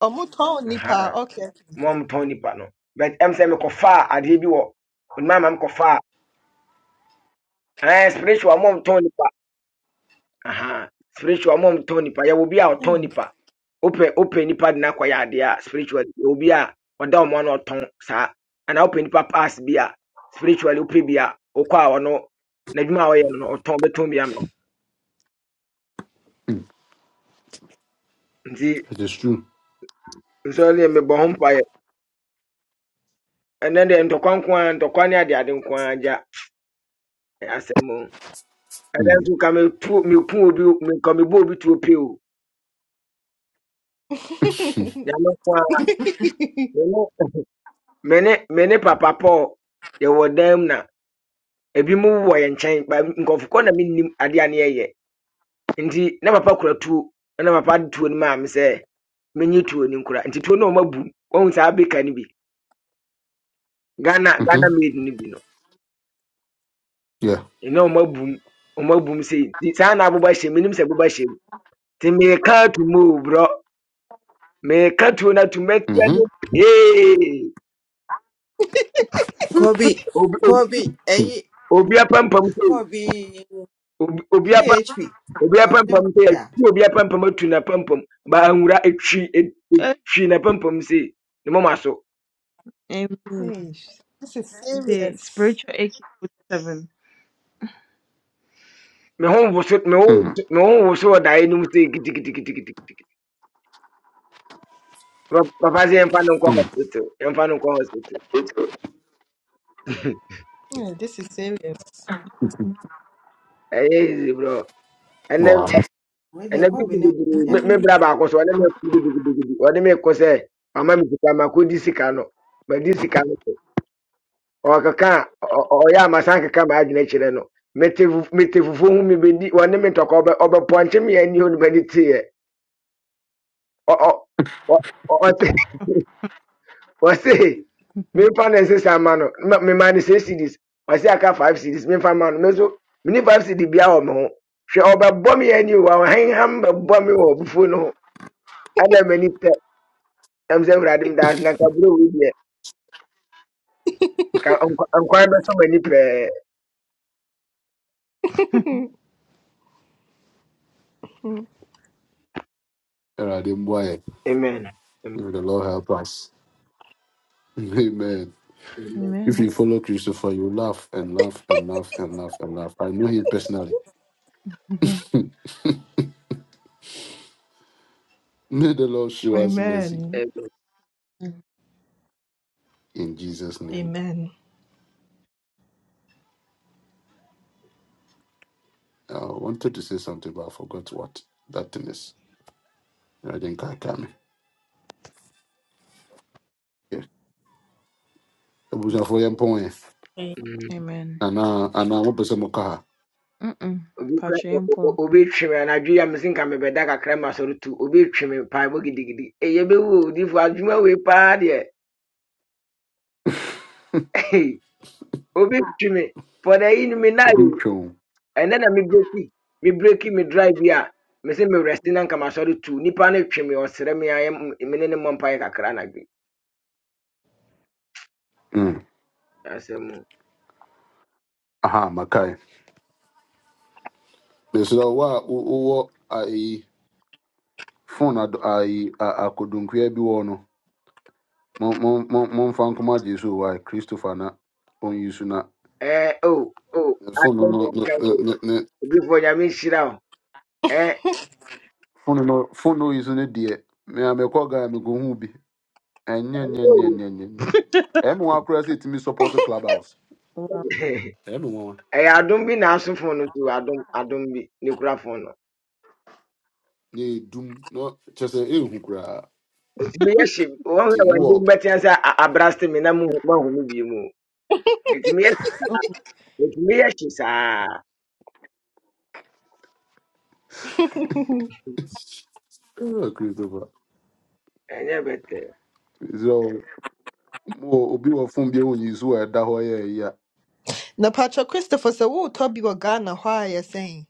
Omuton nipa.
Ahaa,
Okay.
mo a ɔmotɔn nipa no but ɛm sɛ mekɔfaa adeɛ bi wɔ olumaa ma mekɔfaa ɛɛ spiritual mom Tony nipa aha spiritual mom tɔn nipa yɛ obi a ɔtɔn
Hey.
nipa open. opɛ nipa de n'akɔ yɛ adeɛ a spiritual yɛ obi a ɔda ɔmo ano ɔtɔn saa ana open nipa pass bi spiritual opɛ bi a okɔ a ɔno n'adwuma a ɔyɛ no no, ɔtɔn bɛtɔn bi ano
Mm.
nti
It is true.
nsɔre yɛ mebɔ ho mpa yɛ ɛnɛ deɛ ntɔkwa nko ara ntɔkwa ne ade ade nko ara gya ɛyɛ asɛm o ɛdɛ
Mm.
nso ka metu meku obi meka mebɔ obi tuo pee o nyame nko ara mene mene mene papa paul yɛwɔ were them na ebi mu wɔ yɛn nkyɛn ba nkɔfo kɔ na minnim ade a ne yɛyɛ nti na papa kura tuo na papa de tuo no maa me sɛ menye tuo no nkura nti tuo no a ɔmabu m wahu saa beka no bi ghana
hmm
ghana made no bi no
Yeah.
ɛna ɔmabu m ɔmabu m sei nti saa na aboba hyɛ menim sɛ boba hyɛ m nti mereka ato mu o borɔ mereka tuo no ato
hmm
mɛtia no pee
Kobi,
obi obi-
Kobi,
Mm.
eh,
obi apampam sei
Kobi, GHP.
obi
Ma, ne
apampam
ma
sɛ
ya.
yɛtwi obi apampam atu n'apampam baanwura etwi et-
Eh,
etwi n'apampam se ne mɔma so
Amen.
hey. sh- This is
The
serious.
spiritual AK forty seven.
me ho nwo so me ho
Mm.
so- me ho nwo so wɔ daeɛ no mu se kitikitikitikitiki Pa- papa sɛ yɛmfa no nkɔ
Mm.
hospital yɛmfa no nkɔ hospital
Hey, this is serious.
ɛyɛ easy bro ene
Wow.
Me de
ene bi
Kobi
ko
ne ma
bebree
ya.
me me
Mm.
bra baako so ɔne me ko gidigidigidi ɔne me ko sɛ mama me sika ma ko di sika no ma di sika no ɔkeka ɔ- ɔ- ɔyɛ amasa nkeka maa adwene kyerɛ no mete fu- mete fufuo ho me bɛdi ɔne me ntɔkwa ɔbɛ ɔbɛpɔnkye me ani hɔ nomani teeɛ Ɔ- ɔ- ɔ- ɔ- ɔse ɔse memfa ne nsesa ma no Ma- mema ne sɛ cds ɔse aka five cds memfa ma no me so meni five cd bia wɔ me ho hwɛ ɔbɛbɔ me ani wɔ ɔhenham bɛbɔ me wɔ bufuo no ho ɛna m'ani pɛ ɛm sɛ awurade m daa na nkabrɛ wei deɛ ka nkwa- nkwan bɛsɔ m'ani pɛɛ
And I did
amen amen
May the Lord help us. Amen.
amen
If
Amen.
you follow Christopher, you laugh and laugh and laugh and laugh and laugh. I know him personally. May the Lord show us mercy
Amen.
in Jesus' name.
Amen.
I wanted to say something, but I forgot what that thing is. I think I can. Yeah. Abusuafo yɛmpɔ wo ɛ.
Amen.
Amen.
Anaa anaa wopɛ sɛ moka ha?
Mm-mm.
obi kura o-
Patriarchal.
o- obi twi me anadwo yi a mesi nka mebɛda kakra ma asɔre tu obi twi me paebɔ gidigidi eye bɛwu odifo adwuma wei paa deɛ obi twi me pɔda yi no me nae
Obi
o.
ntwa wo.
ɛnɛ na mebreki mebreki me breaki me breaki me drive bi a mese merɛste na nka masɔre tu nnipa no twe me ɔsrɛ me ayɛ mene ne mmɔ mpaeɛ kakra anadwo yi.
Mm.
asɛm
Aha, maka ɛ. mesrɛ wo a wo- wowɔ ayi phone ad- ayi a- akodunkua bi wɔ no mom- mom- mom- momfa nkɔma gye so wɔ christopher na ɔnyi so na
ɛɛ oh. o
phone no
asɛm a
no- ne-
ɔka
ne-
yi,
ne-
odiyifoɔ nyame shira. o ɛɛ
phone no phone no yi so me deɛ ga mekɔ gaa mekɔhu bi ɛnyɛ
Eh,
nyɛ nyɛ
o.
nyɛ nyɛ nyɛ nyɛ. ɛma wa koraa sɛ ɛtumi support club house
Wow.
ɛma wa
ɛyɛ adom bi na asofo no so adom adom bi ne kura fo no
ne ɛdum na kyɛ sɛ ɛhu koraa
It's me. hye wɔn
nti
a wɔn
mowɔ
din bɛtena sɛ a- abraste me na mohu- moahu me bio mu nti meyɛ
Oh,
nti meyɛ hye saa
Ah, christopher
ɛnyɛ bɛtɛ
So mo mowɔ obi wɔ phone bi a ɔnyi so wɔ ɛda hɔ yɛ
now, Patrick Christopher said, "Who Toby or Ghana? Why are you saying?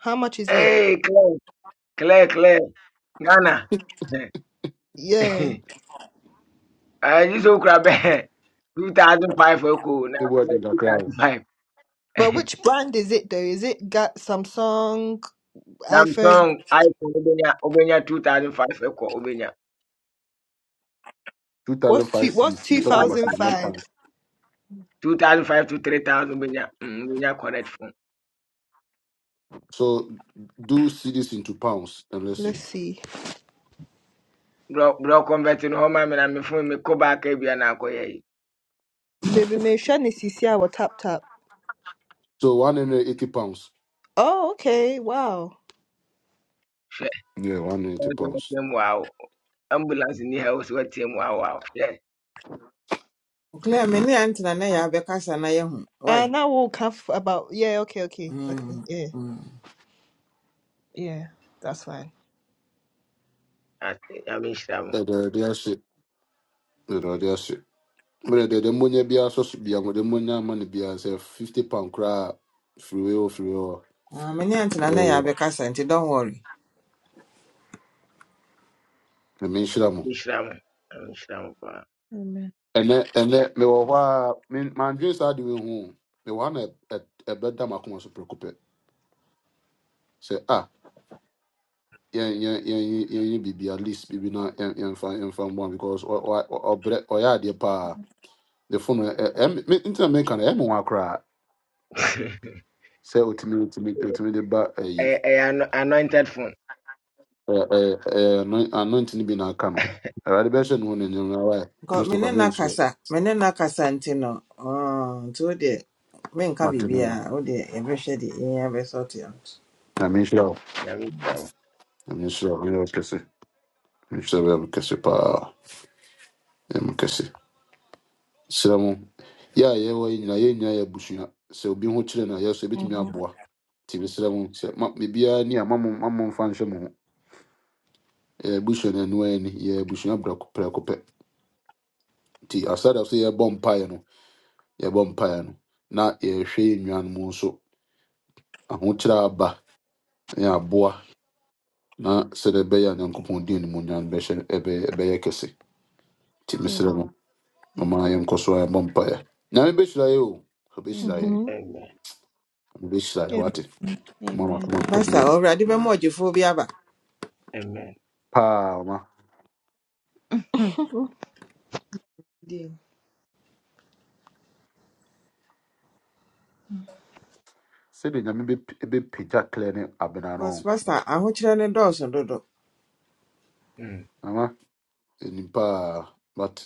How much is it?
ee claire claire claire ghana
Yeah,
ɛyi so kura bɛɛ two thousand five ɛkɔ na
They were in
two
Accra.
thousand five
but which brand is it though? Is it got Samsung, iPhone?
samsung iphone obenya obenya two thousand five ɛkɔ obenya
What's two?
2005
What's
cities.
two
He's talking about
thousand
cities, not
five?
pounds.
two thousand five to three thousand obenya mm obenya correct phone
So do cities into pounds and let's see.
Let's see.
brɔ brɔ convert no hɔ ma mi na mi phone mi kɔ baaka ebia na akɔ yɛ yi.
Baby Meisha Nisisi our tap tap.
So 180 pounds.
Oh, okay. Wow.
Yeah, 180 pounds.
wɔatɛm ambulance ni ha wɔsi wɔatɛm wɔ awo awo hwɛ
Clear, me ne antina na ya bekasa na ye hu.
Uh
Why?
now we'll come about yeah, okay, okay. Okay.
Mm.
Yeah.
Mm.
Yeah. That's fine.
ate nyame nhyira mo
Eh, They they are shit. You know, they are shit. But the the money be also should be the money money be as a 50 pound crab free will free will.
Ah, me ne antina na
Yeah,
ya bekasa, nti don't worry.
I mean, shit, I'm
nhyira mo nyame nhyira mo paa
amen.
and then, and then, me wa wa. me- my dreams are doing home. Me wa want a a better so preoccupied. Say, ah. Yeah, yeah, yeah, yeah, yeah. yɛ biribi at least biribi na yɛn yɛnfa yɛnfa one because ɔ ɔ ɔ- ɔbrɛ ɔyɛ yeah the pa the phone ɛ ɛm- me ntina me nka no ɛmo wa koraa sɛ otumi otumi de ba eh
ɛyɛ ɛyɛ ano- anointed phone
eh eh ɛ ano- anointing bi na aka no awurade bɛhyɛ ne ho ne
Nka- me ne
christopher mi
na
nsuo
kasa me ne na kasa nti no ah, nti wo deɛ menka
mate no ma
biribiaa wo deɛ yɛbɛhwɛ deɛ yɛnya bɛsɔte out
na mi
Mm,
nhyira wo
nyame nhyira mo
na mi nhyira wo mi yɛ wo kɛse mi nhyira wo yɛ wo serɛ mo yɛ a yɛwɔ yi nyinaa yɛn nyinaa yɛ abusua sɛ obi ho kyerɛ no a yɛsɛ yɛbɛtumi
Mm-hmm.
aboa nti mesrɛ mo sɛ ma- biribiara ni a mamomfa nhyɛ mo ho yɛ abusua no anoa ani yɛ abusua prɛko prɛko pɛ nti asada so yɛbɔ mpaeɛ no yɛbɔ mpaeɛ no na yɛhwɛ yɛ nnuanom nso ahokyerɛ a aba ne aboa na sɛdeɛ ɛbɛyɛ a nyankopɔn din animuonyam no bɛhyɛ ɛbɛyɛ ɛbɛyɛ kɛse nti mesrɛ
Amen.
mo
Amen.
mama yɛnkɔ so a yɛbɔ mpaeɛ nyame bɛhyira yɛ o ɔbɛhyira yɛ
Amen.
Mm-hmm.
amen
ɔbɛhyira yɛ wate mama
Amen.
koma ntɔm
pasta ɔwurade bɛma ɔgyefoɔ bi aba
amen
paa ɔma
Yeah.
Hmm. Dear.
sɛdeɛ nyame bɛp- bɛpagya clear ne abena no
bcause
ho.
pasta ahokyerɛ ne dɔɔso dodo
Mm.
ama ɛnim paa but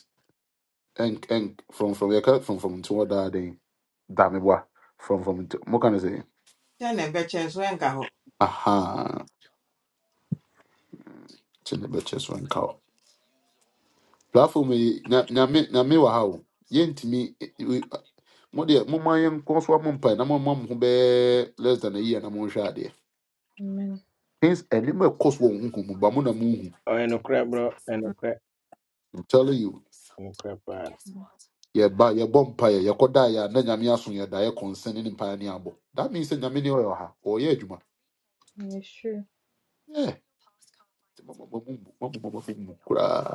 ɛnk ɛnk from from yɛka frɔmfrɔm nti wɔ daa den dame boa from from nti moka no sɛ
kyɛ ne bɛkyɛ nso ɛnka hɔ
aha kyɛ ne bɛkyɛ so nka wo platform yi nya- nyame nyame wɔ ha o yɛntumi ɛ- ɛ- modeɛ momma yɛnkɔ so amɔ mpae na momma mo ho bɛɛ less than a year na monhwɛ adeɛ
Amen.
things ɛnim ɛkɔ so wɔ honhom mu, ba mo na monhu
ɔyɛ nokorɛ borɔ ɛyɛ
Mm,
nokorɛ
I'm telling you.
ɛyɛ nokorɛ paa
mm,
yɛba yɛbɔ mpaeɛ yɛkɔda yɛ ya na nyame aso yɛda yɛ kɔnsɛne ne mpaeɛ ne abo. that means sɛ nyame ne ɔyɛ ha ɔyɛ adwuma
Yes, sure.
Yeah, nti ma- ma- ma- ma- ma- ma- ma- ma- mu koraa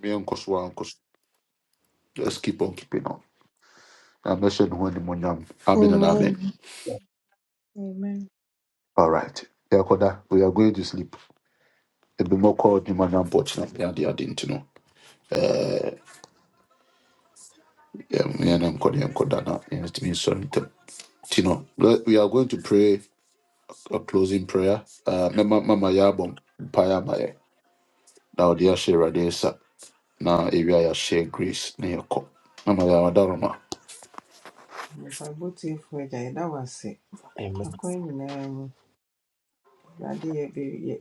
meɛnkɔ so a, so let's keep on keeping on na mɛhyɛ ne ho animonyam amen and amen
Amen.
Amen.
all right Ye koda. we are going to sleep ebi mo kɔ animonyam bɔ kyena ne ade ade nti no ɛɛ, yɛ- yɛne nkɔ ne yɛnkɔda na yɛntumi nsɔre ntɛm nti no we are going to pray a closing prayer uh, mɛma mama yɛ abɔ mpaeɛ ama yɛn. na ɔde ahyɛ Awurade nsa na ewia yɛahyɛ grace na yɛkɔ na ma yɛawada roma
mpabotiefoɔ agya yɛda wo ase
amen
akwan nyinaa mu awurade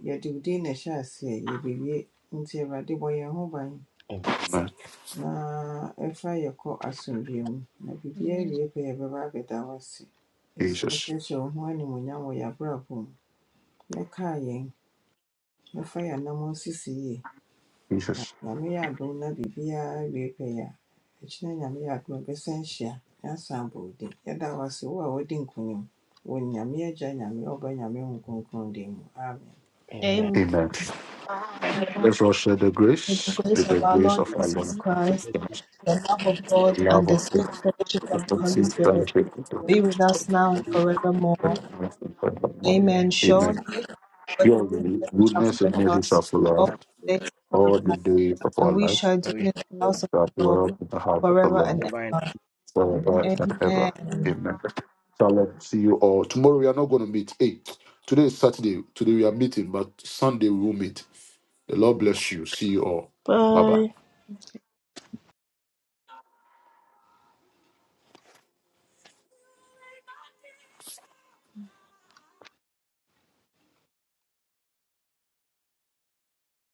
yɛde wo din na ɛhyɛ aseɛ yɛbɛwie nti awurade bɔ yɛn ho ban
amen
na ɛfa yɛkɔ asomdwoeɛ mu. Na biribiara
Amen.
wie pɛ, yɛbɛba abɛda wo ase. Yɛsrɛ wo sɛ
jesus
hyɛ wo ho animuonyam wɔ yɛabrabɔ mu. Ne kaa yɛn, ne fa yɛn anammɔn sisi yie. Na
jesus
Nyame yɛ adom na biribiara wie pɛ yɛ a, akyinɛ Nyame yɛ adom bɛsan hyia na asan abɔ wo din. Yɛda wo ase wo a wodi nkonim. Wɔ Nyame Agya, Nyame Ɔba, Nyame Honhom Kronkron din mu. Amen.
amen amen
Amen.
amen
Mm,
let's all share the
May the
grace
grace
with the
of our
grace
Lord
of our
Jesus
lord
mm,
Jesus
Christ,
Christ,
the love of
the
God,
love
and the
of
sweet
god
fellowship
the
of the Holy
blessed
Spirit
fellowship of the
mm, mm,
be with us now and forevermore.
mm,
Holy Spirit, forevermore.
Amen.
And
Amen.
Surely, God's
Surely
mercy shall
goodness and
that's
follow
mercy
us
shall follow
all
us
the days of our
all
life,
the days of our
and we
life.
shall dwell in the
good.
amen
house of
That we
the Lord
dwell in the house of the
forever and
Lord
ever.
forever and ever.
Amen.
Amen. Shalom. See you all. Tomorrow we are not going to meet. Hey, today is Saturday. Today we are meeting, but Sunday we will meet. The Lord bless you. See you all. Bye bye.
Bye.